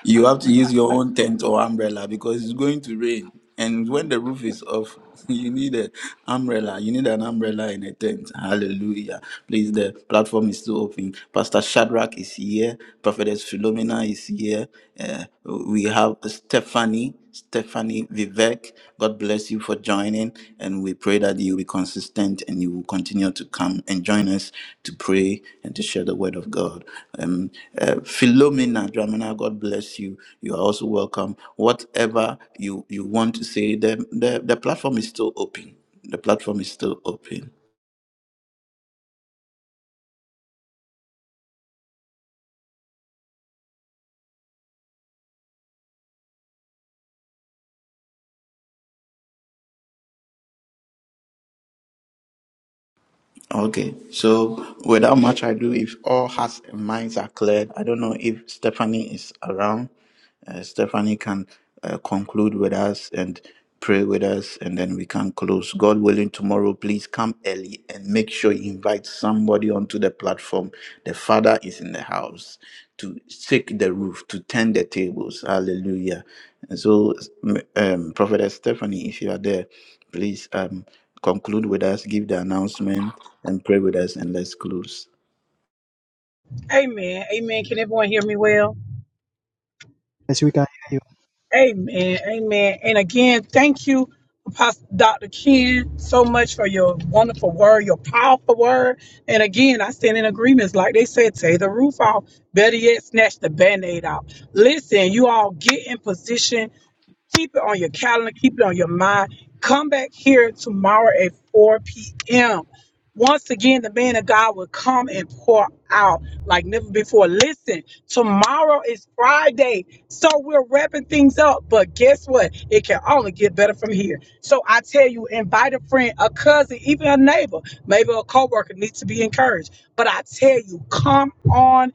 Speaker 1: you have to use your own tent or umbrella because it's going to rain. And when the roof is off, [LAUGHS] you need an umbrella. You need an umbrella and a tent. Hallelujah. Please, the platform is still open. Pastor Shadrach is here. Prophetess Philomena is here. Uh, we have Stephanie, Stephanie Vivek, God bless you for joining. And we pray that you will be consistent and you will continue to come and join us to pray and to share the word of God. Um, uh, Philomena Dramana, God bless you. You are also welcome. Whatever you, you want to say, the, the, the platform is still open. The platform is still open. Okay, so without much ado, if all hearts and minds are cleared, I don't know if Stephanie is around. Uh, Stephanie can uh, conclude with us and pray with us, and then we can close. God willing, tomorrow, please come early and make sure you invite somebody onto the platform. The Father is in the house to shake the roof, to turn the tables. Hallelujah. And so, um, Prophetess Stephanie, if you are there, please. Um, conclude with us, give the announcement, and pray with us, and let's close.
Speaker 4: Amen. Amen. Can everyone hear me well? Amen. Amen. And again, thank you, Apostle Dr. Ken, so much for your wonderful word, your powerful word. And again, I stand in agreements. Like they said, take the roof off. Better yet, snatch the band aid out. Listen, you all get in position Keep it on your calendar, keep it on your mind. Come back here tomorrow at 4 p.m. Once again, the man of God will come and pour out like never before. Listen, tomorrow is Friday, so we're wrapping things up. But guess what? It can only get better from here. So I tell you, invite a friend, a cousin, even a neighbor, maybe a coworker needs to be encouraged. But I tell you, come on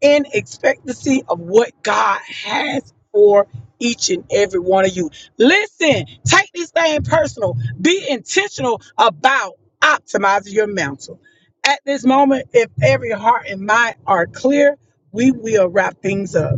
Speaker 4: in expectancy of what God has for each and every one of you. Listen, take this thing personal. Be intentional about optimizing your mental. At this moment, if every heart and mind are clear, we will wrap things up.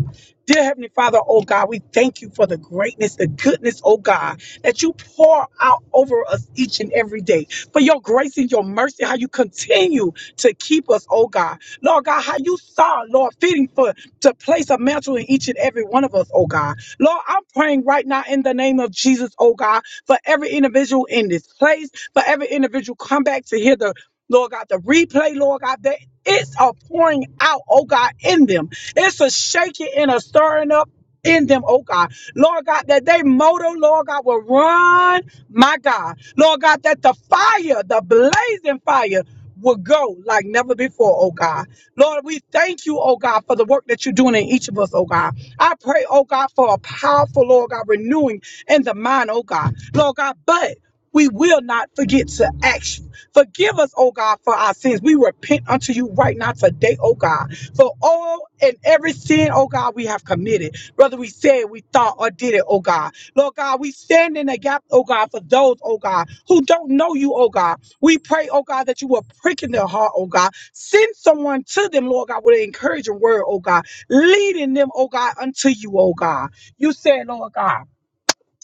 Speaker 4: Dear Heavenly Father, oh God, we thank you for the greatness, the goodness, oh God, that you pour out over us each and every day. For your grace and your mercy, how you continue to keep us, oh God. Lord God, how you saw, Lord, fitting for to place a mantle in each and every one of us, oh God. Lord, I'm praying right now in the name of Jesus, oh God, for every individual in this place, for every individual come back to hear the Lord God, the replay, Lord God, that it's a pouring out, oh God, in them. It's a shaking and a stirring up in them, oh God. Lord God, that they motor, Lord God, will run, my God. Lord God, that the fire, the blazing fire, will go like never before, oh God. Lord, we thank you, oh God, for the work that you're doing in each of us, oh God. I pray, oh God, for a powerful, Lord God, renewing in the mind, oh God. Lord God, but we will not forget to action. Forgive us, oh God, for our sins. We repent unto you right now today, oh God, for all and every sin, oh God, we have committed, whether we said, we thought, or did it, oh God. Lord God, we stand in the gap, oh God, for those, oh God, who don't know you, oh God. We pray, oh God, that you will prick in their heart, oh God Send someone to them, Lord God, with an encouraging word, oh God, leading them, oh God, unto you, oh God. You said, Lord God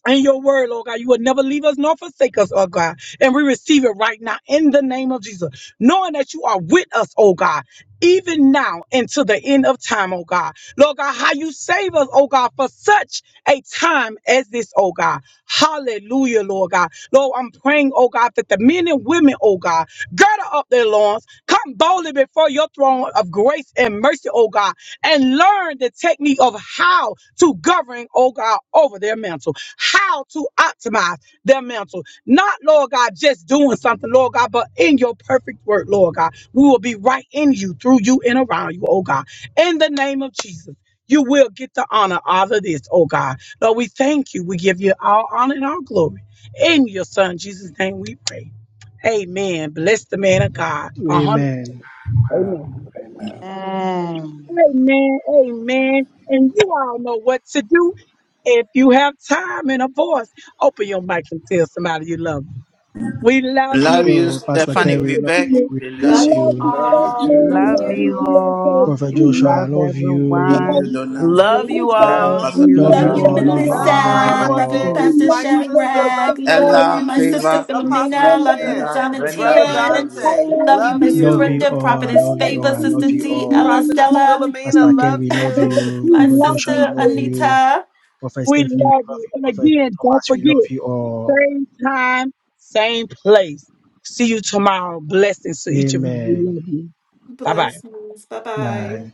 Speaker 4: and your word, Lord God. You will never leave us nor forsake us, oh God. And we receive it right now in the name of Jesus, knowing that you are with us, oh God. Even now and to the end of time, oh God. Lord God, how you save us, oh God, for such a time as this, oh God. Hallelujah, Lord God. Lord, I'm praying, oh God, that the men and women, oh God, gird up their loins, come boldly before your throne of grace and mercy, oh God, and learn the technique of how to govern, oh God, over their mantle how to optimize their mental. Not, Lord God, just doing something, Lord God, but in your perfect word, Lord God. We will be right in you, through you, and around you, oh God. In the name of Jesus. You will get the honor out of this, oh God. Lord, we thank you. We give you all honor and all glory. In your son Jesus' name we pray. Amen. Bless the man of God. A hundred.
Speaker 6: Amen.
Speaker 4: Amen.
Speaker 6: Amen.
Speaker 5: Amen.
Speaker 4: Amen. Amen. And you all know what to do. If you have time and a voice, open your mic and tell somebody you love them. We
Speaker 1: We
Speaker 4: love you,
Speaker 1: Love you,
Speaker 4: Pastor
Speaker 1: Stephanie
Speaker 4: Dr.
Speaker 1: Vivek.
Speaker 4: Tia.
Speaker 1: We
Speaker 4: We
Speaker 1: love
Speaker 2: Love
Speaker 1: you.
Speaker 2: you
Speaker 4: love you,
Speaker 6: Love
Speaker 4: Stephanie.
Speaker 6: you
Speaker 2: all.
Speaker 4: We
Speaker 2: Love
Speaker 6: too.
Speaker 5: Love
Speaker 4: love
Speaker 6: Love you
Speaker 4: you,
Speaker 5: you
Speaker 2: you.
Speaker 6: too.
Speaker 4: Deontay.
Speaker 5: all
Speaker 4: We
Speaker 5: and
Speaker 4: love
Speaker 5: love
Speaker 4: you. We
Speaker 11: to
Speaker 4: love
Speaker 5: everyone.
Speaker 4: you, Brother
Speaker 3: Love you
Speaker 4: Melissa.
Speaker 3: all.
Speaker 5: Love
Speaker 4: We love
Speaker 11: love
Speaker 4: you,
Speaker 2: Love
Speaker 11: you
Speaker 10: Love
Speaker 2: you,
Speaker 4: Brother
Speaker 11: all,
Speaker 10: you
Speaker 5: you
Speaker 10: all.
Speaker 11: love you
Speaker 3: Love
Speaker 4: Melissa.
Speaker 11: all,
Speaker 3: you,
Speaker 11: love
Speaker 3: my
Speaker 11: you
Speaker 5: all
Speaker 2: Melissa.
Speaker 5: of
Speaker 2: Love you,
Speaker 11: all,
Speaker 5: you.
Speaker 3: prophets,
Speaker 4: We
Speaker 2: Pastor
Speaker 4: love
Speaker 3: my
Speaker 4: you, Brother
Speaker 3: sister.
Speaker 2: Shadrach.
Speaker 3: Love you,
Speaker 2: Love
Speaker 4: Saturday.
Speaker 3: love
Speaker 2: you,
Speaker 3: you,
Speaker 1: Ella,
Speaker 2: my
Speaker 4: We love you,
Speaker 2: sister
Speaker 1: Favor,
Speaker 4: Sister
Speaker 3: Apostle
Speaker 1: Dismiss,
Speaker 2: Philomena.
Speaker 4: Brenda,
Speaker 2: Love you,
Speaker 1: Stella,
Speaker 3: Ken,
Speaker 4: Dr.
Speaker 1: Brenda,
Speaker 3: brother
Speaker 1: we
Speaker 4: Favor,
Speaker 2: Donatien.
Speaker 1: love you.
Speaker 3: Dante.
Speaker 4: Paula,
Speaker 2: Love you,
Speaker 3: Love
Speaker 2: Miss
Speaker 4: D.
Speaker 11: love
Speaker 3: you,
Speaker 11: you
Speaker 2: Brenda,
Speaker 11: all, I
Speaker 4: God,
Speaker 2: Prophetess
Speaker 11: love you all,
Speaker 2: Favor,
Speaker 11: I
Speaker 4: we
Speaker 11: love
Speaker 2: Sister
Speaker 11: you
Speaker 4: love
Speaker 2: D,
Speaker 11: all.
Speaker 2: Ella
Speaker 4: you,
Speaker 3: prophetess
Speaker 4: Prophet
Speaker 2: Stella.
Speaker 11: Pastor
Speaker 3: Philomena.
Speaker 4: Steve.
Speaker 11: Ken,
Speaker 3: Love
Speaker 11: we love
Speaker 4: Father,
Speaker 3: you.
Speaker 4: that
Speaker 2: [LAUGHS]
Speaker 11: you.
Speaker 4: we
Speaker 2: My
Speaker 11: Prophet
Speaker 4: love
Speaker 11: Joshua, we
Speaker 4: you,
Speaker 2: sister
Speaker 11: love
Speaker 4: God.
Speaker 11: you.
Speaker 2: Anita.
Speaker 11: Prophet
Speaker 4: We
Speaker 11: Stephanie, we
Speaker 4: love
Speaker 11: love
Speaker 4: you.
Speaker 11: you.
Speaker 4: And
Speaker 11: Prophet
Speaker 4: again, don't
Speaker 11: Thomas, we
Speaker 4: forget,
Speaker 11: love you all.
Speaker 4: same time, same place. See you tomorrow. Blessings to each of you. We
Speaker 11: Amen.
Speaker 4: love you. Bye bye.
Speaker 2: Blessings. Bye bye.
Speaker 11: Bye.